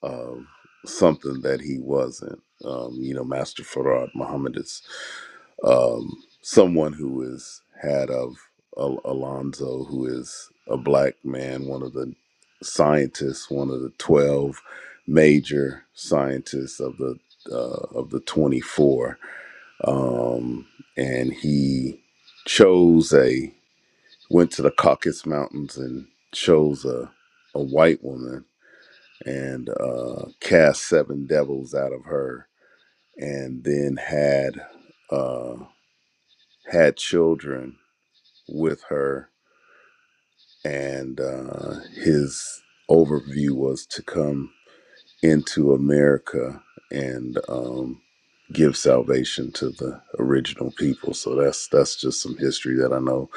Speaker 4: um, something that he wasn't. Um, you know, Master Farad Muhammad is um, someone who is had of Al- Alonzo, who is a black man, one of the scientists, one of the twelve major scientists of the uh, of the twenty four, um, and he chose a went to the Caucasus Mountains and chose a a white woman and uh, cast seven devils out of her, and then had uh, had children with her. And uh, his overview was to come into America and um, give salvation to the original people. So that's that's just some history that I know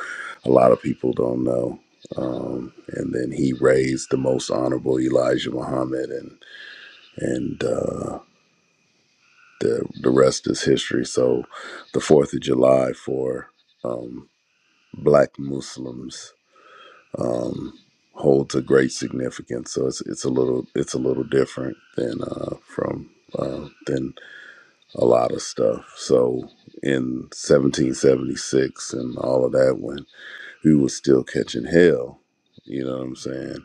Speaker 4: a lot of people don't know. Um, and then he raised the most honorable Elijah Muhammad and and. uh, the the rest is history. So, the Fourth of July for um, Black Muslims um, holds a great significance. So it's it's a little it's a little different than uh, from uh, than a lot of stuff. So in 1776 and all of that, when we were still catching hell, you know what I'm saying.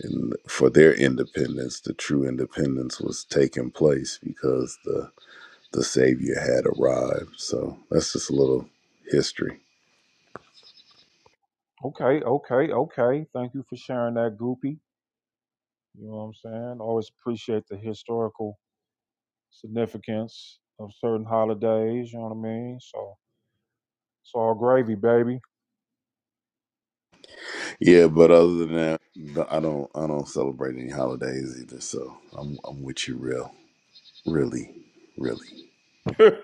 Speaker 4: And for their independence, the true independence was taking place because the the Savior had arrived. So that's just a little history.
Speaker 2: Okay. Okay. Okay. Thank you for sharing that, Goopy. You know what I'm saying? Always appreciate the historical significance of certain holidays. You know what I mean? So it's all gravy, baby. (laughs)
Speaker 4: Yeah, but other than that, no, I don't I don't celebrate any holidays either. So I'm I'm with you, real, really, really,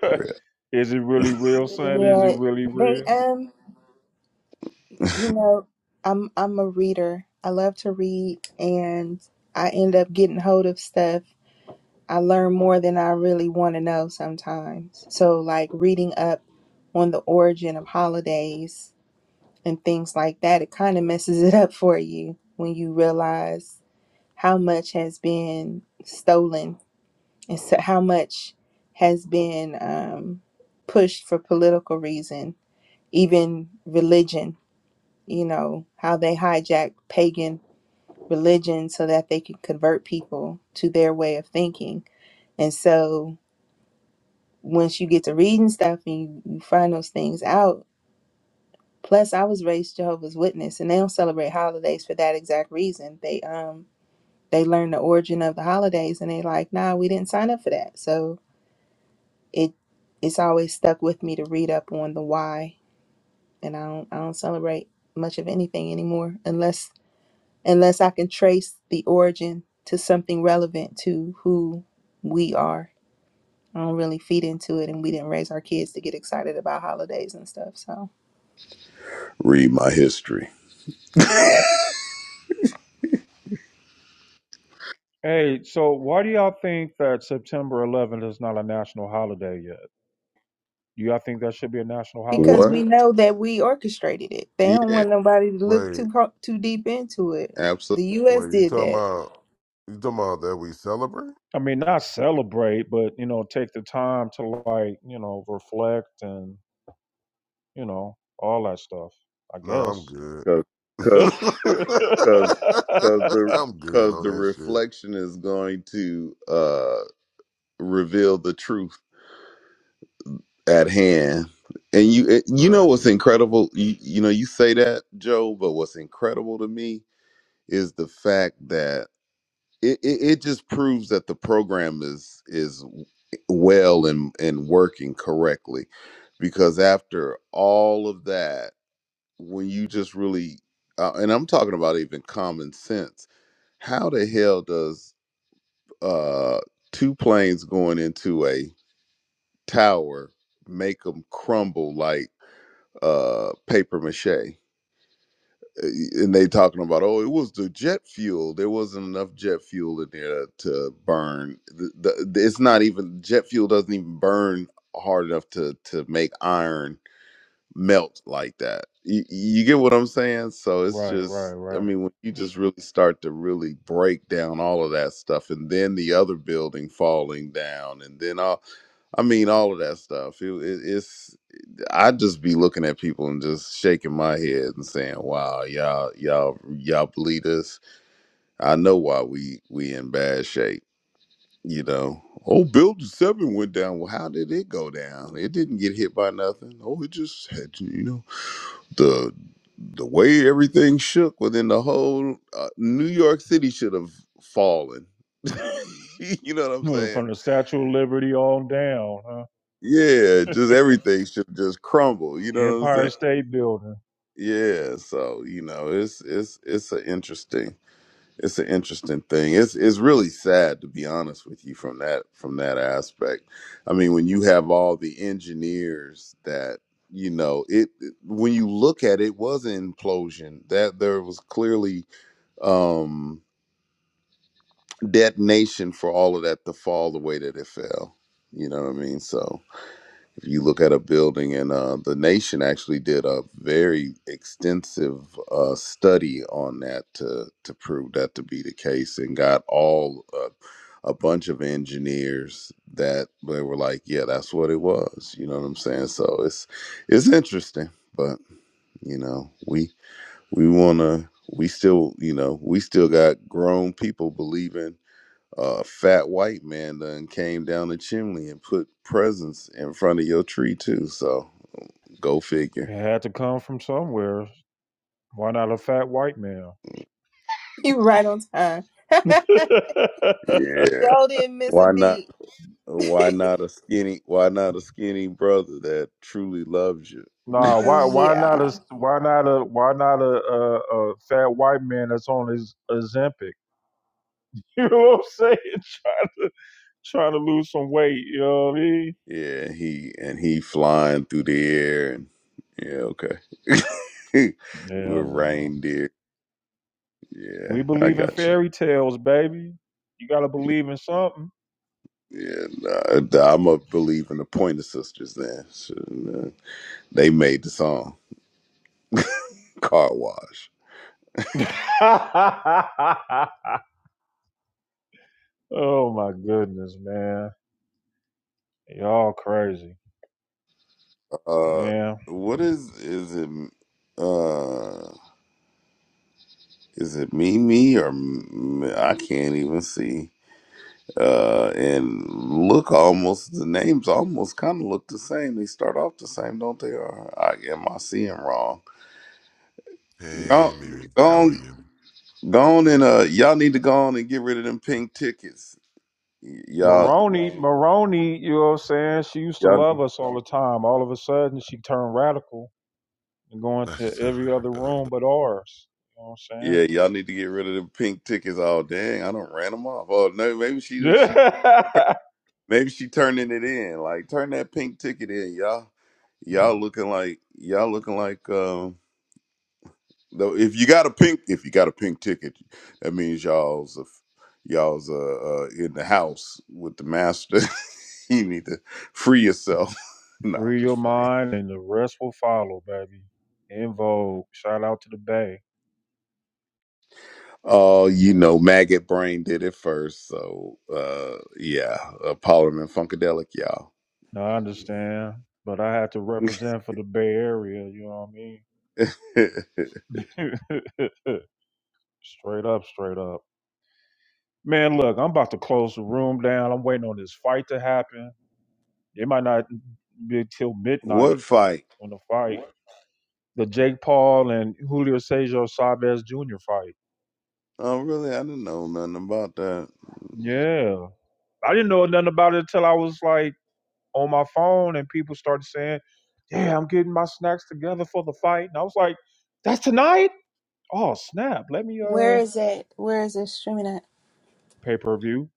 Speaker 4: real.
Speaker 2: Is it really real, son? Is it
Speaker 3: Yeah,
Speaker 2: really
Speaker 3: they
Speaker 2: real?
Speaker 3: um You know, I'm I'm a reader. I love to read and I end up getting hold of stuff. I learn more than I really want to know sometimes. So like reading up on the origin of holidays and things like that, it kind of messes (laughs) it up for you when you realize how much has been stolen and so how much has been um, pushed for political reason, even religion you know, how they hijack pagan religion so that they can convert people to their way of thinking. And so once you get to reading stuff and you, you find those things out, plus I was raised Jehovah's Witness and they don't celebrate holidays for that exact reason. They um they learn the origin of the holidays and they like, nah, we didn't sign up for that. So it it's always stuck with me to read up on the why and I don't I don't celebrate much of anything anymore unless unless I can trace the origin to something relevant to who we are. I don't really feed into it, and we didn't raise our kids to get excited about holidays and stuff. So
Speaker 4: Read my history.
Speaker 2: Hey, so why do y'all think that September 11th is not a national holiday yet? Do y'all think that should be a national
Speaker 3: because
Speaker 2: holiday?
Speaker 3: we
Speaker 4: What?
Speaker 3: know that we orchestrated it, they don't
Speaker 4: Yeah,
Speaker 3: want nobody to look
Speaker 7: wait,
Speaker 3: too pro- too deep into it. The
Speaker 4: absolutely.
Speaker 3: U.S.
Speaker 7: wait, you
Speaker 3: did
Speaker 7: talking
Speaker 3: that. (laughs)
Speaker 7: about you talking about that we celebrate?
Speaker 2: I mean, not celebrate, but you know, take the time to like, you know, reflect and you know all that stuff. I
Speaker 7: No, I'm
Speaker 2: guess.
Speaker 7: good.
Speaker 4: Cause
Speaker 7: (laughs)
Speaker 4: cause cause 'cause
Speaker 2: (laughs)
Speaker 4: the
Speaker 7: I'm good
Speaker 4: cause
Speaker 7: on
Speaker 4: the
Speaker 7: that shit.
Speaker 4: reflection is going to uh reveal the truth at hand. And you it- you know
Speaker 7: Sorry.
Speaker 4: what's incredible? You, you know you say that, Joe, but what's incredible to me is the fact that it, it, it just proves that the program is is well and and working correctly. Because after all of that, when you just really uh, and I'm talking about even common sense, how the hell does uh two planes going into a tower make them crumble like uh paper mache Uh, and they talking about oh it was the jet fuel there wasn't enough jet fuel in there to burn the, the, it's not even jet fuel doesn't even burn hard enough to to make iron melt like that you, you get what i'm saying so it's
Speaker 2: Right, right,
Speaker 4: just i
Speaker 2: right.
Speaker 4: mean when you just really start to really break down all of that stuff and then the other building falling down and then all i mean all of that stuff it, it, it's I just be looking at people and just shaking my head and saying, "Wow, y'all, y'all, y'all believe this? I know why we we in bad shape." You know, oh, building seven went down. Well, how did it go down? It didn't get hit by nothing. Oh, it just had to, you know, the the way everything shook within the whole uh, New York City should have fallen. (laughs) you know what I'm
Speaker 2: Look,
Speaker 4: saying?
Speaker 2: From the Statue of Liberty on down, huh?
Speaker 4: Yeah, just everything should just crumble. You know what I'm
Speaker 2: Empire
Speaker 4: saying?
Speaker 2: State Building.
Speaker 4: Yeah, so you know, it's it's it's an interesting it's an interesting thing. It's it's really sad to be honest with you from that from that aspect. I mean, when you have all the engineers that you know it it- when you look at it was an implosion that there was clearly um detonation for all of that to fall the way that it fell you know what i mean so if you look at a building, and uh, the nation actually did a very extensive uh, study on that to to prove that to be the case, and got all uh, a bunch of engineers that they were like, yeah, that's what it was. You know what I'm saying? So it's it's interesting, but you know, we we wanna we still you know we still got grown people believing uh, fat white man done came down the chimney and put presents in front of your tree too. So go figure.
Speaker 2: It had to come from somewhere. Why not a fat white man?
Speaker 3: You right on time. (laughs)
Speaker 2: (laughs)
Speaker 4: Yeah.
Speaker 3: Joe didn't miss a
Speaker 4: Why not?
Speaker 3: beat. (laughs)
Speaker 4: Why not a skinny? Why not a skinny brother that truly loves you? (laughs)
Speaker 2: Nah, why
Speaker 3: 'Cause,
Speaker 2: why not a
Speaker 3: yeah,
Speaker 2: why not a why not a, a, a fat white man that's on his Ozempic? (laughs) You know what I'm saying? (laughs) trying to trying to lose some weight. You know what I mean?
Speaker 4: yeah, he and he flying through the air and yeah, okay, (laughs) with
Speaker 2: Yeah, man.
Speaker 4: reindeer.
Speaker 2: We
Speaker 4: Yeah, I
Speaker 2: believe in
Speaker 4: got you.
Speaker 2: fairy tales, baby. You gotta believe in something.
Speaker 4: Yeah, nah, I'm going to believe in the Pointer Sisters. Then So, uh, they made the song (laughs) "Car Wash."
Speaker 2: (laughs) Oh my goodness, man. Y'all crazy.
Speaker 4: Uh,
Speaker 2: Man.
Speaker 4: what is is it? Uh, is it Mimi or M- I can't even see. Uh, and look almost the names almost kind of look the same. They start off the same, don't they? Or I, am I seeing wrong?
Speaker 7: Hey,
Speaker 4: Go,
Speaker 7: Mary,
Speaker 4: go
Speaker 7: how are
Speaker 4: on,
Speaker 7: you?
Speaker 4: go on, and uh, y'all need to go on and get rid of them pink tickets. Y- Y'all,
Speaker 2: Maroney, Maroney, you know what I'm saying? She used to
Speaker 4: y'all,
Speaker 2: love us all the time. All of a sudden she turned radical and going to
Speaker 7: Nice to-
Speaker 2: every other
Speaker 7: (laughs)
Speaker 2: room but ours. You know what I'm saying?
Speaker 4: yeah, y'all need to get rid of them pink tickets. Oh dang, I don't ran them off. Oh no, maybe she did.
Speaker 2: Yeah.
Speaker 4: Maybe she turning it in. Like turn that pink ticket in, y'all. Y'all looking like y'all looking like um though if you got a pink if you got a pink ticket, that means y'all's a, y'all's uh, uh in the house with the master. (laughs) you need to free yourself. (laughs)
Speaker 2: (laughs)
Speaker 4: no, I'm
Speaker 2: Free your
Speaker 4: just playing.
Speaker 2: mind and the rest will follow, baby. In vogue. Shout out to the Bay.
Speaker 4: Oh, you know, maggot brain did it first, so uh yeah, uh, Parliament Funkadelic, y'all.
Speaker 2: Now I understand. But I had to represent for the Bay Area, you know
Speaker 4: (laughs)
Speaker 2: what I mean? (laughs) straight up, straight up. Man, look, I'm about to close the room down. I'm waiting on this fight to happen. It might not be till midnight
Speaker 4: what fight?
Speaker 2: on the fight. The Jake Paul and Julio Cesar Chavez Jr. fight.
Speaker 4: Oh, really? I didn't know nothing about that.
Speaker 2: Yeah. I didn't know nothing about it until I was like on my phone and people started saying, Yeah, I'm getting my snacks together for the fight. And I was like, That's tonight? Oh snap. Let me uh
Speaker 3: where is it? Where is it streaming at?
Speaker 2: pay per view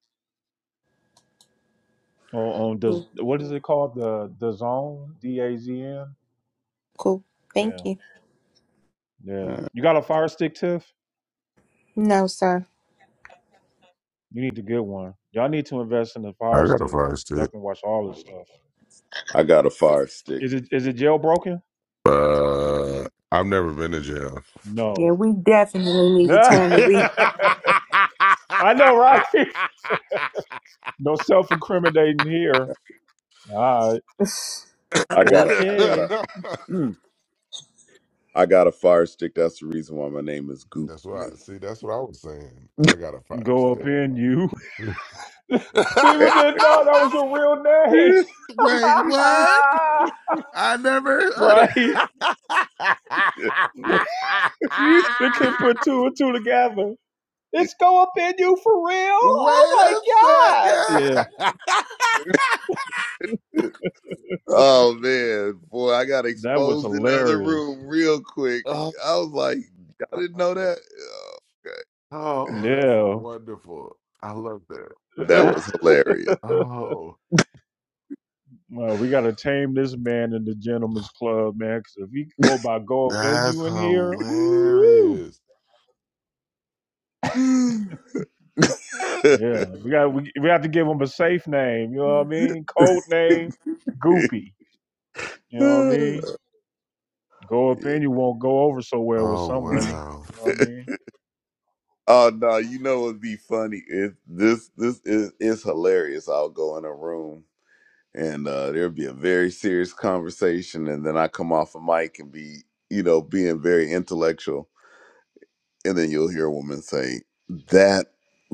Speaker 2: on, on does
Speaker 3: Cool,
Speaker 2: what is it called? The the zone? D A Z N."
Speaker 3: cool.
Speaker 2: Yeah.
Speaker 3: Thank you.
Speaker 2: Yeah. You got a fire stick, Tiff?
Speaker 3: No, sir.
Speaker 2: You need to get one. Y'all need to invest in the fire
Speaker 7: I got a
Speaker 2: stick.
Speaker 7: fire
Speaker 2: Y'all
Speaker 7: stick.
Speaker 2: can watch all this stuff.
Speaker 4: I got a fire stick.
Speaker 2: Is it is it jailbroken?
Speaker 7: Uh, I've never been to jail.
Speaker 3: Yeah,
Speaker 2: No.
Speaker 3: we definitely
Speaker 2: (laughs)
Speaker 3: need to turn
Speaker 7: (laughs)
Speaker 3: the
Speaker 2: I
Speaker 7: that's
Speaker 3: replays.
Speaker 2: know, right?
Speaker 4: I
Speaker 2: (laughs) No self incriminating here.
Speaker 4: got,
Speaker 2: All right.
Speaker 3: I
Speaker 4: I got a, I got
Speaker 2: Okay.
Speaker 4: a, (clears throat) I got a fire stick. That's the reason why my name is Goop.
Speaker 7: what
Speaker 4: (laughs)
Speaker 7: I see. That's what I was saying. I got a five
Speaker 2: Go up
Speaker 7: stick.
Speaker 2: in you. (laughs) People didn't know that was a real name.
Speaker 7: (laughs) Wait, what?
Speaker 2: (laughs)
Speaker 7: I never.
Speaker 2: right? They couldn't put two and two together. It's go up in you for real?
Speaker 7: (laughs)
Speaker 2: Oh
Speaker 7: Wait
Speaker 2: my
Speaker 7: a second.
Speaker 2: God. Yeah.
Speaker 7: (laughs)
Speaker 4: oh man, boy, I got
Speaker 2: That was
Speaker 4: exposed in the other
Speaker 2: hilarious.
Speaker 4: room real quick.
Speaker 7: oh
Speaker 4: I was like, y'all
Speaker 7: God.
Speaker 4: didn't know that. Oh, okay. (sighs)
Speaker 7: Oh, that's
Speaker 2: Yeah.
Speaker 7: wonderful. I love that.
Speaker 4: That
Speaker 2: (laughs)
Speaker 4: was hilarious.
Speaker 7: Oh,
Speaker 2: Well, we got to tame this man in the gentleman's club, man. Because if he could go by gold
Speaker 7: that's
Speaker 2: menu in here, woo,
Speaker 7: hilarious.
Speaker 2: yeah,
Speaker 4: (sighs)
Speaker 2: we got we, we have to give him a safe name. You know what I mean? Code name, Goopy. You know what I mean? Go up in, you won't go over so well with
Speaker 7: Oh
Speaker 2: some
Speaker 4: (laughs)
Speaker 2: women.
Speaker 7: wow.
Speaker 2: You know
Speaker 4: (laughs) yeah.
Speaker 2: what
Speaker 4: Oh no, you know what'd be funny? It, this this is it's hilarious. I'll go in a room and uh there'll be a very serious conversation and then I come off a mic and be, you know, being very intellectual. And then you'll hear a woman say, That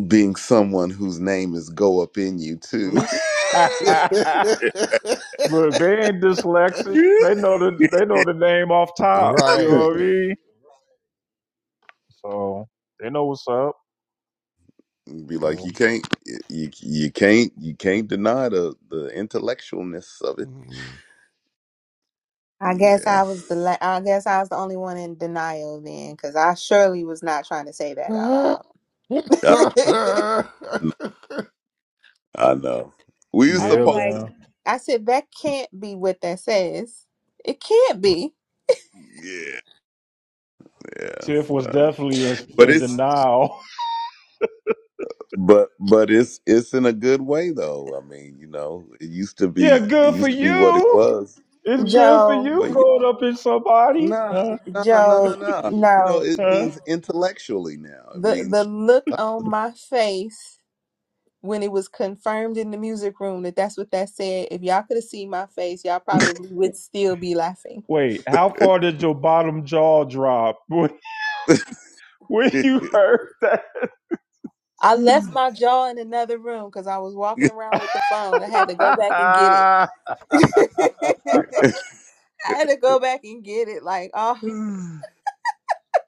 Speaker 4: being someone whose name is go up in you too.
Speaker 2: I mean? (laughs)
Speaker 7: (laughs)
Speaker 2: Look, they ain't dyslexic. They know the they know the name off top. You know
Speaker 7: right.
Speaker 2: what I mean? So they know what's up.
Speaker 4: (laughs) be like,
Speaker 2: So.
Speaker 4: you can't you you can't you can't deny the the intellectualness of it.
Speaker 3: guess
Speaker 4: Yeah.
Speaker 3: I was the la- I guess I was the only one in denial then, because I surely was not trying to say that out
Speaker 7: Mhm.
Speaker 3: loud. (laughs)
Speaker 7: (laughs)
Speaker 4: I know. We were
Speaker 3: I
Speaker 2: Yeah,
Speaker 3: was
Speaker 4: supposed to.
Speaker 3: like,
Speaker 2: man.
Speaker 3: I said that can't be what that says. It can't be.
Speaker 4: Yeah, yeah.
Speaker 2: Tiff was
Speaker 4: Well,
Speaker 2: definitely in,
Speaker 4: but
Speaker 2: in
Speaker 4: it's
Speaker 2: denial.
Speaker 4: but but it's it's in a good way though. I mean, you know, it used to
Speaker 2: (laughs) yeah,
Speaker 4: be it
Speaker 2: good for
Speaker 4: used to be what it
Speaker 2: you.
Speaker 4: was,
Speaker 2: It's good for
Speaker 3: Joe,
Speaker 2: you
Speaker 4: but yeah,
Speaker 2: going up in somebody.
Speaker 4: nah,
Speaker 2: Uh,
Speaker 4: nah, nah, nah,
Speaker 3: Joe,
Speaker 4: nah. You know,
Speaker 3: no.
Speaker 4: it
Speaker 2: uh.
Speaker 4: means intellectually now. It
Speaker 3: The the
Speaker 4: means.
Speaker 3: look on my face when it was confirmed in the music room that that's what that said. If y'all could have seen my face, y'all
Speaker 4: (laughs)
Speaker 3: probably would still be laughing.
Speaker 2: Wait, how far did your bottom jaw drop (laughs) when, when you heard that?
Speaker 3: I left my jaw in another room because I was walking around with the phone. I had to go back and get it.
Speaker 2: (laughs)
Speaker 3: (laughs) I had to go back and get it. Like, oh,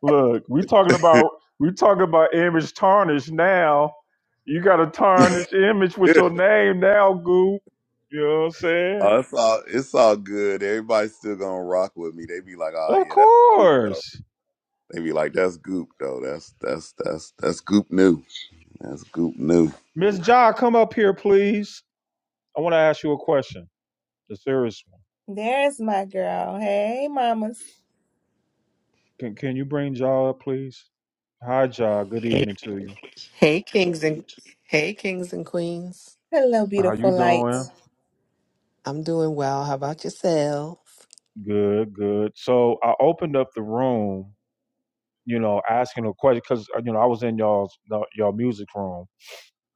Speaker 2: Look, we talking about we talking about image tarnish now. You got a tarnished image with your name now, Goop. You know what I'm saying?
Speaker 4: Oh, it's all it's all good. Everybody's still gonna rock with me. They be like, "Oh
Speaker 2: Of
Speaker 4: yeah, that's stupid
Speaker 2: course.
Speaker 4: They be like, "That's Goop, though. That's that's that's that's Goop new. That's Goop new."
Speaker 2: Miss Ja, come up here, please. I want to ask you a question, a serious one.
Speaker 3: there's my girl. Hey, mamas.
Speaker 2: Can Can you bring Ja up, please? Hi, Ja. Good
Speaker 8: Hey,
Speaker 2: evening to you.
Speaker 8: hey, kings and hey, kings and queens.
Speaker 3: Hello,
Speaker 2: How
Speaker 3: beautiful
Speaker 2: you doing?
Speaker 3: lights.
Speaker 8: I'm doing well. How about yourself?
Speaker 2: Good, good. So I opened up the room, you know, asking a question because you know I was in y'all's y'all music room,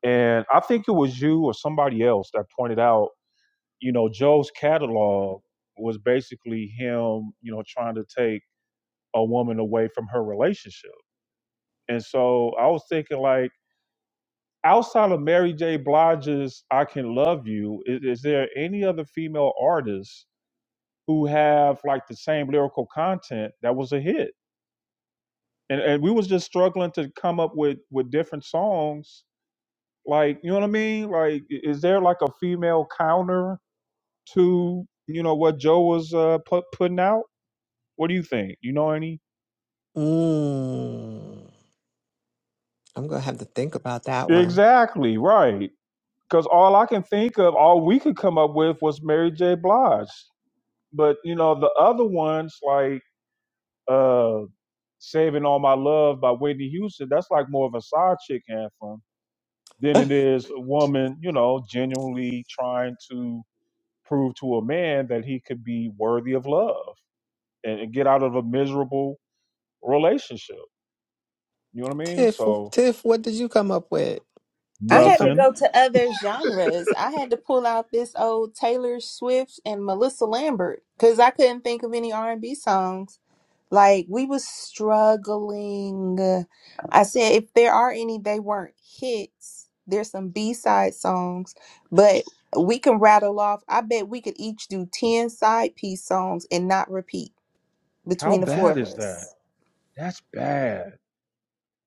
Speaker 2: and I think it was you or somebody else that pointed out, you know, Joe's catalog was basically him, you know, trying to take a woman away from her relationship, and so I was thinking like outside of Mary J. Blige's "I Can Love You," is, is there any other female artists who have like the same lyrical content that was a hit? And and we was just struggling to come up with with different songs. Like you know what I mean? Like i- is there like a female counter to you know what Joe was uh, put, putting out? What do you think? You know any?
Speaker 8: Mm, I'm gonna have to think about that one.
Speaker 2: Exactly right. Because all I can think of, all we could come up with was Mary J. Blige. But you know, the other ones like uh Saving All My Love by Whitney Houston, that's like more of a side chick anthem than
Speaker 8: (laughs)
Speaker 2: it is a woman, you know, genuinely trying to prove to a man that he could be worthy of love and, and get out of a miserable relationship. You know what I mean?
Speaker 8: Tiff,
Speaker 2: So
Speaker 8: Tiff, what did you come up with? Did
Speaker 3: I
Speaker 8: you
Speaker 3: had to
Speaker 8: come
Speaker 2: nothing.
Speaker 3: go to other genres. I had to pull out this old Taylor Swift and Melissa Lambert because I couldn't think of any R and B songs. Like we was struggling. I said if there are any, they weren't hits. There's some B-side songs, but we can rattle off. I bet we could each do 10 side piece songs and not repeat
Speaker 2: How
Speaker 3: between the four
Speaker 2: bad
Speaker 3: of
Speaker 2: is that?
Speaker 3: us.
Speaker 2: That's bad.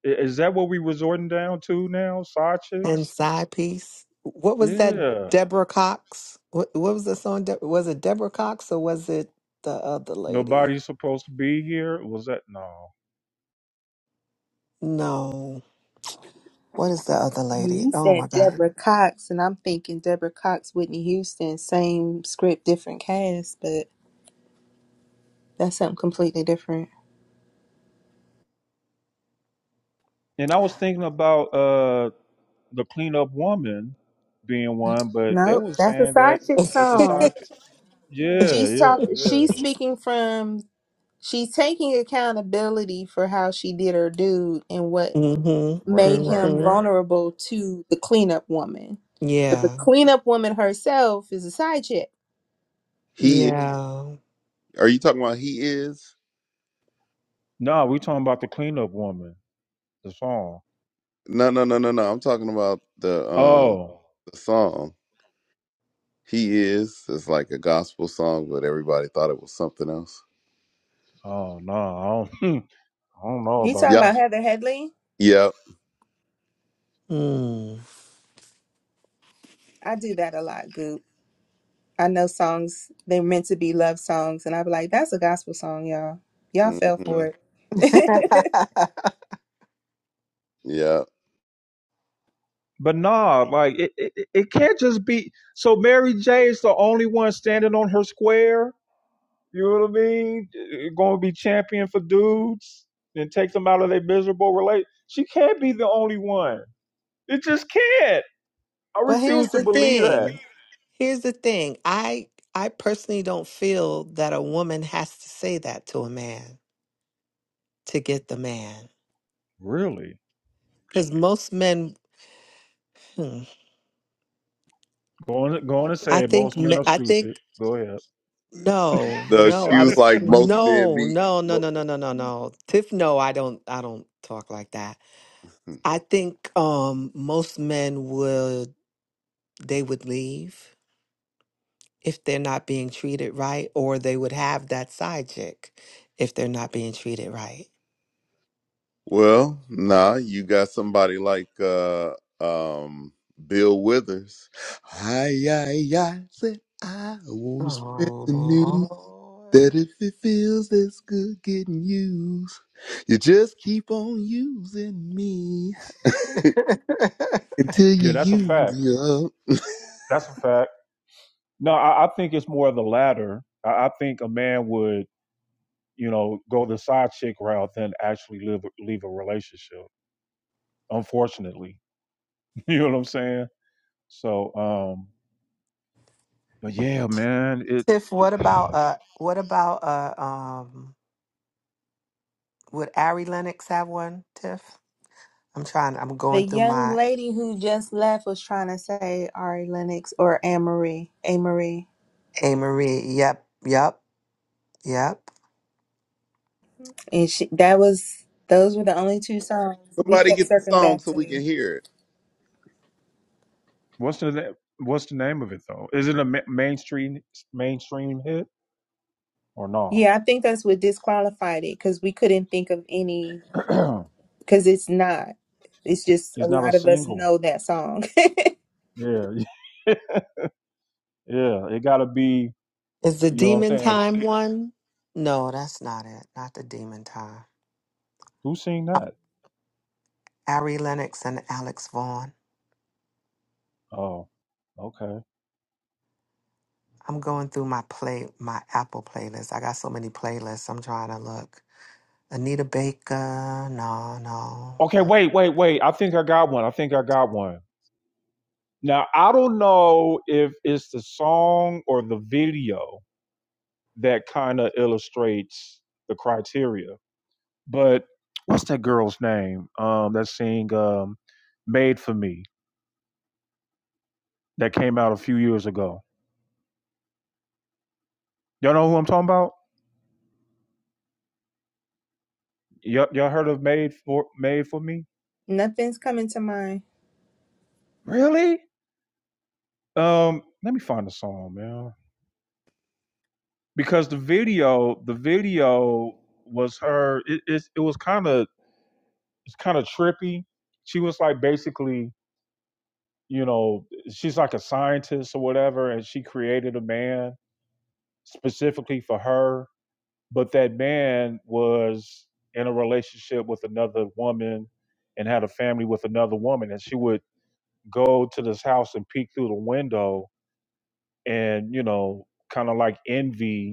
Speaker 2: Is that what we resorting down to now? Side
Speaker 8: and
Speaker 2: chicks?
Speaker 8: side piece? What was that?
Speaker 2: Yeah.
Speaker 8: Deborah Cox. What, what was the song? De- was it Deborah Cox or was it the other lady?
Speaker 2: Nobody's supposed to be here. Was that no?
Speaker 8: No. What is the other lady?
Speaker 3: You
Speaker 8: Oh my
Speaker 3: said
Speaker 8: god.
Speaker 3: Deborah Cox, and I'm thinking Deborah Cox, Whitney Houston, same script, different cast, but that's something completely different.
Speaker 2: And I was thinking about uh the cleanup woman being one, but they
Speaker 3: Nope,
Speaker 2: was
Speaker 3: that's a
Speaker 2: saying that
Speaker 3: side chick
Speaker 2: it's a
Speaker 8: (laughs)
Speaker 3: song.
Speaker 2: side. pi- Yeah,
Speaker 3: She's
Speaker 2: yeah,
Speaker 3: talk.
Speaker 2: yeah.
Speaker 3: She's speaking from She's taking accountability for how she did her dude and what
Speaker 8: mm-hmm.
Speaker 2: Right,
Speaker 3: made
Speaker 2: right,
Speaker 3: him
Speaker 8: Mm-hmm.
Speaker 2: right.
Speaker 3: vulnerable to the cleanup woman. But the
Speaker 8: Yeah.
Speaker 3: cleanup woman herself is a side chick.
Speaker 4: He
Speaker 8: Yeah.
Speaker 4: are you talking about? He is?
Speaker 2: No, we talking about the cleanup woman, the song.
Speaker 4: No, no, no, no, no. I'm talking about the um
Speaker 2: Oh,
Speaker 4: the song. He is. It's like a gospel song, but everybody thought it was something else.
Speaker 2: oh no, I don't, (laughs) I don't know
Speaker 3: You
Speaker 2: about
Speaker 3: talking
Speaker 2: that.
Speaker 4: Yep,
Speaker 3: about Heather Headley?
Speaker 4: yep,
Speaker 8: Mm.
Speaker 3: I do that a lot, Goop. I know songs, they're meant to be love songs, and i be like, that's a gospel song, y'all. Y'all
Speaker 4: hmm
Speaker 3: fell for it.
Speaker 8: (laughs)
Speaker 3: (laughs)
Speaker 4: yep.
Speaker 2: But nah, like it, it, it can't just be. So Mary J is the only one standing on her square. You know what I mean? Going to be champion for dudes and take them out of their miserable relate. She can't be the only one. It just can't. I
Speaker 8: but
Speaker 2: refuse
Speaker 8: here's
Speaker 2: to
Speaker 8: the
Speaker 2: believe that.
Speaker 8: thing. Here's the thing. I I personally don't feel that a woman has to say that to a man to get the man.
Speaker 2: Really?
Speaker 8: Cuz most men hmm,
Speaker 2: Go on, go on and
Speaker 8: I
Speaker 2: say it.
Speaker 8: think
Speaker 2: most men are
Speaker 8: me- I think
Speaker 2: stupid. Go ahead.
Speaker 8: no,
Speaker 4: The
Speaker 8: no. I
Speaker 4: shoes
Speaker 8: was
Speaker 4: like most men
Speaker 8: no,
Speaker 4: be.
Speaker 8: no, no,
Speaker 4: Mo-
Speaker 8: no, no, no, no, no. Tiff no, I don't I don't talk like that. I think um most men would they would leave if they're not being treated right, or they would have that side chick if they're not being treated right.
Speaker 4: Well, nah, you got somebody like uh um Bill Withers. I, I, I said I wanna spread the
Speaker 8: Oh
Speaker 4: news
Speaker 8: Lord.
Speaker 4: that if it feels this good getting used, you just keep on using me (laughs) until you
Speaker 2: Yeah, that's a
Speaker 4: use
Speaker 2: fact.
Speaker 4: me up.
Speaker 2: That's a fact. No, I, I think it's more of the latter. I, I think a man would. you know, go the side chick route than actually live leave a relationship. Unfortunately, (laughs) you know what I'm saying. So, um, but yeah, man, it,
Speaker 8: Tiff,
Speaker 2: it
Speaker 8: what about
Speaker 2: (sighs)
Speaker 8: uh what about uh um would Ari Lennox have one, Tiff? I'm trying I'm
Speaker 3: the
Speaker 8: going through
Speaker 3: young
Speaker 8: my
Speaker 3: lady who just left was trying to say Ari Lennox or Anne Marie.
Speaker 8: A Marie. Yep, yep, yep.
Speaker 3: And she, that was those were the only two songs we
Speaker 4: Somebody
Speaker 3: kept
Speaker 4: get the
Speaker 3: circling
Speaker 4: song
Speaker 3: back
Speaker 4: so we can
Speaker 3: to.
Speaker 4: hear it.
Speaker 2: what's the na- what's the name of it though? Is it a ma- mainstream mainstream hit or no?
Speaker 3: Yeah, I think that's what disqualified it because we couldn't think of any because it's not. It's
Speaker 2: (clears throat)
Speaker 3: just a
Speaker 2: it's not a
Speaker 3: lot of us
Speaker 2: single.
Speaker 3: know that song.
Speaker 2: Yeah, (laughs) yeah. It gotta be.
Speaker 8: Is the
Speaker 2: You know what I'm
Speaker 8: demon
Speaker 2: saying? It's-
Speaker 8: time one? No, that's not it. Not the demon time.
Speaker 2: Who seen
Speaker 8: Uh,
Speaker 2: that?
Speaker 8: Ari Lennox and Alex Vaughn.
Speaker 2: Oh, okay.
Speaker 8: I'm going through my play my Apple playlist. I got so many playlists. I'm trying to look. Anita Baker. No, no,
Speaker 2: Okay,
Speaker 8: no.
Speaker 2: wait, wait, wait. I think I got one. I think I got one. Now I don't know if it's the song or the video that kind of illustrates the criteria, but what's that girl's name? Um, that sing um, "Made for Me" that came out a few years ago. Y'all know who I'm talking about? Y'all, y'all heard of "Made for Made for Me"?
Speaker 3: (laughs) Nothing's coming to mind.
Speaker 2: Really? Um, let me find the song, man. Because the video, the video was her. It it, it was kind of it's kind of trippy. She was like basically, you know, she's like a scientist or whatever, and she created a man specifically for her. But that man was in a relationship with another woman and had a family with another woman, and she would go to this house and peek through the window and you know, kind of like envy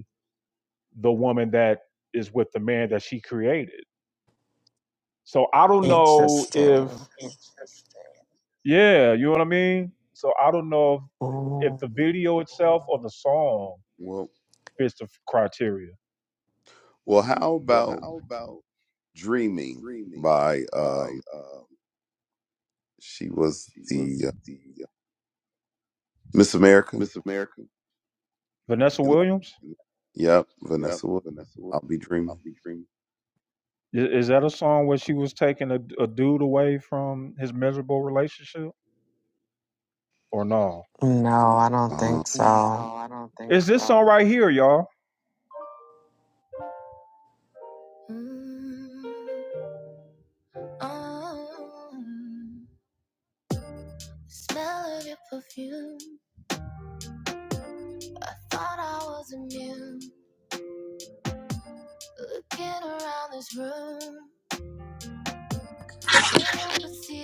Speaker 2: the woman that is with the man that she created. So I don't know
Speaker 8: Interesting.
Speaker 2: if yeah, you know what I mean? So I don't know if, if
Speaker 8: Ooh.
Speaker 2: the video itself or the song
Speaker 4: Well
Speaker 2: fits the criteria.
Speaker 4: well how about Dreaming by um she was the uh, Miss America.
Speaker 2: Vanessa
Speaker 4: and
Speaker 2: Williams,
Speaker 4: Yep, Vanessa Williams. I'll be dreaming.
Speaker 2: i- is, that a song where she was taking a, a dude away from his miserable relationship or no?
Speaker 8: No, I don't
Speaker 4: Uh,
Speaker 8: think so.
Speaker 2: Is this so. song so. right here, y'all?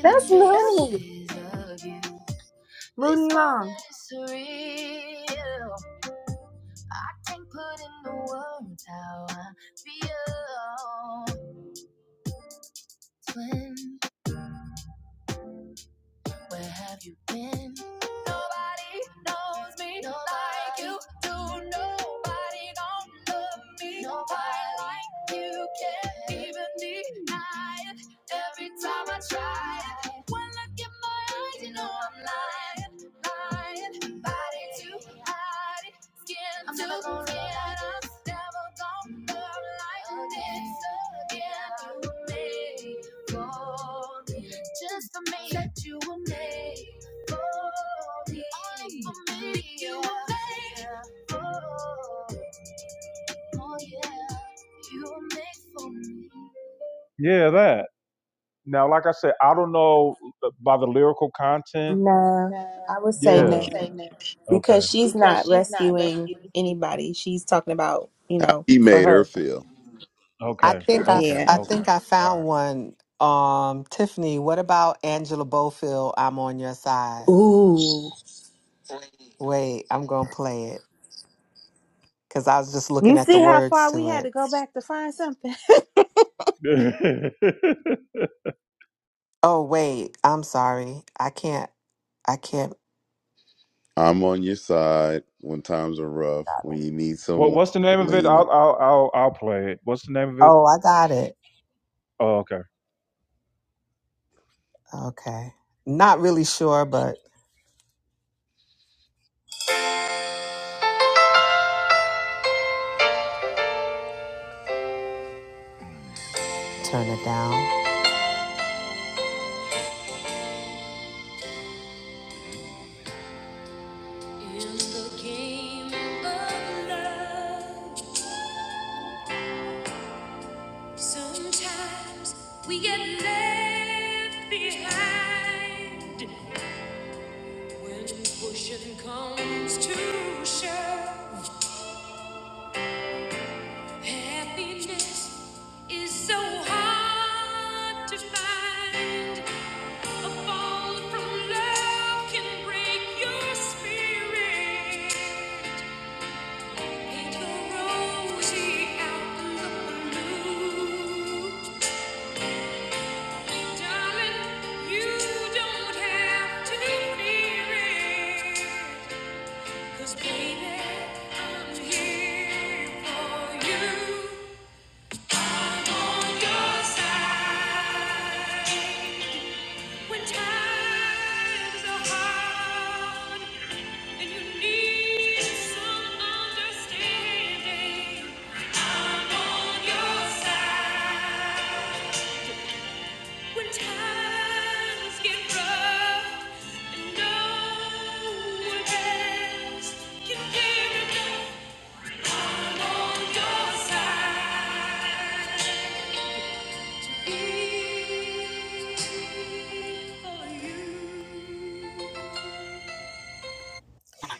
Speaker 3: That's Looney. Looney Long.
Speaker 2: Yeah, that. Now, like I said, I don't know uh, by the lyrical content.
Speaker 3: No, I would say
Speaker 8: Mm.
Speaker 2: Yeah.
Speaker 3: no
Speaker 2: Okay.
Speaker 3: because she's not rescuing anybody. She's talking about you
Speaker 4: how
Speaker 3: know
Speaker 4: he
Speaker 3: for
Speaker 4: made her
Speaker 3: her.
Speaker 4: feel.
Speaker 8: I
Speaker 2: Okay.
Speaker 8: think I
Speaker 2: Okay.
Speaker 3: Yeah.
Speaker 8: I
Speaker 2: Okay.
Speaker 8: think I
Speaker 2: All
Speaker 8: found
Speaker 2: right.
Speaker 8: one. Um, Tiffany, what about Angela Bofield? I'm on your side.
Speaker 3: Ooh.
Speaker 8: Wait, I'm gonna play it because I was just looking
Speaker 3: You see
Speaker 8: at the
Speaker 3: how
Speaker 8: words
Speaker 3: far we
Speaker 8: to
Speaker 3: had
Speaker 8: it.
Speaker 3: to go back to find something.
Speaker 8: Oh wait, I'm sorry. I can't. I can't.
Speaker 4: I'm on your side when times are rough. When you need
Speaker 2: (laughs) what
Speaker 4: someone
Speaker 2: What's the
Speaker 4: to
Speaker 2: name of it?
Speaker 4: lean on.
Speaker 2: I'll I'll I'll, I'll play it. What's the name of it?
Speaker 8: Oh, I got it.
Speaker 2: Oh, okay.
Speaker 8: Okay. Not really sure, but turn it down. In the game of love, sometimes we get left behind. When pushing comes to shove, happiness is so hard to find. A fall from love can break your spirit. When times are hard and you need some understanding. no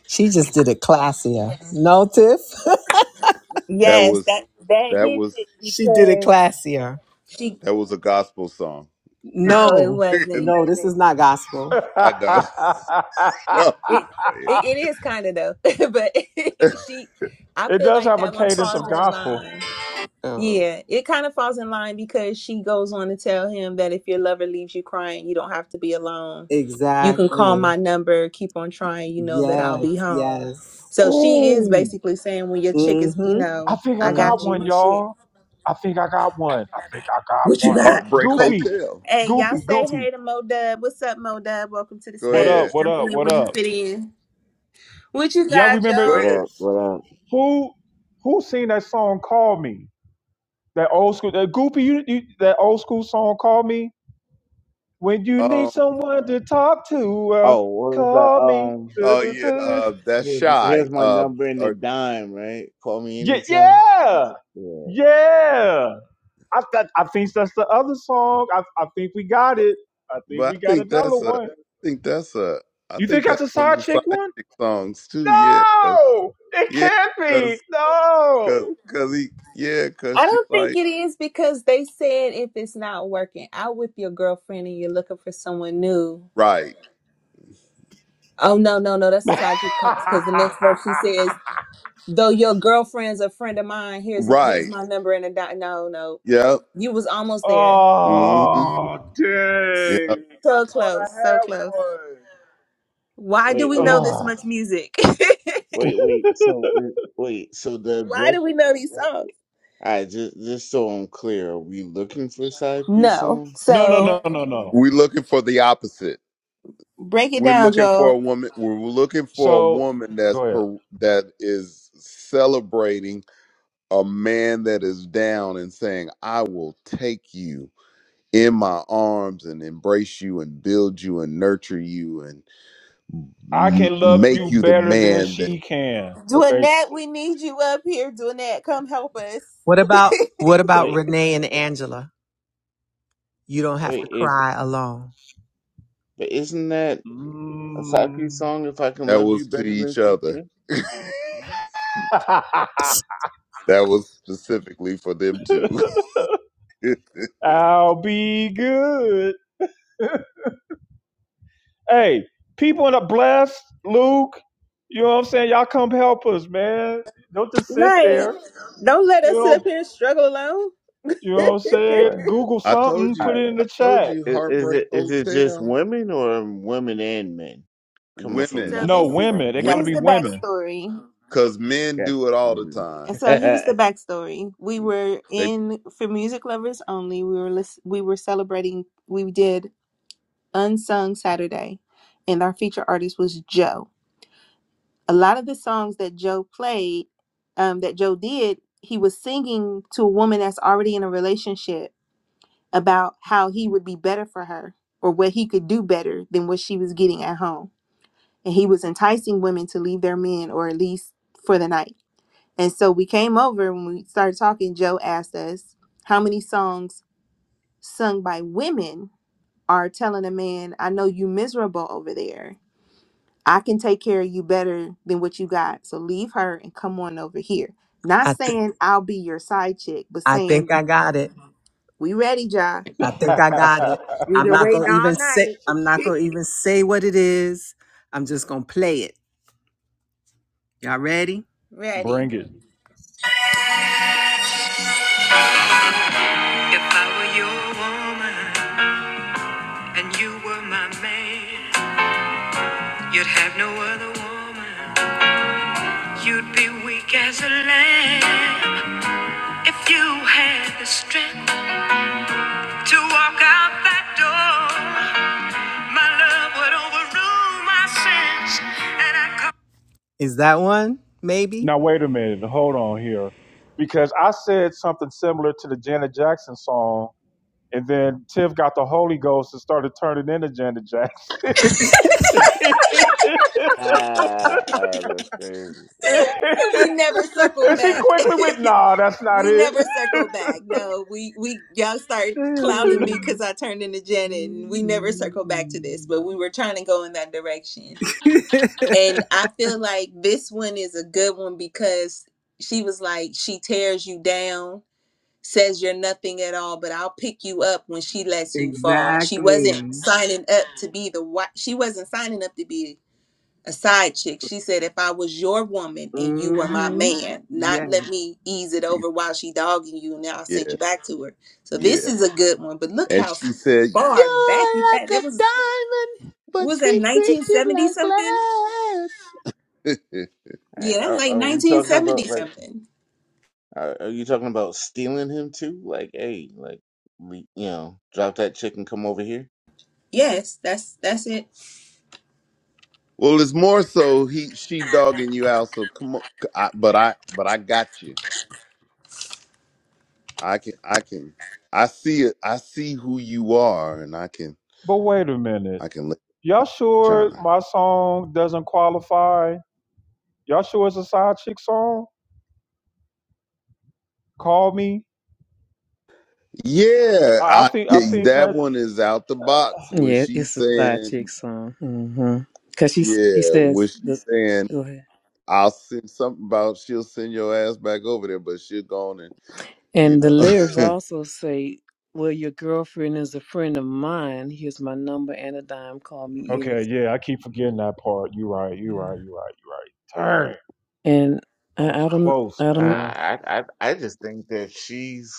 Speaker 8: She just did it classier. No, Tiff.
Speaker 4: That
Speaker 3: Yes,
Speaker 4: was
Speaker 3: that that
Speaker 4: that
Speaker 3: hits
Speaker 4: was
Speaker 3: it
Speaker 8: (laughs) she did it
Speaker 3: because Yeah.
Speaker 8: classier.
Speaker 3: she
Speaker 4: that was a gospel song. (laughs)
Speaker 3: no, it
Speaker 8: No,
Speaker 4: I
Speaker 3: wasn't.
Speaker 4: know.
Speaker 8: no, this is not
Speaker 2: (laughs)
Speaker 8: gospel.
Speaker 4: (laughs) I'm just
Speaker 3: It
Speaker 4: playing.
Speaker 3: it, it is kind of though, (laughs) but (laughs) she, I
Speaker 2: it
Speaker 3: feel
Speaker 2: does
Speaker 3: like
Speaker 2: have a
Speaker 3: that one
Speaker 2: cadence of
Speaker 3: falls in
Speaker 2: gospel.
Speaker 3: line.
Speaker 8: Oh,
Speaker 3: Yeah, it kind of falls in line because she goes on to tell him that if your lover leaves you crying, you don't have to be alone. You can call
Speaker 8: exactly.
Speaker 3: my number, keep on trying, you know that I'll
Speaker 8: Yes,
Speaker 3: be home.
Speaker 8: yes.
Speaker 3: So she is
Speaker 2: Ooh,
Speaker 3: basically saying when your chick is, you
Speaker 8: Mm-hmm.
Speaker 2: I
Speaker 3: know,
Speaker 2: think I
Speaker 3: I
Speaker 2: got
Speaker 3: got you
Speaker 8: Mm-hmm.
Speaker 2: one,
Speaker 3: and shit.
Speaker 2: y'all. I think I got one. I think I got
Speaker 3: What you
Speaker 2: one.
Speaker 4: (laughs)
Speaker 3: got?
Speaker 4: Heartbreak
Speaker 3: But
Speaker 2: Goopy,
Speaker 4: Hotel.
Speaker 3: hey, y'all
Speaker 2: Goopy,
Speaker 3: say
Speaker 2: Goopy.
Speaker 3: hey to Mo Dub. What's up, Mo Dub? Welcome to the
Speaker 4: Go
Speaker 2: What
Speaker 4: ahead.
Speaker 2: up?
Speaker 3: stage.
Speaker 2: What
Speaker 3: Jump
Speaker 2: up?
Speaker 3: in
Speaker 2: What
Speaker 3: where you
Speaker 2: up?
Speaker 3: fit in. What you
Speaker 2: Y'all
Speaker 3: got,
Speaker 2: remember
Speaker 4: Go
Speaker 9: What
Speaker 4: ahead.
Speaker 3: Joe?
Speaker 9: up? What up?
Speaker 2: who who seen that song? Call me. That old school. That Goopy. You, you that old school song. Call me When you need
Speaker 4: Um.
Speaker 2: someone to talk to, uh,
Speaker 9: Oh, what was that?
Speaker 2: call me.
Speaker 9: Um,
Speaker 2: (laughs)
Speaker 4: Oh yeah.
Speaker 2: Du-du-du.
Speaker 4: Uh. That's
Speaker 9: here's
Speaker 4: shy.
Speaker 9: here's my
Speaker 4: Uh.
Speaker 9: number in the
Speaker 4: Or,
Speaker 9: dime, right? Call me
Speaker 2: Yeah,
Speaker 9: anytime.
Speaker 2: yeah,
Speaker 9: Yeah.
Speaker 2: yeah. I th- I think that's the other song. I I think we got
Speaker 4: but
Speaker 2: it. I think
Speaker 4: but I
Speaker 2: we got
Speaker 4: think
Speaker 2: another
Speaker 4: that's a.
Speaker 2: one.
Speaker 4: I think that's a. I
Speaker 2: You think
Speaker 4: think
Speaker 2: that's
Speaker 4: that's
Speaker 2: a
Speaker 4: one of
Speaker 2: side
Speaker 4: them
Speaker 2: chick
Speaker 4: side
Speaker 2: one?
Speaker 4: chick songs too. Yeah.
Speaker 2: No, it
Speaker 4: Yeah,
Speaker 2: can't be.
Speaker 4: cause,
Speaker 2: No. (laughs)
Speaker 4: cause, cause he, yeah, cause
Speaker 3: I
Speaker 4: she
Speaker 3: don't think
Speaker 4: like,
Speaker 3: it is because they said if it's not working out with your girlfriend and you're looking for someone new.
Speaker 4: right,
Speaker 3: Oh no, no, no, that's inside you because the next verse she says, though your girlfriend's a friend of mine, here's a, here's
Speaker 4: right,
Speaker 3: my number and a dot. No, no.
Speaker 4: yep,
Speaker 3: You was almost there.
Speaker 4: mm-hmm,
Speaker 2: oh
Speaker 4: yep.
Speaker 2: dang! I
Speaker 3: So
Speaker 2: thought I
Speaker 3: close, so
Speaker 2: had
Speaker 3: close.
Speaker 2: one.
Speaker 3: Why do
Speaker 9: Wait,
Speaker 3: we know
Speaker 9: wait,
Speaker 3: this
Speaker 2: Oh.
Speaker 3: much music? (laughs)
Speaker 9: wait, wait. So uh, wait, so the
Speaker 3: Why do
Speaker 9: object.
Speaker 3: we know these songs?
Speaker 9: I just just so I'm clear, are we looking for side piece
Speaker 3: No.
Speaker 9: songs?
Speaker 2: No, no,
Speaker 3: So
Speaker 2: no, no, no.
Speaker 4: We looking for the opposite.
Speaker 3: break it
Speaker 4: We're
Speaker 3: down,
Speaker 4: looking for a
Speaker 3: Joel.
Speaker 4: woman. We're looking for a
Speaker 2: So
Speaker 4: woman that's
Speaker 2: go ahead.
Speaker 4: per, that is celebrating a man that is down and saying, "I will take you in my arms and embrace you and build you and nurture you and
Speaker 2: I
Speaker 4: m-
Speaker 2: can love
Speaker 4: make
Speaker 2: you
Speaker 4: you the
Speaker 2: better than
Speaker 4: man that
Speaker 2: she can,
Speaker 3: Dwinette,
Speaker 2: basically.
Speaker 3: we need you up here. Dwinette, come help us.
Speaker 8: What about what about
Speaker 9: Wait,
Speaker 8: Renee and Angela? You don't have to
Speaker 9: wait. If
Speaker 8: cry alone.
Speaker 9: but isn't that a side piece
Speaker 2: Mm.
Speaker 9: song? If I can
Speaker 4: that
Speaker 9: love you
Speaker 4: was to
Speaker 9: better than
Speaker 4: each
Speaker 9: she
Speaker 4: other."
Speaker 9: can.
Speaker 4: (laughs)
Speaker 2: (laughs)
Speaker 4: That was specifically for them too. (laughs)
Speaker 2: I'll be good. (laughs) Hey, people in the blessed, Luke, you know what I'm saying? Y'all come help us, man. Don't just sit
Speaker 3: Right.
Speaker 2: there.
Speaker 3: Don't let
Speaker 2: You
Speaker 3: us sit up
Speaker 2: know,
Speaker 3: here and struggle alone.
Speaker 2: you
Speaker 3: (laughs)
Speaker 2: know what I'm
Speaker 9: All
Speaker 2: saying?
Speaker 9: right.
Speaker 2: Google
Speaker 4: I told
Speaker 2: something,
Speaker 9: All
Speaker 4: you,
Speaker 2: put
Speaker 9: right.
Speaker 2: it in the
Speaker 4: I told
Speaker 2: chat.
Speaker 4: you,
Speaker 9: Is, is
Speaker 4: Heartbreak
Speaker 9: it is it just
Speaker 4: Hotel,
Speaker 9: women or women and men coming from
Speaker 4: women,
Speaker 3: So
Speaker 2: No,
Speaker 3: this
Speaker 9: nothing to
Speaker 3: is
Speaker 9: something?
Speaker 2: women. They
Speaker 4: women,
Speaker 2: got to
Speaker 3: here's
Speaker 9: right?
Speaker 2: be
Speaker 3: the
Speaker 2: women.
Speaker 3: backstory.
Speaker 4: because men
Speaker 9: Yeah.
Speaker 4: do it all the time.
Speaker 3: So here's
Speaker 9: (laughs)
Speaker 3: the backstory. We were
Speaker 4: They,
Speaker 3: in for music lovers only. We were lis- we were celebrating. We did unsung Saturday, and our feature artist was Joe. a lot of the songs that Joe played, um, that Joe did, he was singing to a woman that's already in a relationship about how he would be better for her or what he could do better than what she was getting at home. And he was enticing women to leave their men or at least for the night. And so we came over when we started talking. Joe asked us how many songs sung by women are telling a man, I know you miserable over there I can take care of you better than what you got. So leave her and come on over here. Not
Speaker 8: I think
Speaker 3: saying I'll be your side chick, but
Speaker 8: I
Speaker 3: saying
Speaker 8: think I got it.
Speaker 3: we ready, Ja.
Speaker 8: I think I
Speaker 2: (laughs)
Speaker 8: got it.
Speaker 3: We've
Speaker 8: I'm
Speaker 3: been
Speaker 8: not
Speaker 3: waiting
Speaker 8: gonna
Speaker 3: all
Speaker 8: even say
Speaker 3: night.
Speaker 8: I'm not
Speaker 3: (laughs)
Speaker 8: gonna even say what it is. I'm just gonna play it. Y'all ready?
Speaker 3: ready.
Speaker 2: Bring it.
Speaker 8: Woman, and you were my man. You'd have no other woman. You'd be weak as a lamb if you had the strength to walk out that door. Is that one? Maybe.
Speaker 2: Now wait a minute. Hold on here, because I said something similar to the Janet Jackson song, and then Tiff got the Holy Ghost and started turning into Janet Jackson.
Speaker 9: ah, oh, that's crazy.
Speaker 2: (laughs)
Speaker 3: we never circled
Speaker 2: And she
Speaker 3: back.
Speaker 2: quickly went, nah, that's
Speaker 3: (laughs)
Speaker 2: not
Speaker 3: we
Speaker 2: it.
Speaker 3: never circled back. No, we we y'all start clowning me
Speaker 2: (laughs)
Speaker 3: because I turned into Janet, and we never circled back to this. But we were trying to go in that direction,
Speaker 8: (laughs)
Speaker 3: and I feel like this one is a good one because she was like she tears you down says you're nothing at all, but I'll pick you up when she lets you fall. She wasn't
Speaker 8: exactly.
Speaker 3: signing up to be the wife. She wasn't signing up to be a side chick. She said, if I was your woman and you were my
Speaker 8: hmm
Speaker 3: man, not
Speaker 8: Yes.
Speaker 3: let me ease it over while she dogging you, and now I'll send
Speaker 4: yeah,
Speaker 3: you back to her. So this
Speaker 4: yeah.
Speaker 3: is a good one, but look
Speaker 4: And
Speaker 3: how
Speaker 4: she said,
Speaker 3: far back you had.
Speaker 4: "You're
Speaker 3: That
Speaker 4: like a
Speaker 3: was
Speaker 4: diamond,
Speaker 3: what
Speaker 4: but
Speaker 3: was that
Speaker 4: she
Speaker 3: 1970
Speaker 4: like
Speaker 3: something?
Speaker 4: glass." (laughs)
Speaker 9: Hey,
Speaker 3: Yeah, that's
Speaker 9: are,
Speaker 3: like
Speaker 9: are we talking
Speaker 3: 1970
Speaker 9: about like?
Speaker 3: something.
Speaker 9: Are, are you talking about stealing him too? Like, hey, like, we, you know, drop that chick and come over here.
Speaker 3: Yes, that's that's it.
Speaker 4: well, it's more so he, she dogging you out. So come on, I, but I, but I got you. I can, I can, I see it. I see who you are, and I can.
Speaker 2: But wait a minute.
Speaker 4: I can let
Speaker 2: Y'all
Speaker 4: it
Speaker 2: sure
Speaker 4: shine.
Speaker 2: my song doesn't qualify? Y'all sure it's a side chick song? Call me.
Speaker 4: Yeah,
Speaker 2: I, I
Speaker 4: I
Speaker 2: think I
Speaker 4: think
Speaker 2: think
Speaker 4: that
Speaker 2: that's
Speaker 4: one is out the box when
Speaker 10: Yeah,
Speaker 4: she's
Speaker 10: it's a side
Speaker 4: saying,
Speaker 10: chick song. mm hmm Cause she she
Speaker 4: yeah, when
Speaker 10: says the
Speaker 4: she's saying,
Speaker 10: go ahead.
Speaker 4: I'll send something about she'll send your ass back over there, but she'll go on and, you
Speaker 10: And the
Speaker 4: know,
Speaker 10: lyrics
Speaker 4: (laughs)
Speaker 10: also say, "Well, your girlfriend is a friend of mine. Here's my number and a dime. Call me
Speaker 2: okay.
Speaker 10: anytime."
Speaker 2: Yeah, I keep forgetting that part. You right. You right. You right. You right. Turn.
Speaker 10: Yeah. And
Speaker 2: I was
Speaker 10: I, I don't,
Speaker 2: close,
Speaker 10: I
Speaker 9: Nah,
Speaker 10: don't.
Speaker 2: man.
Speaker 9: I, I, I just think that she's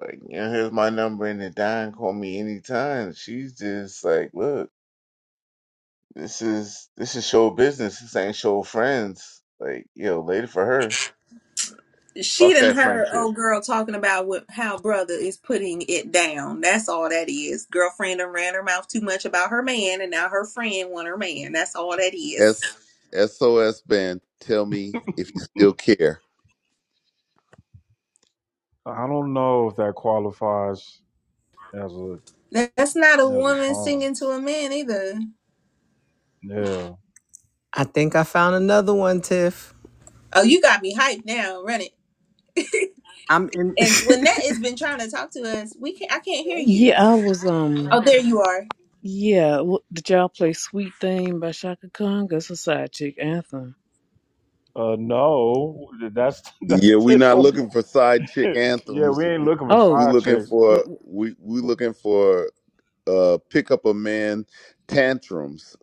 Speaker 9: like, you know, here's my number and the dime. Call me anytime. She's just like, look, this is this is show business. This ain't show friends. Like, yo, later for her.
Speaker 3: She
Speaker 9: Fuck
Speaker 3: done
Speaker 9: that
Speaker 3: heard
Speaker 9: friendship.
Speaker 3: old girl talking about what how brother is putting it down. That's all that is. Girlfriend done ran her mouth too much about her man, and now her friend want her man. That's all that is.
Speaker 4: S SOS band, tell me if you still care.
Speaker 2: I don't know if that qualifies as a
Speaker 3: That- That's not a
Speaker 2: as a
Speaker 3: woman
Speaker 2: song.
Speaker 3: singing to a man either.
Speaker 2: Yeah.
Speaker 8: I think I found another one, Tiff.
Speaker 3: Oh, you got me hyped now. Run it.
Speaker 8: I'm in. (laughs) See
Speaker 3: And Lynette has been trying to talk to us. We can't. I can't hear you.
Speaker 10: Yeah, I was um.
Speaker 3: Oh, there you are.
Speaker 10: Yeah, what, did y'all play "Sweet Thing" by Shaka Khan? That's a side chick anthem.
Speaker 2: Uh, no, that's (laughs) that's
Speaker 4: Yeah, we not
Speaker 2: disco.
Speaker 4: looking for side
Speaker 2: (laughs)
Speaker 4: chick
Speaker 2: yeah, we
Speaker 4: anthems.
Speaker 2: ain't
Speaker 4: We,
Speaker 2: looking for
Speaker 10: Oh,
Speaker 4: we
Speaker 2: side
Speaker 4: looking
Speaker 2: chicks.
Speaker 4: for
Speaker 10: what,
Speaker 4: we we looking for uh pick up a man tantrums.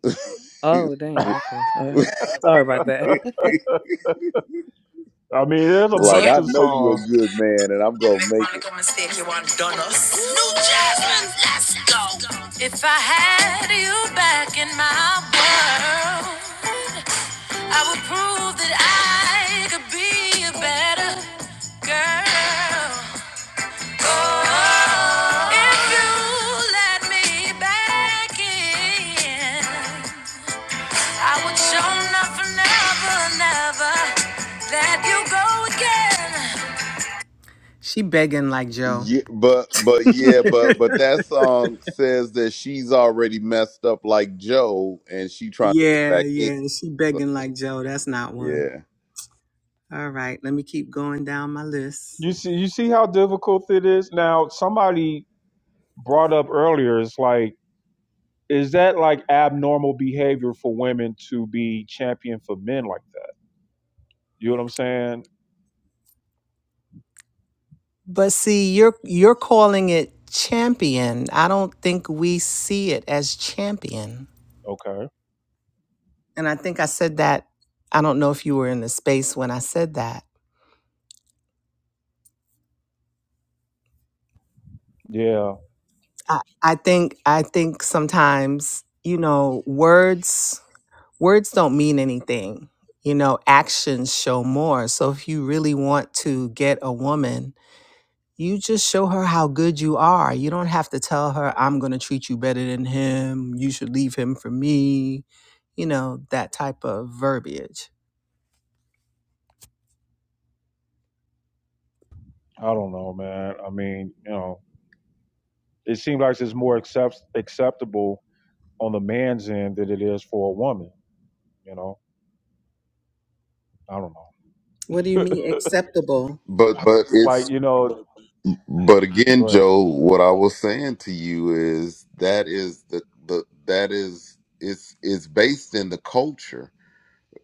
Speaker 10: oh, damn. Okay, all right.
Speaker 4: (laughs)
Speaker 10: Sorry about
Speaker 4: (laughs)
Speaker 10: that. (laughs)
Speaker 2: I mean, there's a
Speaker 4: like
Speaker 8: you.
Speaker 2: bunch
Speaker 4: I
Speaker 2: of
Speaker 4: know you a
Speaker 2: songs.
Speaker 4: good man, and I'm
Speaker 8: You
Speaker 4: gonna
Speaker 8: make
Speaker 4: make
Speaker 8: one
Speaker 4: it.
Speaker 8: little mistake, you want done us. New Jasmine, let's go. If I had you back in my world. I will prove that I could be a better girl. Oh, if you let me back in, I would show nothing, never, never let you go again. She begging like Joe.
Speaker 4: Yeah, but but yeah, but but that song says that she's already messed up like Joe, and she trying to get
Speaker 8: Yeah,
Speaker 4: back in.
Speaker 8: yeah, she
Speaker 4: So,
Speaker 8: begging like Joe. That's not one.
Speaker 4: yeah,
Speaker 8: All right, let me keep going down my list.
Speaker 2: You see, you see how difficult it is. Now, somebody brought up earlier. It's like, is that like abnormal behavior for women to be champion for men like that? You know what I'm saying?
Speaker 8: But see, you're you're calling it champion. I don't think we see it as champion.
Speaker 2: Okay.
Speaker 8: And I think I said that. I don't know if you were in the space when I said that.
Speaker 2: Yeah,
Speaker 8: I, I think I think sometimes, you know, words words don't mean anything. You know, actions show more. So if you really want to get a woman You just show her how good you are. You don't have to tell her, I'm going to treat you better than him. You should leave him for me. You know, that type of verbiage.
Speaker 2: I don't know, man. I mean, you know, it seems like it's more accept- acceptable on the man's end than it is for a woman. You know, I don't know.
Speaker 8: What do you
Speaker 2: (laughs)
Speaker 8: mean acceptable?
Speaker 4: but but
Speaker 2: Like,
Speaker 4: it's
Speaker 2: you know,
Speaker 4: but again,
Speaker 2: go ahead.
Speaker 4: Joe. What I was saying to you is that is the the that is it's it's based in the culture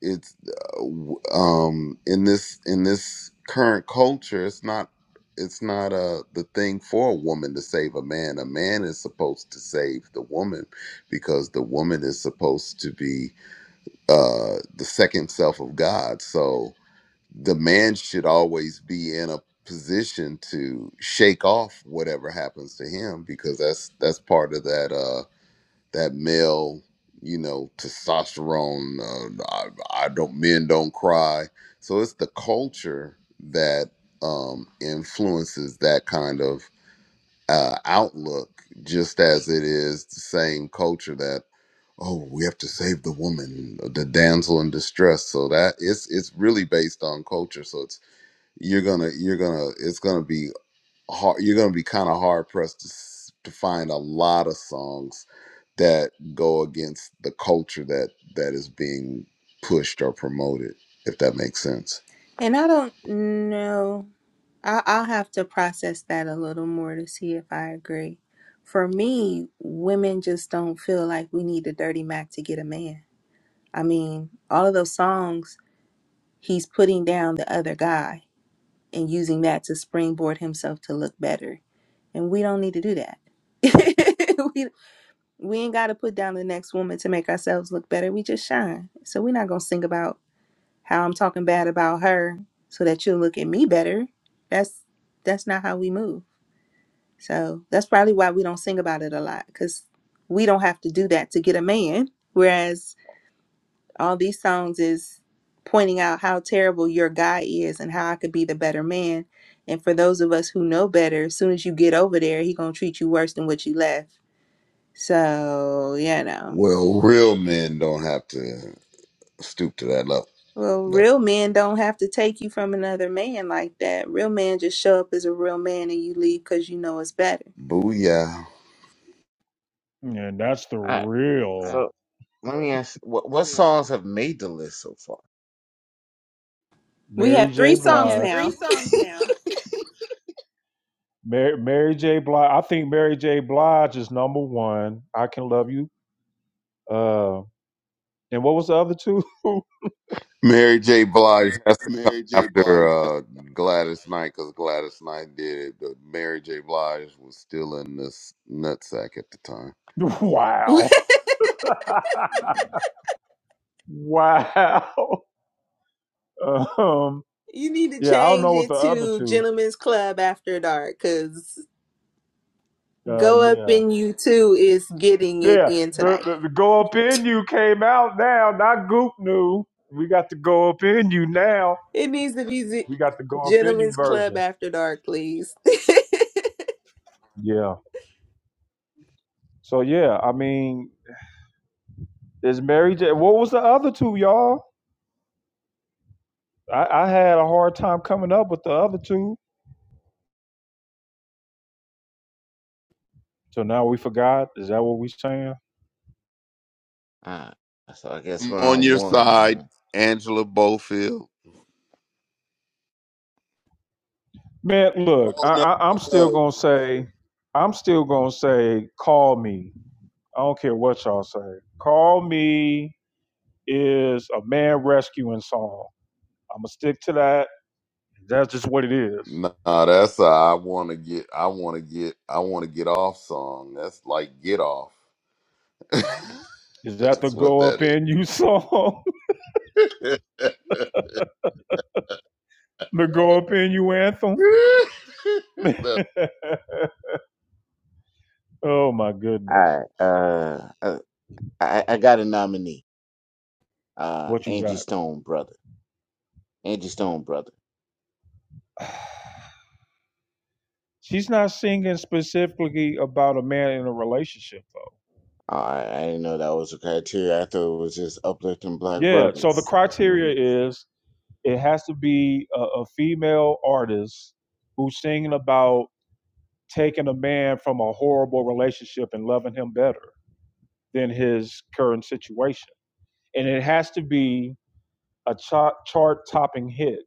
Speaker 4: it's uh, um in this in this current culture it's not it's not uh the thing for a woman to save a man a man is supposed to save the woman because the woman is supposed to be uh the second self of god so the man should always be in a position to shake off whatever happens to him because that's that's part of that uh, that male, you know, testosterone. Uh, I, I don't men don't cry. So it's the culture that um, influences that kind of uh, outlook, just as it is the same culture that oh we have to save the woman, the damsel in distress. So that it's it's really based on culture. So it's you're gonna you're gonna it's gonna be hard you're going to be kind of hard pressed to, s- to find a lot of songs that go against the culture that that is being pushed or promoted if that makes sense
Speaker 3: And I don't know. I- I'll have to process that a little more to see if I agree. For me, women just don't feel like we need a dirty Mac to get a man. I mean, all of those songs, he's putting down the other guy and using that to springboard himself to look better. And we don't need to do that. (laughs) we, we ain't got to put down the next woman to make ourselves look better. We just shine. So we're not going to sing about how I'm talking bad about her so that you'll look at me better. That's that's not how we move. So that's probably why we don't sing about it a lot because we don't have to do that to get a man. Whereas all these songs is pointing out how terrible your guy is and how I could be the better man. And for those of us who know better, as soon as you get over there, he gonna treat you worse than what you left. So you know,
Speaker 4: well real men don't have to stoop to that level,
Speaker 3: well,
Speaker 4: level.
Speaker 3: real men don't have to take you from another man like that. Real men just show up as a real man and you leave because you know it's better.
Speaker 4: booyah
Speaker 2: And that's the Right. real right.
Speaker 9: So let me ask, what what songs have made the list so far?
Speaker 3: We
Speaker 2: Mary
Speaker 3: have
Speaker 2: J.
Speaker 3: three
Speaker 2: Blige.
Speaker 3: songs
Speaker 2: Blige.
Speaker 3: now.
Speaker 2: Mary, Mary J. Blige. I think Mary J. Blige is number one. I can love you. Uh, and what was the other two? (laughs)
Speaker 4: mary j blige after uh, Gladys Knight because Gladys Knight did it, but Mary J. Blige was still in this nutsack at the time.
Speaker 2: wow. (laughs) wow. Um,
Speaker 3: You need to
Speaker 2: yeah, I don't
Speaker 3: change
Speaker 2: know what the
Speaker 3: it
Speaker 2: other
Speaker 3: to
Speaker 2: two.
Speaker 3: Gentlemen's Club After Dark because
Speaker 2: Uh,
Speaker 3: Go Up
Speaker 2: yeah.
Speaker 3: in You Too is getting it
Speaker 2: Yeah.
Speaker 3: in
Speaker 2: The,
Speaker 3: tonight.
Speaker 2: the, the Go Up In You came out now, not Goop New. We got the Go Up In You now.
Speaker 3: It needs to be Z-
Speaker 2: We got the Go Up In You
Speaker 3: Gentlemen's Club
Speaker 2: version.
Speaker 3: After Dark, please. (laughs) so
Speaker 2: Yeah. So yeah, I mean, it's Mary J. What was the other two, y'all? I, I had a hard time coming up with the other two. So now we forgot. Is that what we saying?
Speaker 9: Alright, so I guess
Speaker 4: I'm
Speaker 9: we're
Speaker 4: on
Speaker 9: on
Speaker 4: your side,
Speaker 9: one.
Speaker 4: Angela Bofield.
Speaker 2: Man, look,
Speaker 4: Oh
Speaker 2: I,
Speaker 4: no,
Speaker 2: I I'm
Speaker 4: no,
Speaker 2: still
Speaker 4: no,
Speaker 2: gonna say, I'm still gonna say, call me. I don't care what y'all say. Call me is a man rescuing song. I'm gonna stick to that. That's just what it is.
Speaker 4: Nah, that's a I want to get, I want to get, I want to get off song. That's like get off. (laughs) that's
Speaker 2: Is that the
Speaker 4: what
Speaker 2: go
Speaker 4: that
Speaker 2: up in you song?
Speaker 4: is.
Speaker 2: (laughs) the go up in you anthem? (laughs) Oh my
Speaker 9: huh?
Speaker 2: goodness.
Speaker 9: Alright, uh, uh, I I got a nominee, uh,
Speaker 2: What you
Speaker 9: Angie
Speaker 2: got?
Speaker 9: Stone brother, Angie Stone brother.
Speaker 2: (sighs) She's not singing specifically about a man in a relationship though.
Speaker 9: Alright, I didn't know that was a criteria. I thought it was just uplifting black
Speaker 2: Yeah, so the
Speaker 9: brothers. hmm
Speaker 2: criteria is it has to be a, a female artist who's singing about taking a man from a horrible relationship and loving him better than his current situation. And it has to be a chart chart topping hit.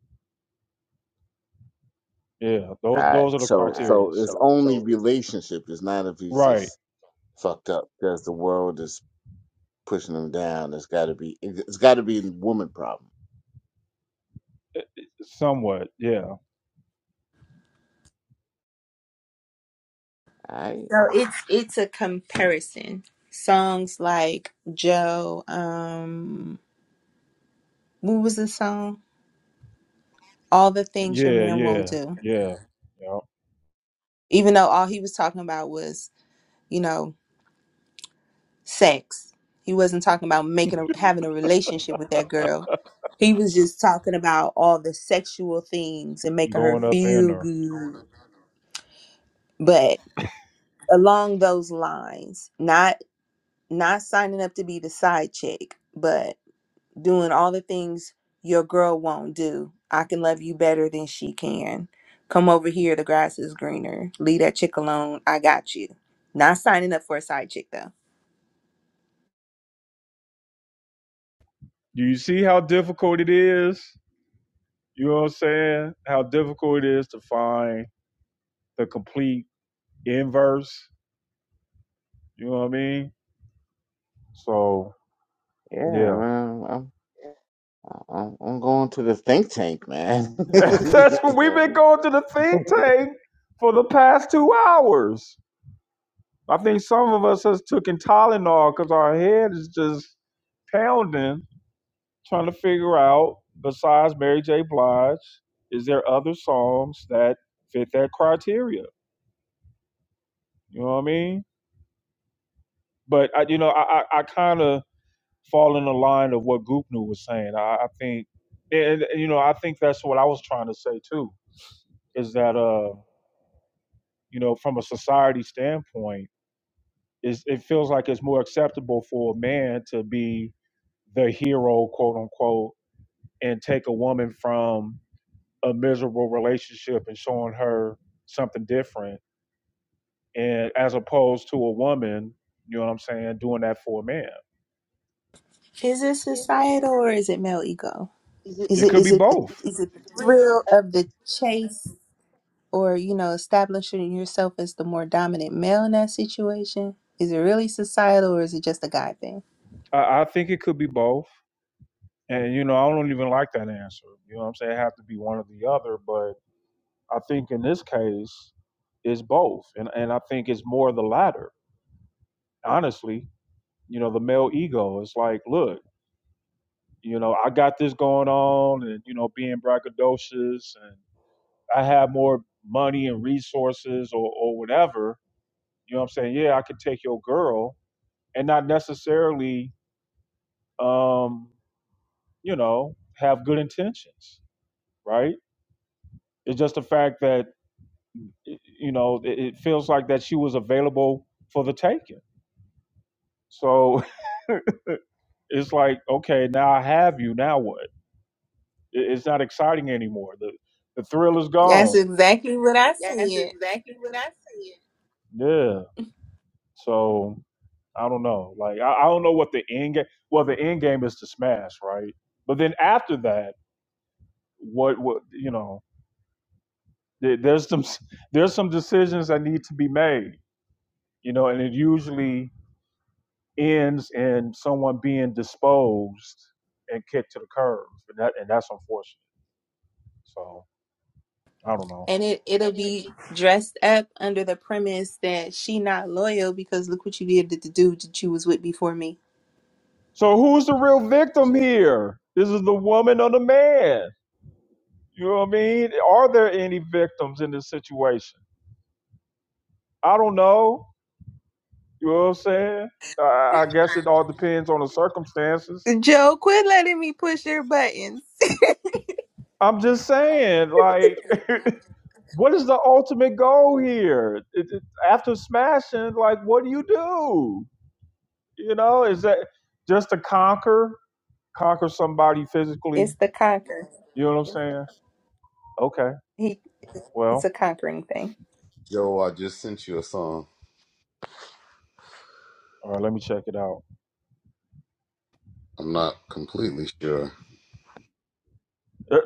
Speaker 2: Yeah, those
Speaker 9: Alright,
Speaker 2: those are the All
Speaker 9: so
Speaker 2: criterias.
Speaker 9: so it's only relationship. It's not if he's
Speaker 2: Right,
Speaker 9: just fucked up because the world is pushing him down. It's got to be it's got to be a woman problem.
Speaker 2: somewhat. Yeah.
Speaker 9: Alright,
Speaker 3: it's it's a comparison. Songs like Joe, um, what was the song? All the things your
Speaker 2: Yeah,
Speaker 3: man
Speaker 2: yeah,
Speaker 3: won't do.
Speaker 2: yeah. Yep.
Speaker 3: Even though all he was talking about was, you know, sex. He wasn't talking about making a, having a relationship with that girl. He was just talking about all the sexual things and making her
Speaker 2: Going up in
Speaker 3: feel
Speaker 2: there.
Speaker 3: good. But along those lines, not not signing up to be the side chick, but doing all the things your girl won't do. I can love you better than she can. Come over here, the grass is greener. Leave that chick alone. I got you. Not signing up for a side chick though.
Speaker 2: Do you see how difficult it is? You know what I'm saying? How difficult it is to find the complete inverse. You know what I mean? So, yeah.
Speaker 9: yeah, man. I'm I'm going to the think tank, man. (laughs)
Speaker 2: (laughs) That's what we've been going to the think tank for the past two hours. I think some of us has taken Tylenol because our head is just pounding. trying to figure out, besides Mary J. Blige, is there other songs that fit that criteria? You know what I mean? But I, you know, I I, I kind of fall in the line of what Goopnu was saying. I, I think, and and, you know, I think that's what I was trying to say too. Is that uh, you know, from a society standpoint, is it feels like it's more acceptable for a man to be the hero, quote unquote, and take a woman from a miserable relationship and showing her something different and as opposed to a woman you know what i'm saying doing that for a man
Speaker 3: Is it societal or is it male ego?
Speaker 2: it
Speaker 3: Is it
Speaker 2: could it, be
Speaker 3: is it the
Speaker 2: both
Speaker 3: is it the thrill of the chase or you know establishing yourself as the more dominant male in that situation? Is it really societal or is it just a guy thing?
Speaker 2: i, I think it could be both and you know i don't even like that answer you know what i'm saying it have to be one or the other but i think in this case it's both and, and i think it's more the latter honestly you know the male ego is like look you know i got this going on and you know being braggadocious and. I have more money and resources or, or whatever, you know what I'm saying? Yeah, I could take your girl and not necessarily, um, you know, have good intentions, right? It's just the fact that, you know, it, it feels like that she was available for the taking. So (laughs) it's like, okay, now I have you. Now what? It, it's not exciting anymore. The, the thrill is
Speaker 3: That's
Speaker 2: gone.
Speaker 3: exactly what I said.
Speaker 2: Yeah. So I don't know. Like I, I don't know what the end game. Well, the end game is to smash, right? But then after that, what what you know? There, there's some there's some decisions that need to be made, you know, and it usually ends in someone being disposed and kicked to the curb, and that and that's unfortunate. So I don't know.
Speaker 3: And it it'll be dressed up under the premise that she not loyal because look what you did to the dude that you was with before me.
Speaker 2: So who's the real victim here? This is the woman or the man? You know what I mean? Are there any victims in this situation? I don't know You know what I'm saying? I, I guess it all depends on the circumstances.
Speaker 3: Joe, quit letting me push your buttons. (laughs)
Speaker 2: I'm just saying, like, (laughs) what is the ultimate goal here? It, it, after smashing, like, what do you do? You know, is that just to conquer, conquer somebody physically?
Speaker 3: it's the conquer.
Speaker 2: You know what I'm saying? Okay,
Speaker 3: He it's
Speaker 2: well,
Speaker 3: a conquering thing.
Speaker 4: (laughs) Joe, I just sent you a song.
Speaker 2: all right, let me check it out.
Speaker 4: I'm not completely sure.
Speaker 2: (laughs)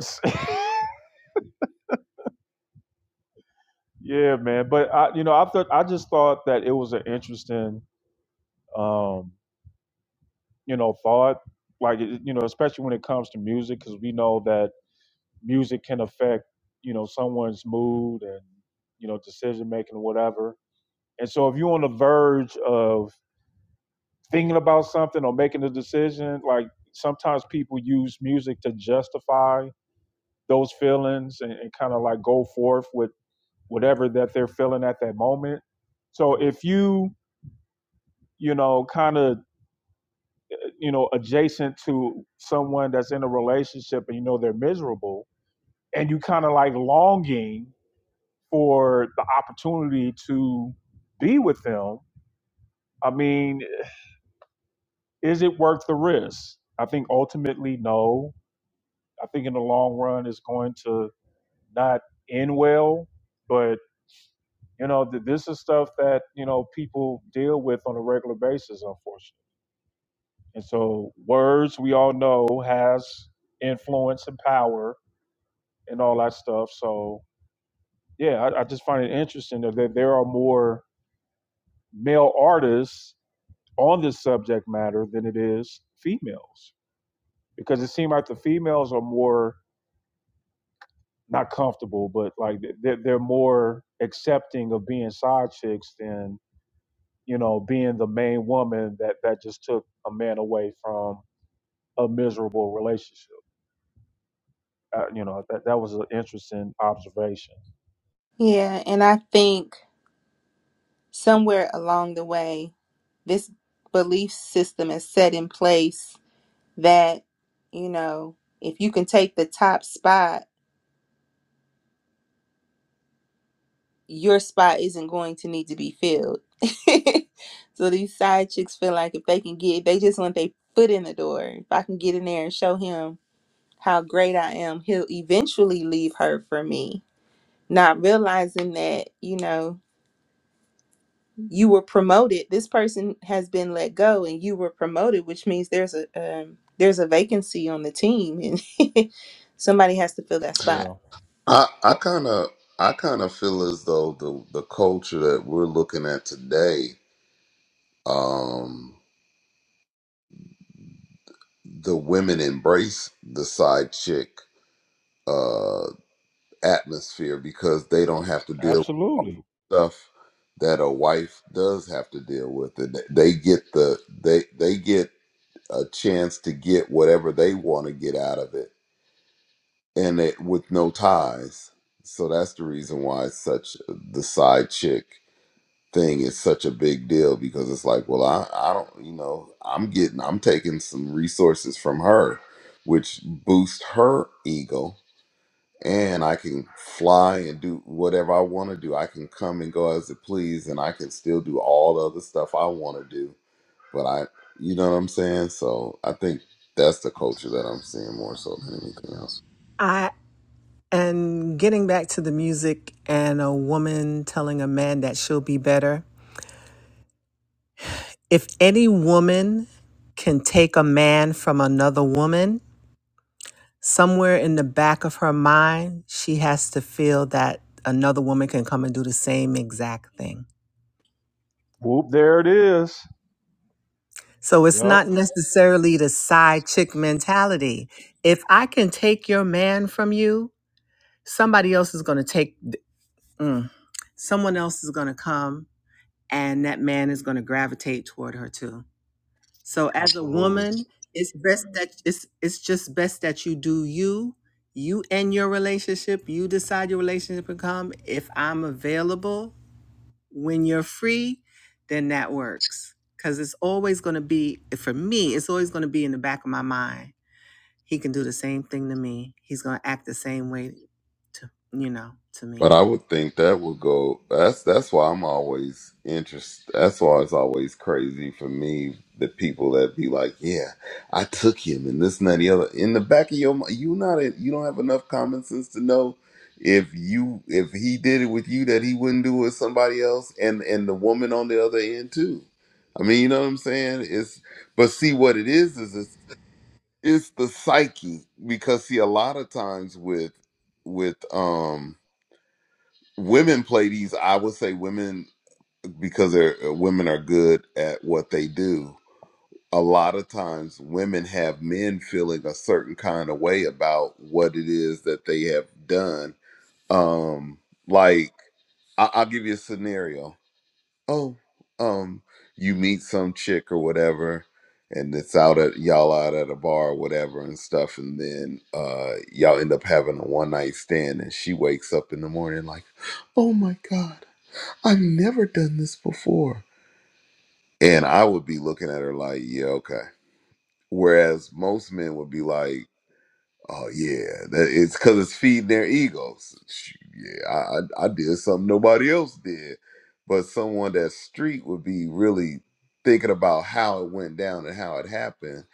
Speaker 2: yeah, man. But I, you know, I thought I just thought that it was an interesting. Um, you know thought like you know especially when it comes to music because we know that music can affect you know someone's mood and you know decision making or whatever and so if you're on the verge of thinking about something or making a decision like sometimes people use music to justify those feelings and, and kind of like go forth with whatever that they're feeling at that moment so if you you know kind of you know, adjacent to someone that's in a relationship and you know they're miserable, and you kind of like longing for the opportunity to be with them. I mean, is it worth the risk? I think ultimately, no. I think in the long run, it's going to not end well. But you know, th- this is stuff that you know people deal with on a regular basis, unfortunately. And so, words we all know has influence and power and all that stuff. So yeah, I, I just find it interesting that, that there are more male artists on this subject matter than it is females because it seems like the females are more not comfortable, but like they're, they're more accepting of being side chicks than you know being the main woman that that just took a man away from a miserable relationship. uh, you know that, that was an interesting observation
Speaker 3: Yeah, and I think somewhere along the way this belief system is set in place that you know if you can take the top spot your spot isn't going to need to be filled (laughs) so these side chicks feel like if they can get they just want their foot in the door if i can get in there and show him how great i am he'll eventually leave her for me not realizing that you know you were promoted this person has been let go and you were promoted which means there's a um, there's a vacancy on the team and (laughs) somebody has to fill that spot
Speaker 2: yeah
Speaker 4: I I kind of I kind of feel as though the the culture that we're looking at today, um, the women embrace the side chick uh, atmosphere because they don't have to deal with
Speaker 2: absolutely
Speaker 4: stuff that a wife does have to deal with, and they get the they they get a chance to get whatever they want to get out of it, and it with no ties. So that's the reason why it's such uh, the side chick thing is such a big deal because it's like, well, I, I don't, you know, I'm getting, I'm taking some resources from her, which boosts her ego, and I can fly and do whatever I want to do. I can come and go as it please, and I can still do all the other stuff I want to do. But I, you know what I'm saying? So I think that's the culture that I'm seeing more so than anything else.
Speaker 8: I and getting back to the music and a woman telling a man that she'll be better. If any woman can take a man from another woman, somewhere in the back of her mind, she has to feel that another woman can come and do the same exact thing.
Speaker 2: whoop there it is
Speaker 8: So it's
Speaker 2: yep
Speaker 8: not necessarily the side chick mentality. If I can take your man from you, somebody else is going to take, mm, someone else is going to come and that man is going to gravitate toward her too. So as a
Speaker 2: absolutely
Speaker 8: woman, it's best that it's, it's just best that you do you, you and your relationship, you decide your relationship and come. If I'm available, when you're free, then that works. Because it's always going to be, for me, it's always going to be in the back of my mind. He can do the same thing to me. He's going to act the same way to, you know, to
Speaker 4: But
Speaker 8: me.
Speaker 4: I would think that would go. That's that's why I'm always interested. That's why it's always crazy for me the people that be like, "Yeah, I took him," and this and that, and the other. In the back of your mind, you not a, you don't have enough common sense to know if you if he did it with you that he wouldn't do it with somebody else, and and the woman on the other end too. I mean, you know what I'm saying? It's but see what it is is it's, it's the psyche because see a lot of times with with um women play these i would say women because they're uh, women are good at what they do a lot of times women have men feeling a certain kind of way about what it is that they have done um like I- i'll give you a scenario oh um you meet some chick or whatever and it's out at y'all out at a bar or whatever and stuff and then uh y'all end up having a one night stand and she wakes up in the morning like oh my god I've never done this before. And I would be looking at her like, yeah, okay. Whereas most men would be like, oh, yeah, that, it's because it's feeding their egos. Sh- Yeah, I, I, I did something nobody else did. But someone that's street would be really thinking about how it went down and how it happened.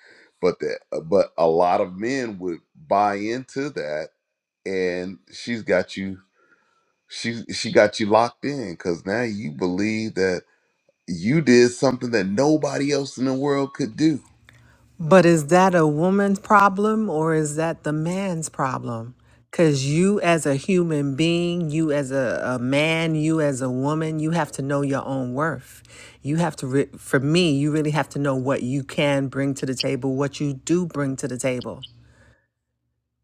Speaker 4: But that, but a lot of men would buy into that, and she's got you. She she got you locked in because now you believe that you did something that nobody else in the world could do.
Speaker 8: But is that a woman's problem or is that the man's problem? Because you, as a human being, you as a, a man, you as a woman, you have to know your own worth. You have to, re- for me, you really have to know what you can bring to the table, what you do bring to the table.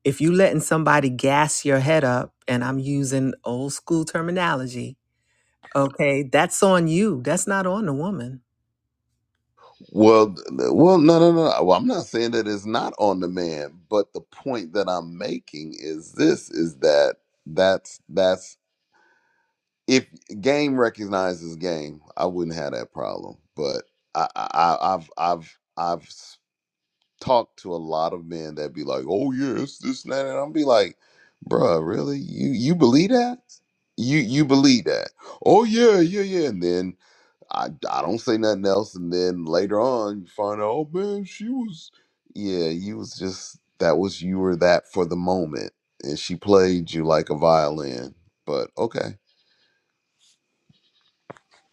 Speaker 8: If you letting somebody gas your head up, and I'm using old school terminology, okay, that's on you. That's not on the woman.
Speaker 4: Well, th- well, no, no, no. no. Well, I'm not saying that it's not on the man, but the point that I'm making is this: is that that's that's if game recognizes game, I wouldn't have that problem. But I, I, I- I've I've I've s- talked to a lot of men that be like, "Oh yeah, it's this and that," and i will be like, "Bruh, really? You you believe that? You you believe that? Oh yeah, yeah, yeah." And then I, I don't say nothing else, and then later on you find out, oh man, she was, yeah, you was just that was you were that for the moment, and she played you like a violin. But okay,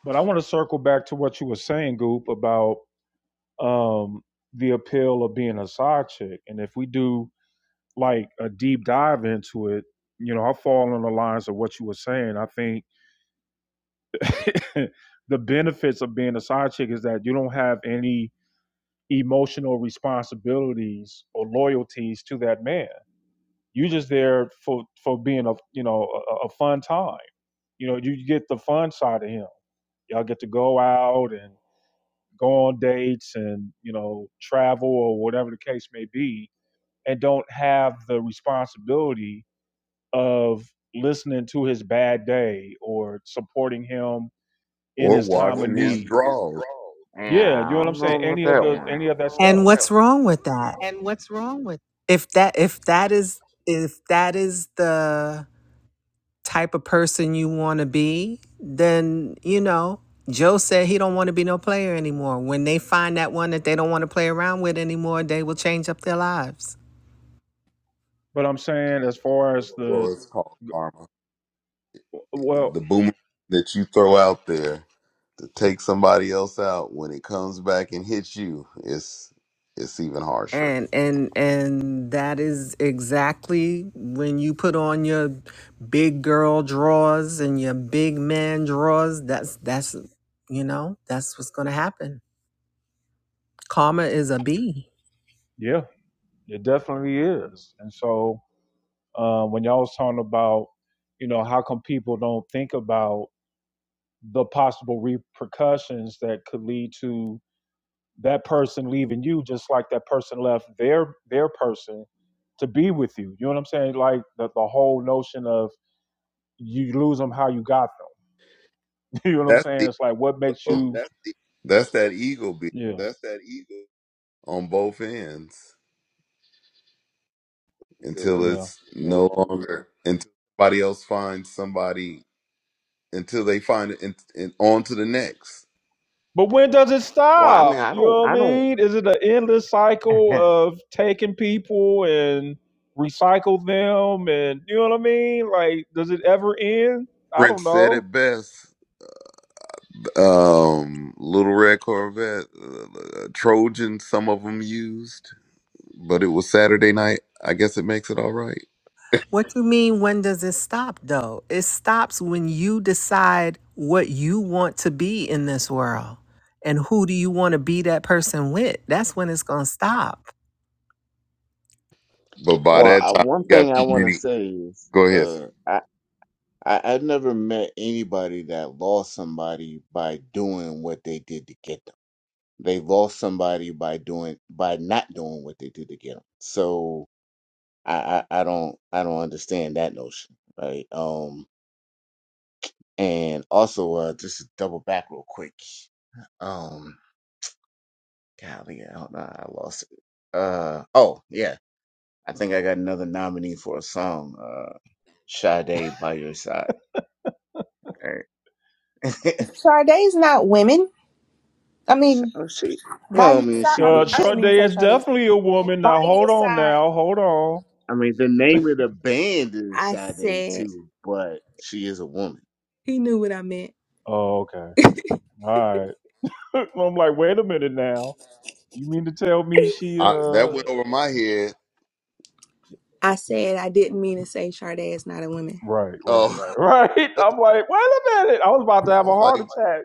Speaker 2: but i want to circle back to what you were saying goop about um the appeal of being a side chick and if we do like a deep dive into it, you know, I fall on the lines of what you were saying. I think (laughs) the benefits of being a side chick is that you don't have any emotional responsibilities or loyalties to that man. You're just there for for being a you know a, a a fun time. You know, you get the fun side of him. Y'all get to go out and go on dates and you know travel or whatever the case may be, and don't have the responsibility of listening to his bad day or supporting him in
Speaker 4: or
Speaker 2: his time of
Speaker 4: washing
Speaker 2: need.
Speaker 4: his drawers.
Speaker 9: yeah,
Speaker 2: Yeah, you know
Speaker 9: I
Speaker 2: what I'm
Speaker 9: don't
Speaker 2: saying?
Speaker 9: know about
Speaker 2: Any of
Speaker 9: that
Speaker 2: the
Speaker 9: one.
Speaker 2: any of that
Speaker 8: And
Speaker 2: stuff.
Speaker 8: what's wrong with that? if that if that is if that is the type of person you want to be then you know joe said he don't want to be no player anymore when they find that one that they don't want to play around with anymore they will change up their lives
Speaker 2: But I'm saying as far as the
Speaker 4: Well, it's called karma.
Speaker 2: well,
Speaker 4: The boomerang that you throw out there. to take somebody else out when it comes back and hits you it's it's even harsher
Speaker 8: and and and that is exactly when you put on your big girl drawers and your big man drawers that's that's you know that's what's going to happen Karma is a B.
Speaker 2: yeah, it definitely is. And so um, when y'all was talking about, you know, how come people don't think about the possible repercussions that could lead to that person leaving you just like that person left their their person to be with you. You know what I'm saying? Like the, the whole notion of you lose them how you got them. (laughs) you know what I'm
Speaker 4: that's
Speaker 2: saying?
Speaker 4: the
Speaker 2: It's like what makes
Speaker 4: ego
Speaker 2: you
Speaker 4: that's that ego beat
Speaker 2: yeah
Speaker 4: on both ends until
Speaker 2: yeah.
Speaker 4: it's no longer until somebody else finds somebody until they find it and, and on to the next
Speaker 2: But when does it
Speaker 9: Well, I mean,
Speaker 2: stop?
Speaker 9: I
Speaker 2: You
Speaker 9: don't,
Speaker 2: know
Speaker 9: I
Speaker 2: what I
Speaker 9: don't.
Speaker 2: mean? Is it an endless cycle
Speaker 9: (laughs)
Speaker 2: of taking people and recycle them and you know what I mean? Like does it ever end? I don't
Speaker 4: prince said
Speaker 2: know.
Speaker 4: it best um little red corvette uh, trojan some of them used but it was saturday night i guess it makes it all right
Speaker 8: What you mean when does it stop though? It stops when you decide what you want to be in this world and who do you want to be that person with. That's when it's going to stop.
Speaker 4: but by
Speaker 9: Well,
Speaker 4: that
Speaker 9: I,
Speaker 4: time
Speaker 9: one
Speaker 4: you
Speaker 9: thing
Speaker 4: got
Speaker 9: I
Speaker 4: too
Speaker 9: want to
Speaker 4: many
Speaker 9: say is,
Speaker 4: go ahead
Speaker 9: uh,
Speaker 4: sir
Speaker 9: I, I I never met anybody that lost somebody by doing what they did to get them. They lost somebody by doing by not doing what they did to get them. So I I, I don't I don't understand that notion, right? Um, and also, uh, just to double back real quick. um. Golly, hold on, I lost it. Uh oh, yeah. I think I got another nominee for a song. Uh Sade by your side. All right.
Speaker 3: Sade's not women i
Speaker 9: (laughs) so
Speaker 3: mean
Speaker 9: she
Speaker 3: by
Speaker 9: well, I
Speaker 3: your
Speaker 9: mean
Speaker 3: side
Speaker 9: she
Speaker 3: I'm,
Speaker 2: Uh,
Speaker 3: i
Speaker 9: was
Speaker 3: didn't
Speaker 2: Short
Speaker 3: mean to
Speaker 2: Day
Speaker 3: say
Speaker 2: is
Speaker 3: Sade's
Speaker 2: definitely a woman.
Speaker 3: by
Speaker 2: Now
Speaker 3: your
Speaker 2: hold on,
Speaker 3: side
Speaker 2: now hold on.
Speaker 9: I mean the name of the band is
Speaker 3: i
Speaker 9: Sade
Speaker 3: said
Speaker 9: too, but she is a woman.
Speaker 3: he knew what i meant
Speaker 2: Oh, okay, all right. (laughs) I'm like, wait a minute now. You mean to tell me she?
Speaker 4: I, that
Speaker 2: uh
Speaker 4: went over my head
Speaker 3: i said i didn't mean to say Sade is not a woman
Speaker 2: Right, right,
Speaker 4: oh (laughs)
Speaker 2: right, (laughs) right. I'm like, wait a minute. I was about to
Speaker 4: i
Speaker 2: have a
Speaker 4: was
Speaker 2: heart
Speaker 4: like
Speaker 2: attack.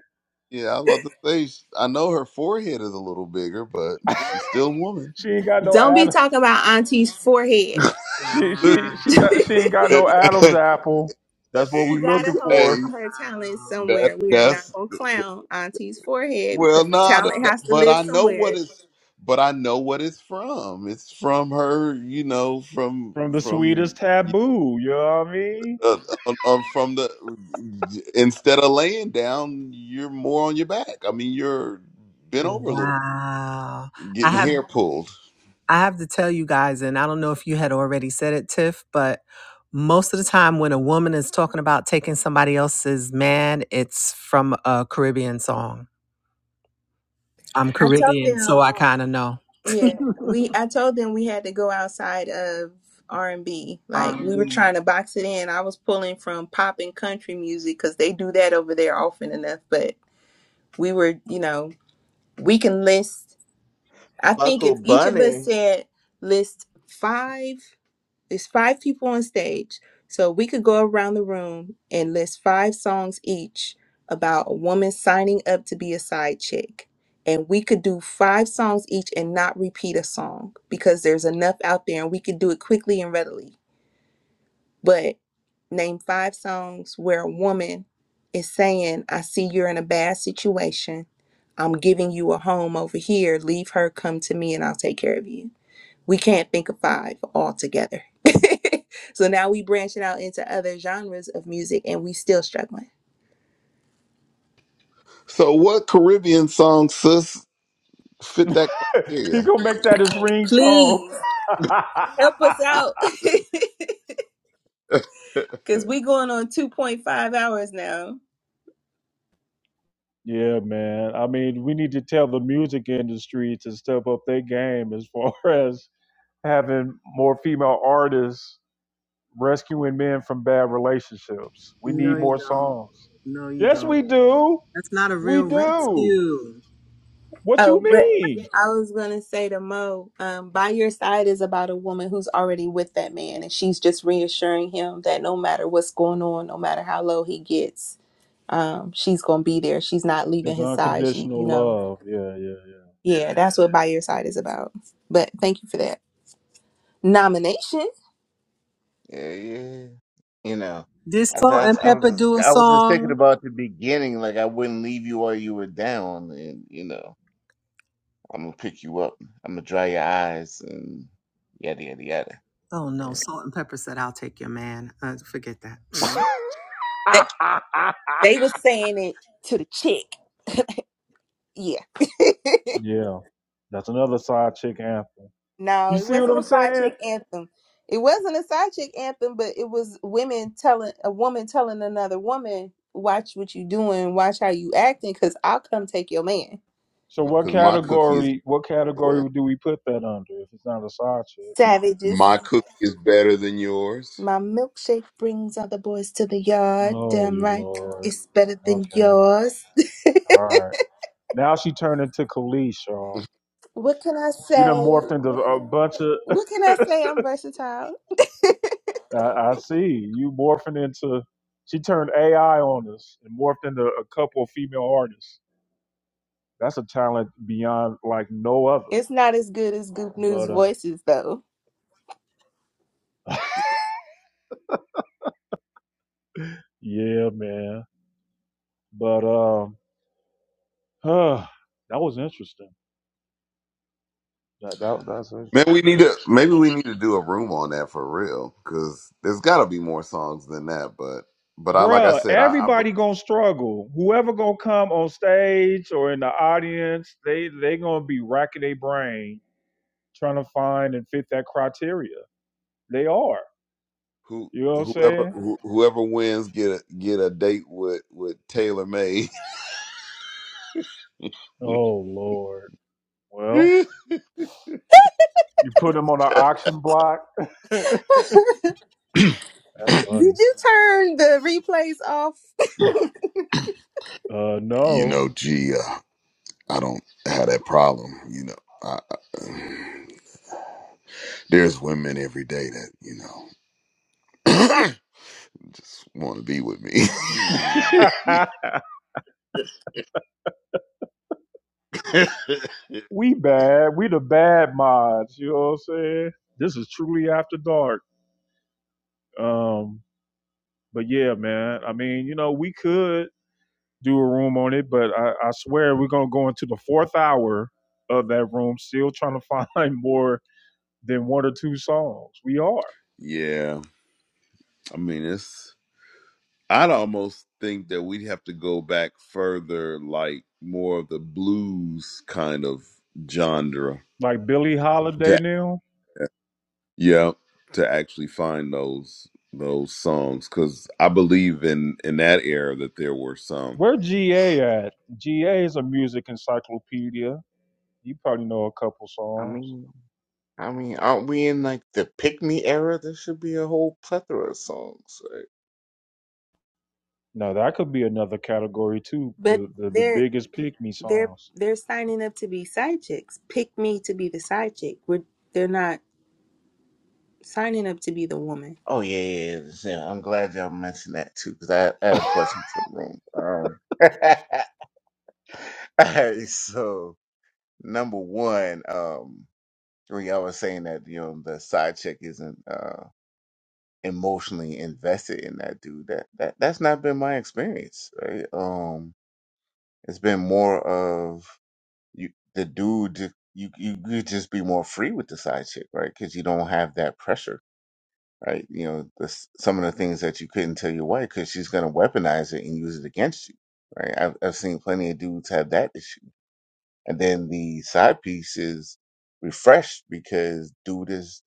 Speaker 4: yeah i was about to say sh- i know her forehead is a little bigger but
Speaker 2: (laughs)
Speaker 4: she's still a woman
Speaker 2: She ain't got no
Speaker 3: don't be
Speaker 2: Adam.
Speaker 3: talking about auntie's forehead
Speaker 2: She
Speaker 4: (laughs)
Speaker 2: she she got she ain't got
Speaker 3: (laughs)
Speaker 2: no Adam's apple. That's what
Speaker 3: She
Speaker 2: we
Speaker 4: hey
Speaker 3: got
Speaker 2: looking
Speaker 3: a hold
Speaker 2: for
Speaker 4: hey,
Speaker 3: on her talent somewhere. We are
Speaker 4: that,
Speaker 3: not gonna clown Auntie's forehead because
Speaker 4: Well,
Speaker 3: the
Speaker 4: not
Speaker 3: talent has to
Speaker 4: but
Speaker 3: live
Speaker 4: I know what
Speaker 3: somewhere.
Speaker 4: it's but I know what it's from. It's from her, you know, from
Speaker 2: from the
Speaker 4: from
Speaker 2: sweetest
Speaker 4: uh,
Speaker 2: taboo. You know what I mean?
Speaker 4: uh, uh, um, from the instead of laying down, you're more on your back. I mean, you're bent over a little,
Speaker 8: Wow. I
Speaker 4: getting
Speaker 8: have
Speaker 4: hair pulled.
Speaker 8: I have to tell you guys, and I don't know if you had already said it, Tiff, but most of the time when a woman is talking about taking somebody else's man, it's from a Caribbean song. I'm
Speaker 3: I told
Speaker 8: Caribbean, so
Speaker 3: them,
Speaker 8: I kind of know.
Speaker 3: yeah, we. I told them we had to go outside of R and B. Like we were
Speaker 8: R&B.
Speaker 3: trying to box it in. I was pulling from pop and country music because they do that over there often enough. But we were, you know, we can list. I think
Speaker 9: Buckle
Speaker 3: if each of us
Speaker 9: Bunny.
Speaker 3: said list five. There's five people on stage. So we could go around the room and list five songs each about a woman signing up to be a side chick. And we could do five songs each and not repeat a song because there's enough out there and we could do it quickly and readily. But name five songs where a woman is saying, I see you're in a bad situation. I'm giving you a home over here. Leave her, come to me, and I'll take care of you we can't think of five altogether. (laughs) so now we branching out into other genres of music and we still struggling.
Speaker 4: So, what Caribbean song, sis, fit that
Speaker 2: (laughs) he
Speaker 4: criteria?
Speaker 2: gonna make that his ringtone.
Speaker 3: Please help us
Speaker 2: (laughs)
Speaker 3: out.
Speaker 4: (laughs)
Speaker 3: (laughs) Cause we going on two point five hours now.
Speaker 2: yeah, man. I mean, we need to tell the music industry to step up their game as far (laughs) as having more female artists rescuing men from bad relationships. We
Speaker 8: No,
Speaker 2: need
Speaker 8: you
Speaker 2: more
Speaker 8: don't.
Speaker 2: songs.
Speaker 8: No, you
Speaker 2: Yes,
Speaker 8: don't.
Speaker 2: we do.
Speaker 8: That's not a
Speaker 2: We
Speaker 8: real
Speaker 2: do.
Speaker 8: rescue.
Speaker 2: What you
Speaker 3: Oh, but
Speaker 2: mean?
Speaker 3: I was gonna say to Mo, um, by your side is about a woman who's already with that man, and she's just reassuring him that no matter what's going on, no matter how low he gets, um, she's gonna be there. She's not leaving
Speaker 2: There's
Speaker 3: his side. She, you
Speaker 2: unconditional
Speaker 3: know,
Speaker 2: love. Yeah, yeah,
Speaker 3: yeah, that's what by your side is about. But thank you for that. Nomination?
Speaker 9: Yeah, yeah. You know.
Speaker 8: Did
Speaker 9: I,
Speaker 8: Salt and
Speaker 9: thought, I was
Speaker 8: Pepper
Speaker 9: just
Speaker 8: do a
Speaker 9: I was just thinking
Speaker 8: song?
Speaker 9: about the beginning, like I wouldn't leave you while you were down and you know. I'm gonna pick you up. I'm gonna dry your eyes and yada yada yada.
Speaker 8: Oh no,
Speaker 9: Yeah.
Speaker 8: Salt and Pepper said, "I'll take your man." Uh, forget that.
Speaker 3: That
Speaker 2: yeah. (laughs)
Speaker 3: they were saying it to the chick. Yeah.
Speaker 2: Yeah. That's another side chick anthem.
Speaker 3: (laughs)
Speaker 2: You
Speaker 3: no, it
Speaker 2: see what
Speaker 3: wasn't
Speaker 2: I'm
Speaker 3: a side
Speaker 2: saying?
Speaker 3: chick anthem. It wasn't a side chick anthem, but it was women telling a woman telling another woman, "Watch what you doing. Watch how you acting, cause I'll come take your man."
Speaker 2: So what
Speaker 4: Because my cookie is
Speaker 2: category what
Speaker 4: yours.
Speaker 2: category do we put that under if it's not a side chick?
Speaker 3: Savages.
Speaker 4: my cookie is better than yours.
Speaker 3: My milkshake brings other boys to the yard.
Speaker 2: Oh
Speaker 3: Damn
Speaker 2: you
Speaker 3: right,
Speaker 2: lord.
Speaker 3: it's better than
Speaker 2: Okay.
Speaker 3: yours.
Speaker 2: All right. Now she turned into Khalees, y'all.
Speaker 3: (laughs) what can I
Speaker 2: She done
Speaker 3: say?
Speaker 2: morphed into a bunch of.
Speaker 3: What can I say? I'm versatile.
Speaker 2: (laughs) I, I see you morphing into. She turned AI on us and morphed into a couple of female artists. That's a talent beyond like no other.
Speaker 3: It's not as good as Good News
Speaker 2: But uh,
Speaker 3: Voices, though.
Speaker 2: (laughs) yeah, man. But um, huh, that was interesting. That that that's
Speaker 4: Man,
Speaker 2: interesting.
Speaker 4: we need to maybe we need to do a room on that for real because there's got to be more songs than that. But but I like I
Speaker 2: Bruh,
Speaker 4: said, I, I be-
Speaker 2: everybody gonna struggle. Whoever gonna come on stage or in the audience, they they gonna be racking their brain trying to find and fit that criteria. They are.
Speaker 4: who
Speaker 2: You know what I'm
Speaker 4: whoever
Speaker 2: saying?
Speaker 4: who, whoever wins get a get a date with with Taylor May. (laughs)
Speaker 2: Oh Lord. Well,
Speaker 4: you
Speaker 2: you put him on an auction block. (laughs)
Speaker 3: (laughs)
Speaker 2: That's
Speaker 3: Did
Speaker 2: funny.
Speaker 3: you turn the replays off?
Speaker 2: Uh
Speaker 4: know,
Speaker 2: no.
Speaker 4: gee, uh, I don't have that problem. You know, I, I, there's women every day that you know (coughs) (clears throat) just want to be with me.
Speaker 2: (laughs) we bad. We the bad mods. You know what I'm saying? This is truly after dark. Um, but yeah, man. I mean, you know, we could do a room on it, but I, I swear we're gonna go into the fourth hour of that room, still trying to (laughs) find more than one or two songs. We are
Speaker 4: (laughs) yeah, I mean it's. I'd almost think that we'd have to go back further, like more of the blues kind of genre.
Speaker 2: like Billie Holiday
Speaker 4: To,
Speaker 2: now.
Speaker 4: yeah, to actually find those those songs, because I believe in in that era that there were some.
Speaker 2: Where GA at? GA is a music encyclopedia. You probably know a couple
Speaker 9: I
Speaker 2: songs.
Speaker 9: mean, I mean, aren't we in like the pick me era? There should be a whole plethora of songs. right?
Speaker 2: No, that could be another category too.
Speaker 3: (laughs) but
Speaker 2: The the, the
Speaker 3: they're
Speaker 2: biggest pick me
Speaker 3: they're
Speaker 2: songs.
Speaker 3: they're signing up to be side chicks. Pick me to be the side chick. We're, they're not signing up to be the woman.
Speaker 9: Oh yeah, yeah, yeah. yeah. I'm glad y'all mentioned that too, because I, I had
Speaker 2: (laughs)
Speaker 9: a question for the room. Um, (laughs) all right, so number one, um, when y'all were saying that you know the side chick isn't uh emotionally invested in that dude, that that that's not been my experience, right? Um. It's been more of you, the dude. You you could just be more free with the side chick, right? Because you don't have that pressure, right? You know, the, s- some of the things that you couldn't tell your wife because she's gonna weaponize it and use it against you, right? I've I've seen plenty of dudes have that issue, and then the side piece is refreshed because dude is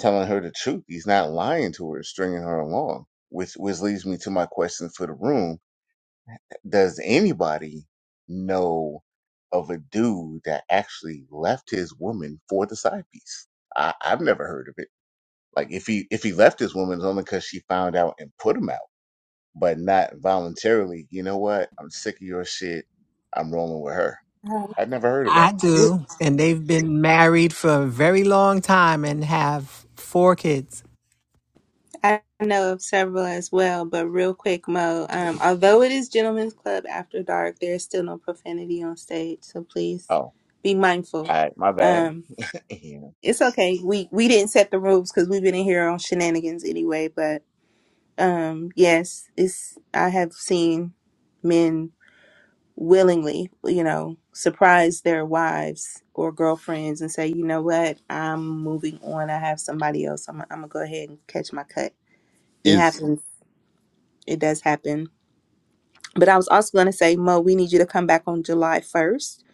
Speaker 9: telling her the truth. He's not lying to her, stringing her along, which which leads me to my question for the room does anybody know of a dude that actually left his woman for the side piece? I, I've never heard of it. Like if he if he left his woman, it's only because she found out and put him out, but not voluntarily. You know what? I'm sick of your shit. I'm rolling with her.
Speaker 3: Um,
Speaker 9: I'd never heard of that.
Speaker 8: I do. And they've been married for a very long time and have four kids.
Speaker 3: I know of several as well, but real quick, Mo. Um, although it is Gentlemen's Club After Dark, there's still no profanity on stage, so please
Speaker 9: Oh, all
Speaker 3: be mindful.
Speaker 9: right, my bad. (laughs)
Speaker 3: Um,
Speaker 9: Yeah.
Speaker 3: it's okay. We we didn't set the rules because we've been in here on shenanigans anyway. But um, yes, it's I have seen men willingly, you know, surprise their wives or girlfriends and say, you know what, I'm moving on. I have somebody else. I'm I'm gonna go ahead and catch my cut. It
Speaker 4: Is
Speaker 3: happens it does happen. But I was also going to say, Mo, we need you to come back on July 1st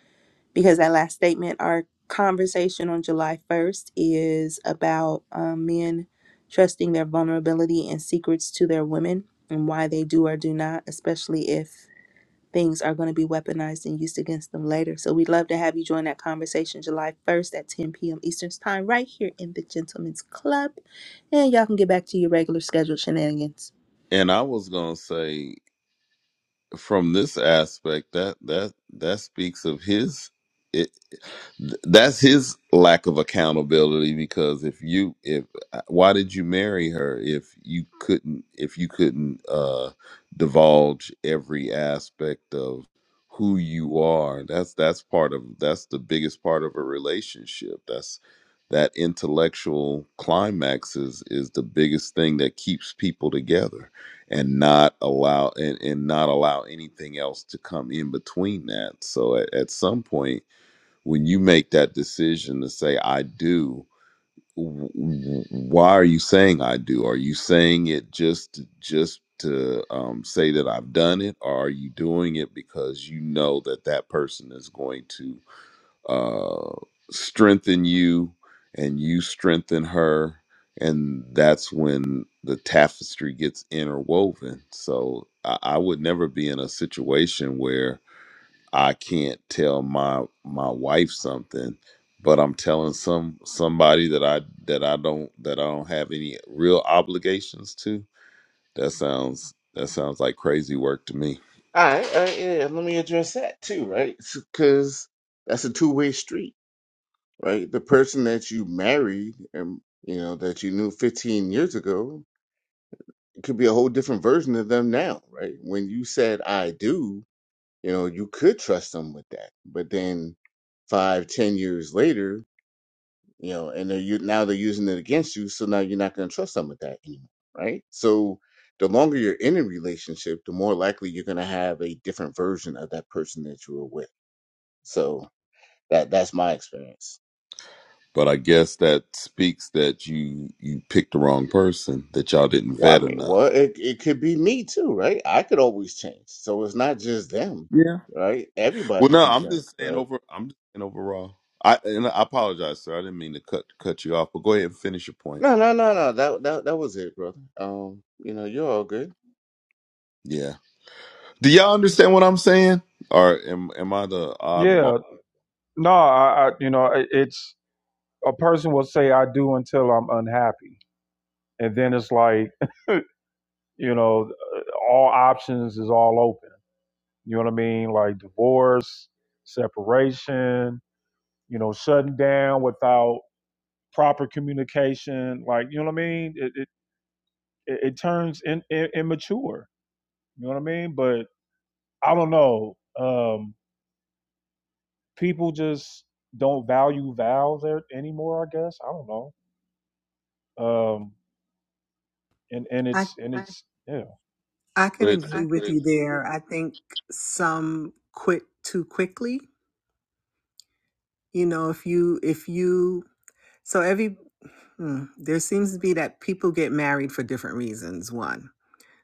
Speaker 3: because that last statement, our conversation on July 1st is about um, men trusting their vulnerability and secrets to their women and why they do or do not, especially if things are going to be weaponized and used against them later. So we'd love to have you join that conversation July 1st at 10 p.m. Eastern Time right here in the Gentlemen's Club. And y'all can get back to your regular scheduled shenanigans.
Speaker 4: and I was gonna say from this aspect that that that speaks of his it that's his lack of accountability because if you if uh, why did you marry her if you couldn't if you couldn't uh divulge every aspect of who you are that's that's part of that's the biggest part of a relationship that's that intellectual climax is is the biggest thing that keeps people together and not allow and, and not allow anything else to come in between that so at, at some point when you make that decision to say i do w- w- why are you saying i do are you saying it just just to um, say that i've done it or are you doing it because you know that that person is going to uh, strengthen you and you strengthen her and that's when the tapestry gets interwoven so I, I would never be in a situation where i can't tell my my wife something but i'm telling some somebody that i that i don't that i don't have any real obligations to that sounds that sounds like crazy work to me
Speaker 9: All right, all right, yeah. Let me address that too, right? Because that's a two way street right? The person that you married and you know that you knew 15 years ago it could be a whole different version of them now, right? When you said I do, you know, you could trust them with that, but then five, ten years later, you know, and they're you now they're using it against you, so now you're not going to trust them with that anymore, right? So the longer you're in a relationship, the more likely you're going to have a different version of that person that you were with. So that that's my experience.
Speaker 4: But I guess that speaks that you you picked the wrong person, that y'all didn't
Speaker 9: Well, I
Speaker 4: vet
Speaker 9: mean, well,
Speaker 4: enough.
Speaker 9: it, it could be me too, right? I could always change. So it's not just them,
Speaker 4: Yeah.
Speaker 9: right?
Speaker 4: Well,
Speaker 9: Everybody
Speaker 4: no,
Speaker 9: can
Speaker 4: I'm
Speaker 9: change,
Speaker 4: just saying
Speaker 9: right?
Speaker 4: over. I'm just saying overall. I and I apologize, sir. I didn't mean to cut cut you off, but go ahead and finish your point.
Speaker 9: No, no, no, no. That that that was it, brother. Um, you know, you're all good.
Speaker 4: Yeah. Do y'all understand what I'm saying? Or am am I the oddball?
Speaker 2: Yeah. No, I, I you know it- it's a person will say I do until I'm unhappy, and then it's like you know all options is all open. You know what I mean? Like divorce, separation. You know, shutting down without proper communication. Like you know what I mean? It. it, it, it turns in, in, immature. You know what I mean? But I don't know. Um, people just don't value vows anymore. I guess I don't know. Um, and and
Speaker 8: I
Speaker 2: it's and it's yeah.
Speaker 8: I can
Speaker 4: It's,
Speaker 8: agree with you there. I think some quit too quickly. You know, if you if you so every hmm, there seems to be that people get married for different reasons. One.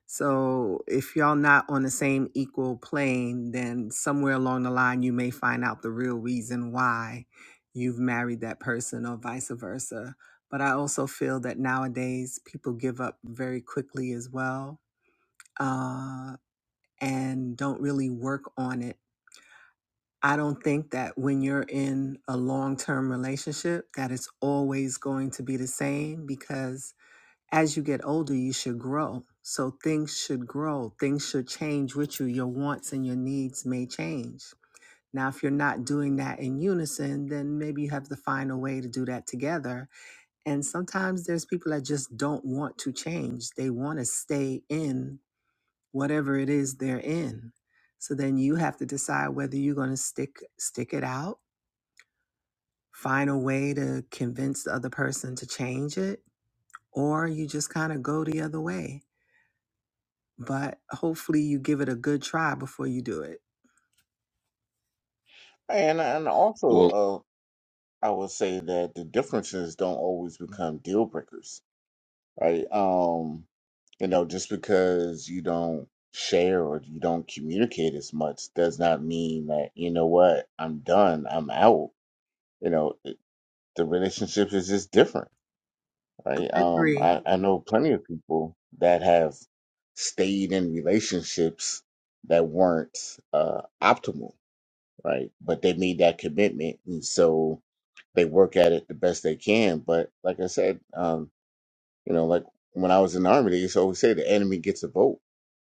Speaker 8: So if y'all not on the same equal plane, then somewhere along the line you may find out the real reason why you've married that person or vice versa. But I also feel that nowadays people give up very quickly as well uh, and don't really work on it. I don't think that when you're in a long term relationship that it's always going to be the same because as you get older, you should grow. So things should grow, things should change with you. Your wants and your needs may change. Now, if you're not doing that in unison, then maybe you have to find a way to do that together. And sometimes there's people that just don't want to change, they want to stay in whatever it is they're in. So then you have to decide whether you're going to stick stick it out, find a way to convince the other person to change it, or you just kind of go the other way but hopefully you give it a good try before you do it.
Speaker 9: And and
Speaker 4: well,
Speaker 9: also, uh, I would say that the differences don't always become deal breakers, right? Um, you know, just because you don't share or you don't communicate as much does not mean that, you know what, I'm done, I'm out. You know, the relationship is just different right? Um,
Speaker 8: Agree.
Speaker 9: I, I know plenty of people that have stayed in relationships that weren't uh, optimal, right? But they made that commitment, and so they work at it the best they can. But like I said, um, you know, like when I was in the army, they used to always say the enemy gets a vote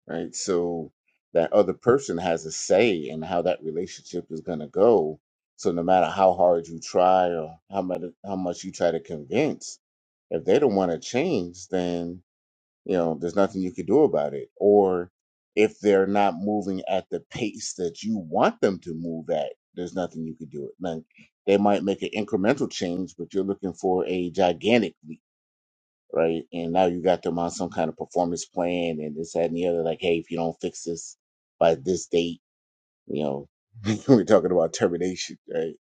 Speaker 9: right? So that other person has a say in how that relationship is going to go. So no matter how hard you try or how much how much you try to convince, if they don't want to change, then you know there's nothing you can do about it. Or if they're not moving at the pace that you want them to move at, there's nothing you can do. Like they might make an incremental change, but you're looking for a gigantic leap right? And now you got them on some kind of performance plan and this, that, and the other. Like, hey, if you don't fix this by this date, you know, (laughs) we're talking about termination, right?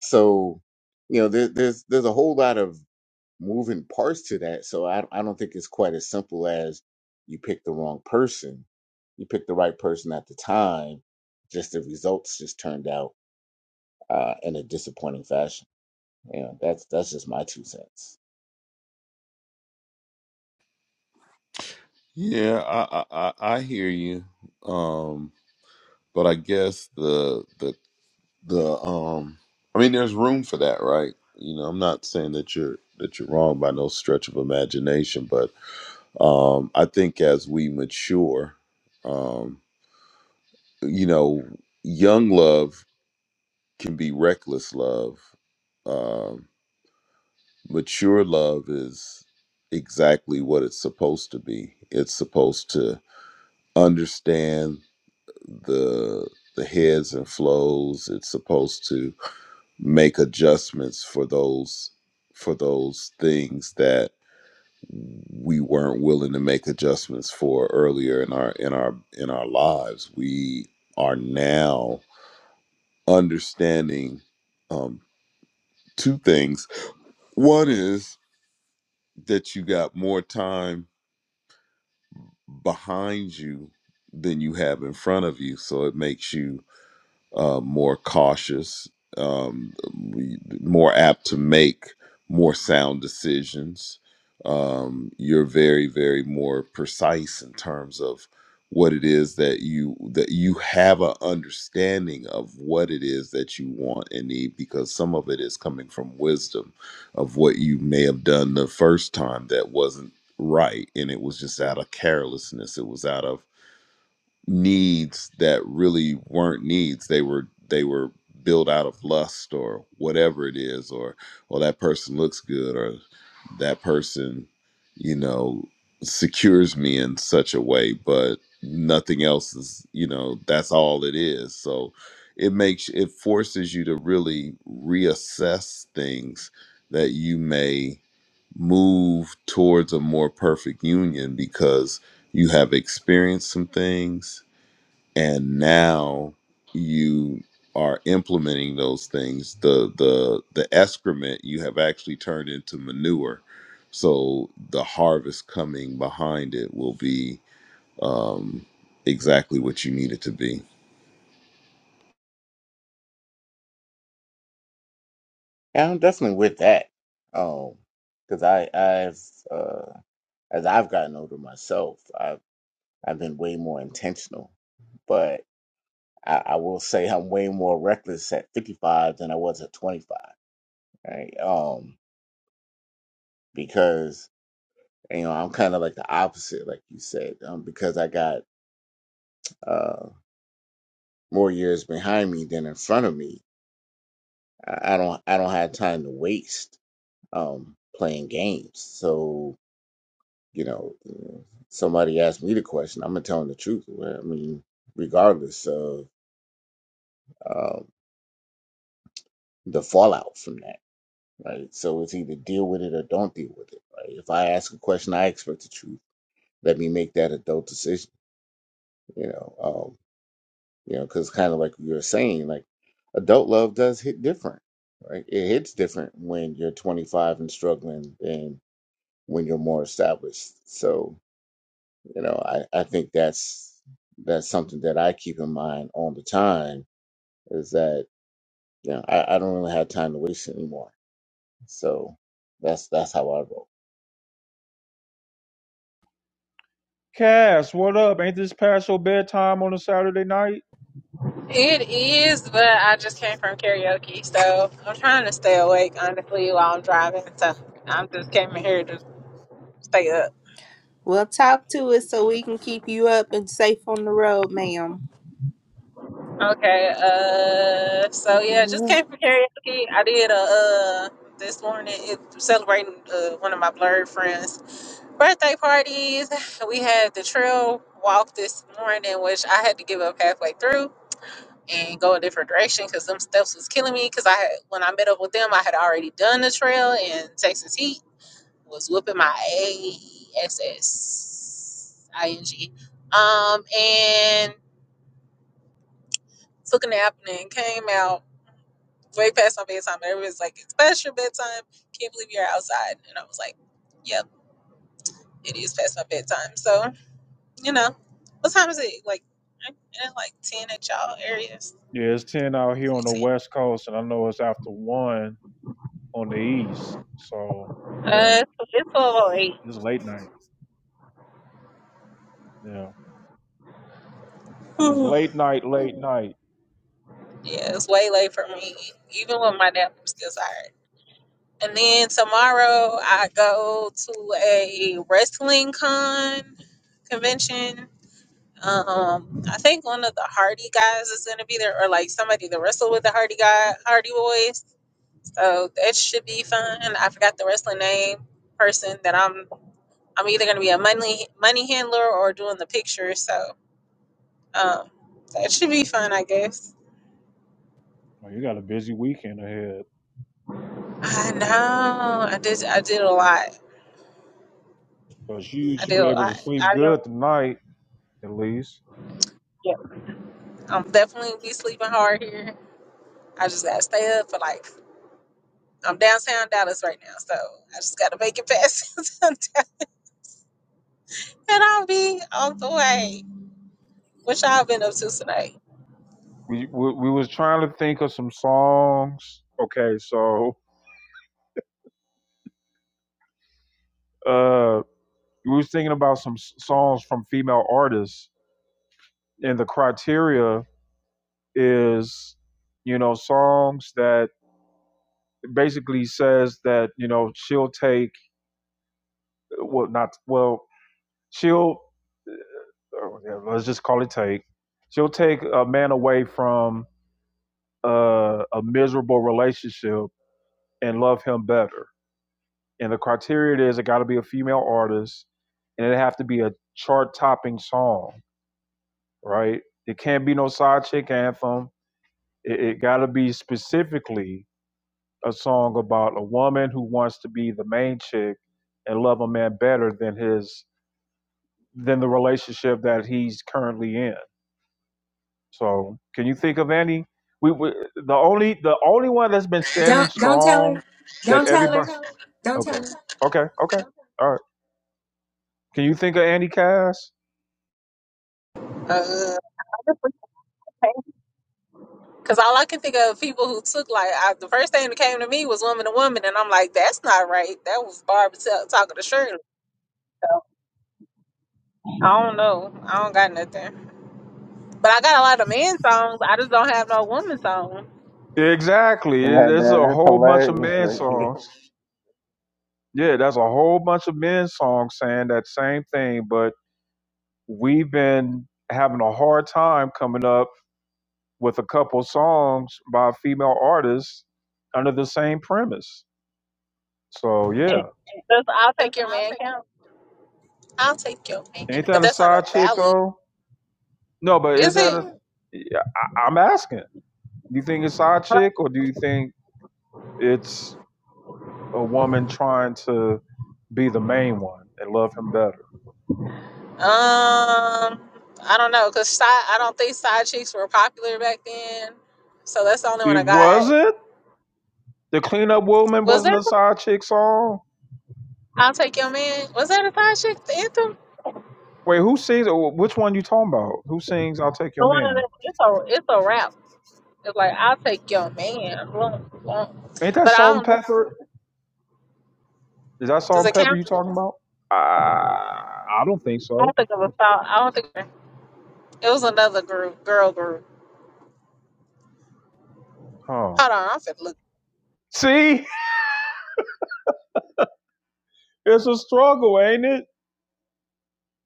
Speaker 9: So, you know, there, there's there's a whole lot of moving parts to that. So I I don't think it's quite as simple as you pick the wrong person. You pick the right person at the time. Just the results just turned out uh, in a disappointing fashion. You know, that's that's just my two cents.
Speaker 4: yeah, I, I I I hear you. Um, but I guess the the the um i mean there's room for that right you know i'm not saying that you're that you're wrong by no stretch of imagination but um i think as we mature um you know young love can be reckless love um mature love is exactly what it's supposed to be it's supposed to understand the the heads and flows it's supposed to make adjustments for those for those things that we weren't willing to make adjustments for earlier in our in our in our lives we are now understanding um two things one is that you got more time behind you than you have in front of you so it makes you uh, more cautious, um, we- more apt to make more sound decisions. Um, you're very, very more precise in terms of what it is that you that you have a understanding of what it is that you want and need because some of it is coming from wisdom of what you may have done the first time that wasn't right and it was just out of carelessness it was out of needs that really weren't needs they were they were built out of lust or whatever it is or or that person looks good or that person you know secures me in such a way but nothing else is you know that's all it is so it makes it forces you to really reassess things that you may move towards a more perfect union because you have experienced some things and now you are implementing those things the the the excrement you have actually turned into manure so the harvest coming behind it will be um exactly what you need it to be
Speaker 9: Yeah, I'm definitely with that. Um, because I, I've, uh, as I've gotten older myself, I've, I've been way more intentional. But I, I will say I'm way more reckless at 55 than I was at 25, right? Um, because you know I'm kind of like the opposite, like you said, um, because I got uh more years behind me than in front of me. I, I don't, I don't have time to waste um playing games. So You know, uh, somebody asked me the question. I'm gonna tell them the truth. Right? I mean, regardless of um, the fallout from that, right? So it's either deal with it or don't deal with it. Right? If I ask a question, I expect the truth. Let me make that adult decision. You know, um, you know, because kind of like you were saying, like adult love does hit different, right? It hits different when you're 25 and struggling than when you're more established. So You know, I, I think that's that's something that I keep in mind all the time is that you know I, I don't really have time to waste anymore. So that's that's how I roll.
Speaker 2: Cass, what up? Ain't this past your bedtime on a Saturday night?
Speaker 11: It is, but I just came from karaoke, so I'm trying to stay awake honestly while I'm driving. So I'm just came in here to stay up.
Speaker 3: Well, talk to us so we can keep you up and safe on the road, ma'am.
Speaker 11: Okay, uh, so yeah, just
Speaker 3: Don't
Speaker 11: came from karaoke. I did a uh this morning it celebrating uh, one of my blurred friends' birthday parties. We had the trail walk this morning, which I had to give up halfway through. And go a different direction because them steps was killing me. Because I had, when I met up with them, I had already done the trail in Texas Heat, was whooping my ass, ing, um, and took a nap and then came out way past my bedtime. And everyone's like, "It's past your bedtime. Can't believe you're outside." And I was like, "Yep, it is past my bedtime." So you know, what time is it? Like, ain't it like ten at y'all areas?
Speaker 2: Yeah, it's ten out here on
Speaker 11: Like
Speaker 2: the
Speaker 11: ten.
Speaker 2: West Coast, and I know it's after one on the East. So yeah,
Speaker 11: Uh, it's it's a little late.
Speaker 2: it's late night. Yeah, it's
Speaker 11: (sighs)
Speaker 2: late night, late night.
Speaker 11: yeah, it's way late for me. Even with my nap, I'm still tired. And then tomorrow I go to a wrestling con convention. Um, I think one of the Hardy guys is gonna be there, or like somebody that wrestled with the Hardy guy, Hardy Boys. So that should be fun. I forgot the wrestling name person that I'm. I'm either gonna be a money money handler or doing the pictures. So um, that should be fun, I guess.
Speaker 2: Well, you got a busy weekend ahead,
Speaker 11: I know. I did. I did a lot.
Speaker 2: but you
Speaker 11: I
Speaker 2: should
Speaker 11: did a
Speaker 2: be able to
Speaker 11: lot.
Speaker 2: sleep
Speaker 11: I do
Speaker 2: good tonight at least.
Speaker 11: Yeah. I'm definitely be sleeping hard here. I just gotta stay up for like I'm downtown Dallas right now, so I just gotta make it past (laughs) sundown, and I'll be on the way. What y'all been up to tonight?
Speaker 2: We, we we was trying to think of some songs. Okay, so uh we was thinking about some s- songs from female artists and the criteria is you know songs that basically says that you know she'll take well not well she'll oh, yeah, let's just call it take she'll take a man away from uh, a miserable relationship and love him better and the criteria is it got to be a female artist, and it have to be a chart-topping song, right? It can't be no side chick anthem. It, it got to be specifically a song about a woman who wants to be the main chick and love a man better than his than the relationship that he's currently in. So, can you think of any? We, we the only the only one that's been standing
Speaker 3: don't tell
Speaker 2: strong
Speaker 3: her.
Speaker 2: that
Speaker 3: Don't tell her.
Speaker 2: everybody.
Speaker 3: Don't
Speaker 2: Okay.
Speaker 3: tell her.
Speaker 2: Okay. Okay. All right. Can you think of Andy Cass?
Speaker 11: Uh, Cause all I can think of people who took like I, the first thing that came to me was woman to woman, and I'm like, that's not right. That was Barb t- talking to Shirley. I don't know. I don't got nothing, but I got a lot of man songs. I just don't have no woman song.
Speaker 2: Exactly. It-
Speaker 9: That,
Speaker 2: It's
Speaker 9: that,
Speaker 2: a
Speaker 9: that's
Speaker 2: whole bunch of
Speaker 9: hilarious
Speaker 2: men
Speaker 9: right there.
Speaker 2: songs. Yeah, that's a whole bunch of men songs saying that same thing, but we've been having a hard time coming up with a couple songs by female artists under the same premise. So,
Speaker 11: And
Speaker 2: yeah.
Speaker 11: that's I'll take your man count. I'll take your man,
Speaker 2: Ain't that
Speaker 11: but
Speaker 2: a
Speaker 11: that's not a
Speaker 2: side chick,
Speaker 11: ballad,
Speaker 2: though? No, but is
Speaker 11: is
Speaker 2: that
Speaker 11: it?
Speaker 2: a. Yeah, I- I'm asking. Do you think it's side chick, or do you think it's a woman trying to be the main one and love him better?
Speaker 11: Um, I don't know, cause side, I don't think side chicks were popular back then, so that's the only one
Speaker 2: It
Speaker 11: I got.
Speaker 2: wasn't? The cleanup woman
Speaker 11: Was
Speaker 2: wasn't
Speaker 11: that?
Speaker 2: a side chick song.
Speaker 11: I'll take your man. Was that a side chick? The anthem,
Speaker 2: Wait, who sings? Or which one you talking about? Who sings "I'll Take Your
Speaker 11: the one
Speaker 2: Man"?
Speaker 11: that it's a it's a rap. It's like I'll take your man. Boom, boom.
Speaker 2: Ain't that
Speaker 11: But I
Speaker 2: Salt and
Speaker 11: don't know.
Speaker 2: Pepper? Is that Salt
Speaker 11: Does
Speaker 2: and
Speaker 11: it
Speaker 2: Pepper
Speaker 11: count?
Speaker 2: you talking about? Uh, I don't think
Speaker 11: I
Speaker 2: so.
Speaker 11: don't think it was. Side- I don't think it was another group, girl group.
Speaker 2: Huh?
Speaker 11: Hold on, I'm finna look.
Speaker 2: See, (laughs) it's a struggle, ain't it?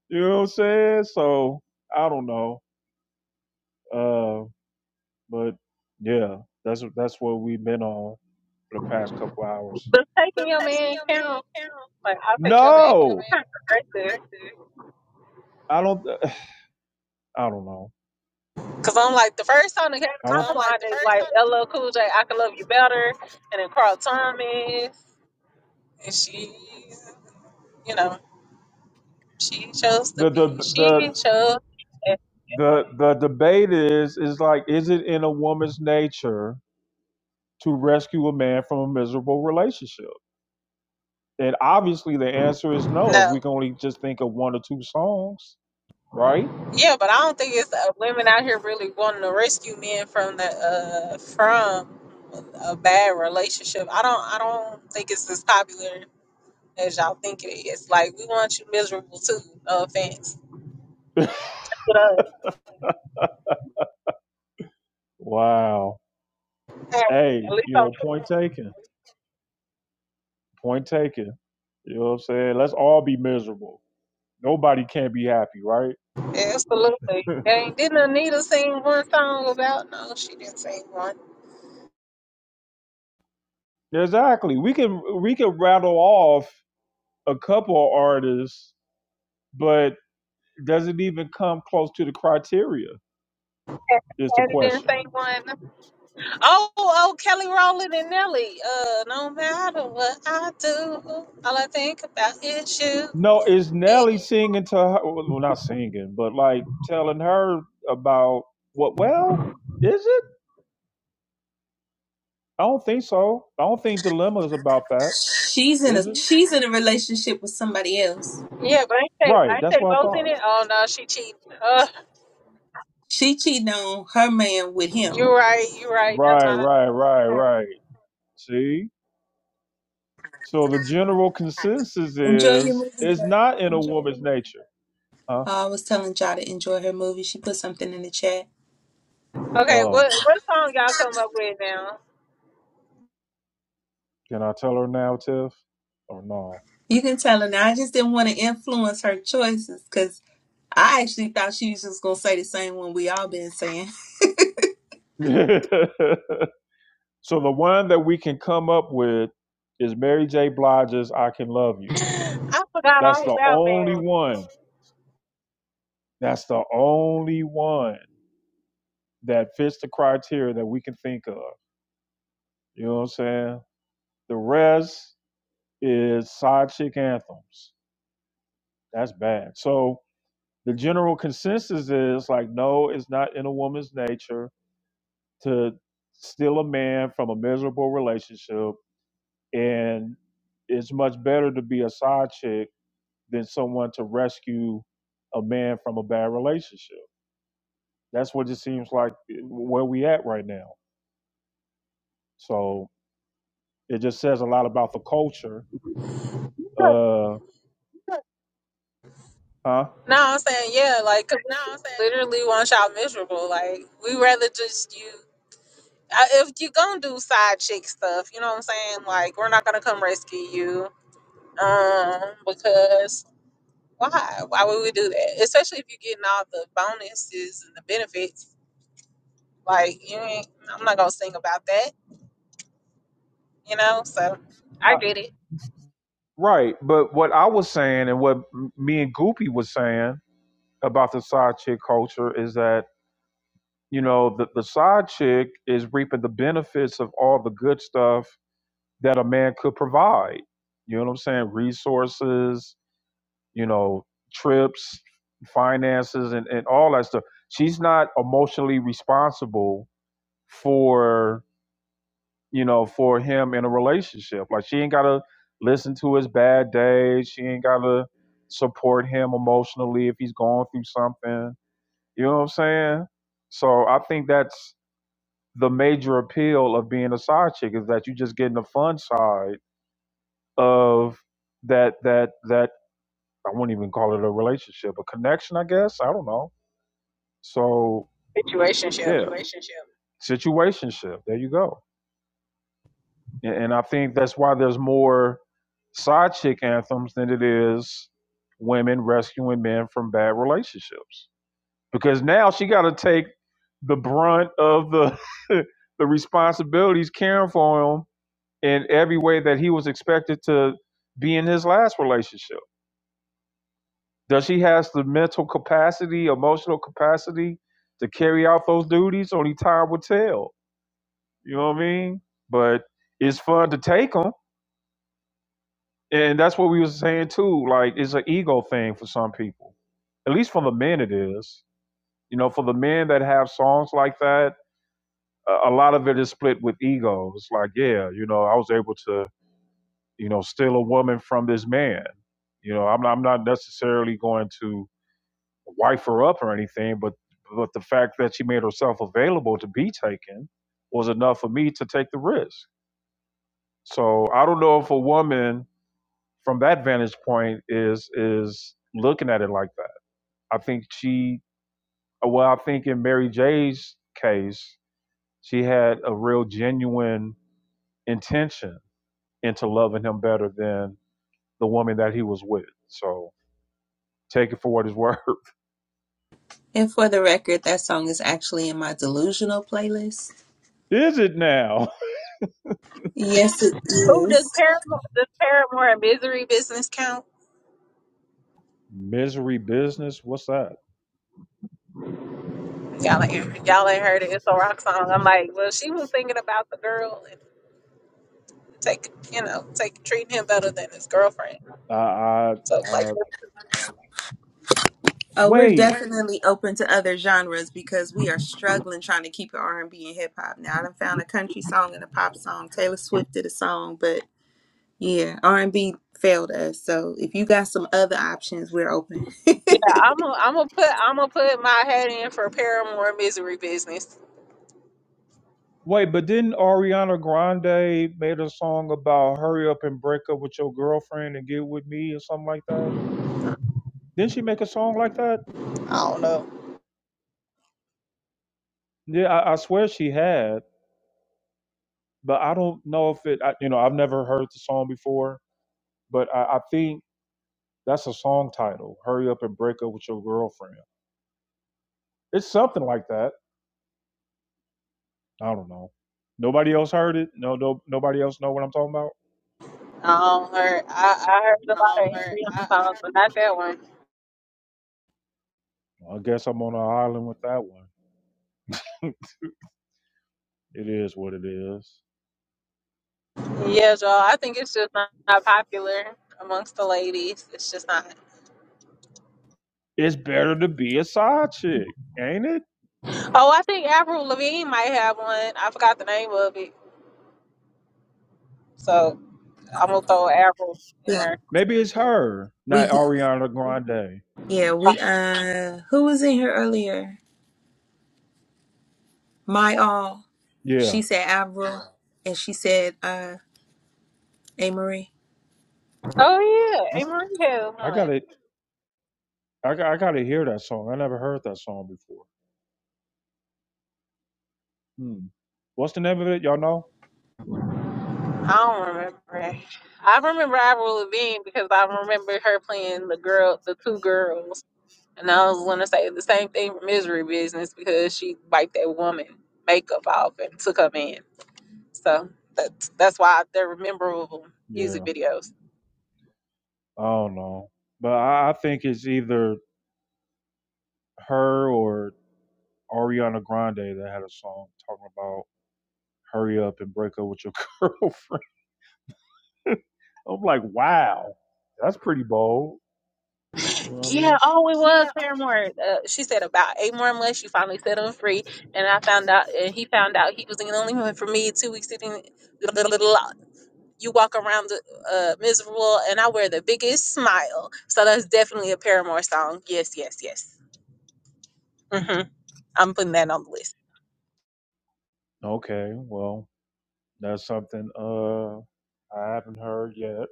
Speaker 2: You know what I'm saying? So I don't know. Uh, but yeah, that's that's what we've been on for the past couple hours.
Speaker 11: Does taking your man count? Like I'll take your man.
Speaker 2: No,
Speaker 11: It's kind of aggressive.
Speaker 2: I don't. (laughs) I don't know.
Speaker 11: Cause I'm like the first time they came
Speaker 2: I
Speaker 11: to my
Speaker 2: don't.
Speaker 11: mind, they was like LL Cool J, I Can Love You Better, and then Carl Thomas, and she, you know, she chose to
Speaker 2: The, the
Speaker 11: be,
Speaker 2: the
Speaker 11: she chose.
Speaker 2: the the debate is is like is it in a woman's nature to rescue a man from a miserable relationship and obviously the answer is no if we
Speaker 11: No,
Speaker 2: can only just think of one or two songs right
Speaker 11: yeah, but I don't think it's uh, women out here really wanting to rescue men from the uh from a bad relationship. I don't, I don't think it's as popular as y'all think it is. Like we want you miserable too. No offense,
Speaker 2: (laughs)
Speaker 11: but uh,
Speaker 2: wow
Speaker 11: at
Speaker 2: hey
Speaker 11: least
Speaker 2: you
Speaker 11: I'm
Speaker 2: know point taken point taken you know what i'm saying let's all be miserable nobody can be happy right
Speaker 11: Absolutely.
Speaker 2: (laughs)
Speaker 11: Dang, didn't Anita sing one song about? No, she didn't sing one.
Speaker 2: exactly we can we can rattle off a couple of artists but doesn't even come close to the criteria is the
Speaker 11: Patty didn't
Speaker 2: question.
Speaker 11: sing one. Oh, oh, Kelly Rowland and Nelly. Uh, no matter what I do, all I think about is you.
Speaker 2: No, is Nelly singing to her? Well, well, not singing, but like telling her about what? Well, is it? I don't think so. I don't think Dilemma is about that,
Speaker 3: She's in a
Speaker 2: is it?
Speaker 3: she's in a relationship with somebody else.
Speaker 11: Yeah, but I say
Speaker 2: Right.
Speaker 11: I
Speaker 2: That's
Speaker 11: say
Speaker 2: what I
Speaker 11: both in
Speaker 2: thought.
Speaker 11: it. Oh no, she cheating. Uh,
Speaker 3: She cheating on her man with
Speaker 11: you
Speaker 3: him.
Speaker 11: right, you right. Never
Speaker 2: Right,
Speaker 11: mind.
Speaker 2: right, right, right. See? So the general consensus
Speaker 3: Enjoy your
Speaker 2: is
Speaker 3: movie. Jo.
Speaker 2: it's not in a woman's nature. Huh?
Speaker 3: Oh, I was telling Ja to enjoy her movie. She put something in the chat.
Speaker 11: Okay, what
Speaker 2: Oh,
Speaker 11: what song y'all come up with now?
Speaker 2: can I tell her now, Tiff? Or no?
Speaker 3: You can tell her now. I just didn't want to influence her choices because I actually thought she was just gonna say the same one we all been saying.
Speaker 2: (laughs) So the one that we can come up with is Mary J. Blige's "I Can Love You."
Speaker 11: I forgot
Speaker 2: That's
Speaker 11: all
Speaker 2: the
Speaker 11: about
Speaker 2: only
Speaker 11: man.
Speaker 2: one. That's the only one that fits the criteria that we can think of. You know what I'm saying? The rest is side chick anthems. That's bad. So the general consensus is like, no, it's not in a woman's nature to steal a man from a miserable relationship, and it's much better to be a side chick than someone to rescue a man from a bad relationship. That's what it seems like where we at right now. So it just says a lot about the culture. Uh, huh?
Speaker 11: No, I'm saying yeah, like 'cause we literally want y'all miserable. Like we rather just you. I- If you gonna do side chick stuff, you know what I'm saying. Like we're not gonna come rescue you, um, because why? Why would we do that? Especially if you're getting all the bonuses and the benefits. Like you ain't. I'm not gonna sing about that. You know. So I
Speaker 2: I,
Speaker 11: get it.
Speaker 2: right. But what I was saying and what m- me and Goopy was saying about the side chick culture is that, you know, the, the side chick is reaping the benefits of all the good stuff that a man could provide. You know what I'm saying? Resources, you know, trips, finances, and, and all that stuff. She's not emotionally responsible for, you know, for him in a relationship. Like, she ain't got to listen to his bad days. She ain't got to support him emotionally if he's going through something. You know what I'm saying? So I think that's the major appeal of being a side chick is that you just getting the fun side of that that that I wouldn't even call it a relationship, a connection, I guess. I don't know So yeah,
Speaker 11: Situationship.
Speaker 2: situationship. There you go. And, and I think that's why there's more side chick anthems than it is women rescuing men from bad relationships. Because now she got to take the brunt of the (laughs) the responsibilities caring for him in every way that he was expected to be in his last relationship. Does she has the mental capacity, emotional capacity to carry out those duties? Only time will tell You know what I mean? But it's fun to take them, and that's what we was saying too. Like it's an ego thing for some people. At least for the men, it is. You know, for the men that have songs like that, a, a lot of it is split with ego. It's like, yeah, you know, I was able to, you know, steal a woman from this man. You know, I'm not, I'm not necessarily going to wife her up or anything, but but the fact that she made herself available to be taken was enough for me to take the risk. So I don't know if a woman from that vantage point is is looking at it like that. I think she well, I think in Mary J's case, she had a real genuine intention into loving him better than the woman that he was with. So take it for what it's worth.
Speaker 3: And for the record, that song is actually in my delusional playlist.
Speaker 2: (laughs) Is it now?
Speaker 3: Yes, it
Speaker 11: Who does
Speaker 3: is.
Speaker 11: Paramore? Does Paramore and Misery business count?
Speaker 2: (laughs) Misery business? What's that?
Speaker 11: Y'all ain't, y'all ain't heard it. It's a rock song. I'm like, well, she was thinking about the girl and take, you know, take treating him better than his girlfriend.
Speaker 2: I, I,
Speaker 11: So like,
Speaker 2: I
Speaker 3: Uh, we're
Speaker 2: wait,
Speaker 3: definitely open to other genres because we are struggling trying to keep it R and B and hip hop. Now I done found a country song and a pop song. Taylor Swift did a song, but yeah, R and B failed us. So if you got some other options, we're open.
Speaker 11: yeah, I'm gonna, I'm gonna put, I'm gonna put my head in for Paramore misery business.
Speaker 2: wait, but didn't Ariana Grande made a song about hurry up and break up with your girlfriend and get with me or something like that? Didn't she make a song like that?
Speaker 11: I don't know.
Speaker 2: Yeah, I, I swear she had, but I don't know if it. I, you know, I've never heard the song before, but I, I think that's a song title. Hurry up and break up with your girlfriend. It's something like that. I don't know. Nobody else heard it. No, no, nobody else know what I'm talking about.
Speaker 11: I don't heard. I, I heard a lot of Ariana songs, but not that one.
Speaker 2: Well, I guess I'm on an island with that one. It is what it is.
Speaker 11: Yeah, y'all. I think it's just not, not popular amongst the ladies. It's just not.
Speaker 2: It's better to be a side chick, ain't it?
Speaker 11: Oh, I think Avril Lavigne might have one. I forgot the name of it. So I'm gonna throw Avril
Speaker 3: (laughs)
Speaker 11: in
Speaker 3: yeah,
Speaker 11: there.
Speaker 2: Maybe it's her,
Speaker 3: we
Speaker 2: not Ariana Grande.
Speaker 3: yeah we uh who was in here earlier? My all.
Speaker 2: Yeah,
Speaker 3: She said Avril, and she said uh A Marie.
Speaker 11: Oh
Speaker 2: I,
Speaker 11: yeah, Amory had
Speaker 2: I
Speaker 11: one.
Speaker 2: gotta, I, got- I gotta hear that song. I never heard that song before. Hmm. What's the name of it? Y'all know?
Speaker 11: I don't remember. I remember Avril Lavigne because I remember her playing the girl, the two girls, and I was gonna say the same thing for Misery Business because she wiped that woman makeup off and took her man. So that's that's why they're memorable music
Speaker 2: Yeah,
Speaker 11: videos.
Speaker 2: I don't know, but I, I think it's either her or Ariana Grande that had a song talking about hurry up and break up with your (laughs) girlfriend. I'm like, wow, that's pretty bold. You know what I mean?
Speaker 11: Yeah, oh, it was Paramore. Uh, she said about eight more months. She finally set him free, and I found out, and he found out he was the only one for me. Two weeks sitting, you walk around uh, miserable, and I wear the biggest smile. So that's definitely a Paramore song. Yes, yes, yes. hmm I'm putting that on the list.
Speaker 2: Okay, well, that's something uh I haven't heard yet,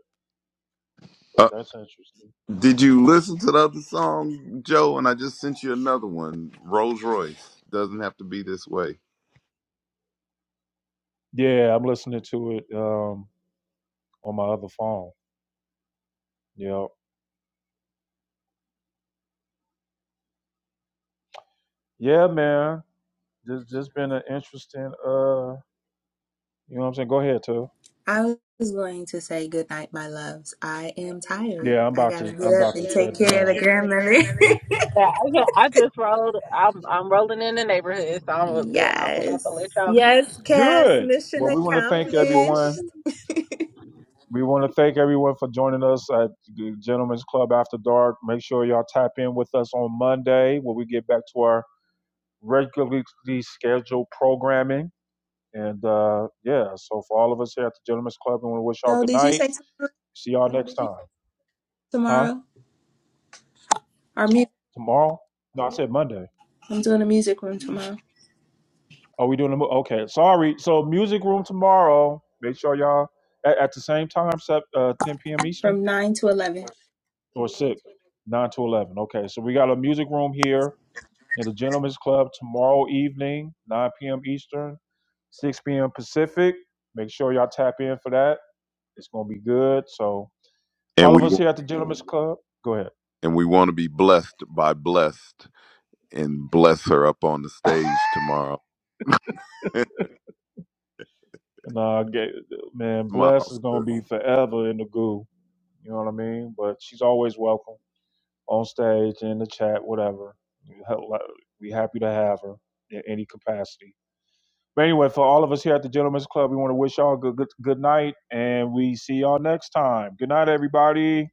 Speaker 2: but
Speaker 4: Uh,
Speaker 2: that's interesting.
Speaker 4: did you listen to the other song, Joe? And I just sent you another one. Rolls Royce doesn't have to be this way.
Speaker 2: Yeah, I'm listening to it. Um on my other phone. Yep. Yeah, man. Just just been an interesting uh you know what I'm saying? Go ahead, too.
Speaker 3: I was going to say good night, my loves. I am tired.
Speaker 2: Yeah, I'm
Speaker 3: I
Speaker 2: about
Speaker 3: gotta
Speaker 2: to
Speaker 3: get
Speaker 2: I'm
Speaker 3: up
Speaker 2: about
Speaker 3: and
Speaker 2: to
Speaker 3: take
Speaker 2: shut
Speaker 3: care of
Speaker 2: down.
Speaker 3: the
Speaker 2: Take Care of the
Speaker 3: grandmother.
Speaker 2: grandmother.
Speaker 11: Yeah, I, ju- I just rolled. I'm I'm rolling in the neighborhood, so
Speaker 3: (laughs)
Speaker 11: I'm, I'm about to let
Speaker 3: yes.
Speaker 11: y'all
Speaker 3: Yes, Cass,
Speaker 2: Good.
Speaker 3: mission
Speaker 2: Well, we want to (laughs)
Speaker 3: accomplished.
Speaker 2: thank everyone. We want to thank everyone for joining us at the Gentlemen's Club After Dark. Make sure y'all tap in with us on Monday when we get back to our regularly scheduled programming. And uh, yeah, so for all of us here at the Gentlemen's Club, we want to wish y'all
Speaker 3: Yo,
Speaker 2: good
Speaker 3: did you
Speaker 2: night.
Speaker 3: say t-
Speaker 2: See y'all next time. Huh?
Speaker 3: tomorrow? Or me
Speaker 2: Tomorrow? No, I said Monday.
Speaker 3: from tomorrow?
Speaker 2: Are we doing the mo- okay? Sorry. So music room tomorrow. Make sure y'all at, at the same time, set, uh, 10 p.m. Eastern
Speaker 3: From 9 to 11.
Speaker 2: or six, nine to eleven. Okay, so we got a music room here in the Gentlemen's Club tomorrow evening, 9 p.m. Eastern, 6 p.m. Pacific. Make sure y'all tap in for that. It's gonna be good. So
Speaker 4: And
Speaker 2: all of
Speaker 4: we
Speaker 2: us here
Speaker 4: wa-
Speaker 2: at the Gentlemen's Club, go ahead.
Speaker 4: and we want to be blessed by blessed and bless her up on the stage tomorrow. (laughs)
Speaker 2: And uh, get, man, Bless is gonna
Speaker 4: Smiles.
Speaker 2: be forever in the goo. You know what I mean? But she's always welcome. on stage, in the chat, whatever. We happy to have her in any capacity. But anyway, for all of us here at the Gentlemen's Club, we want to wish y'all a good, good good night, and we see y'all next time. Good night, everybody.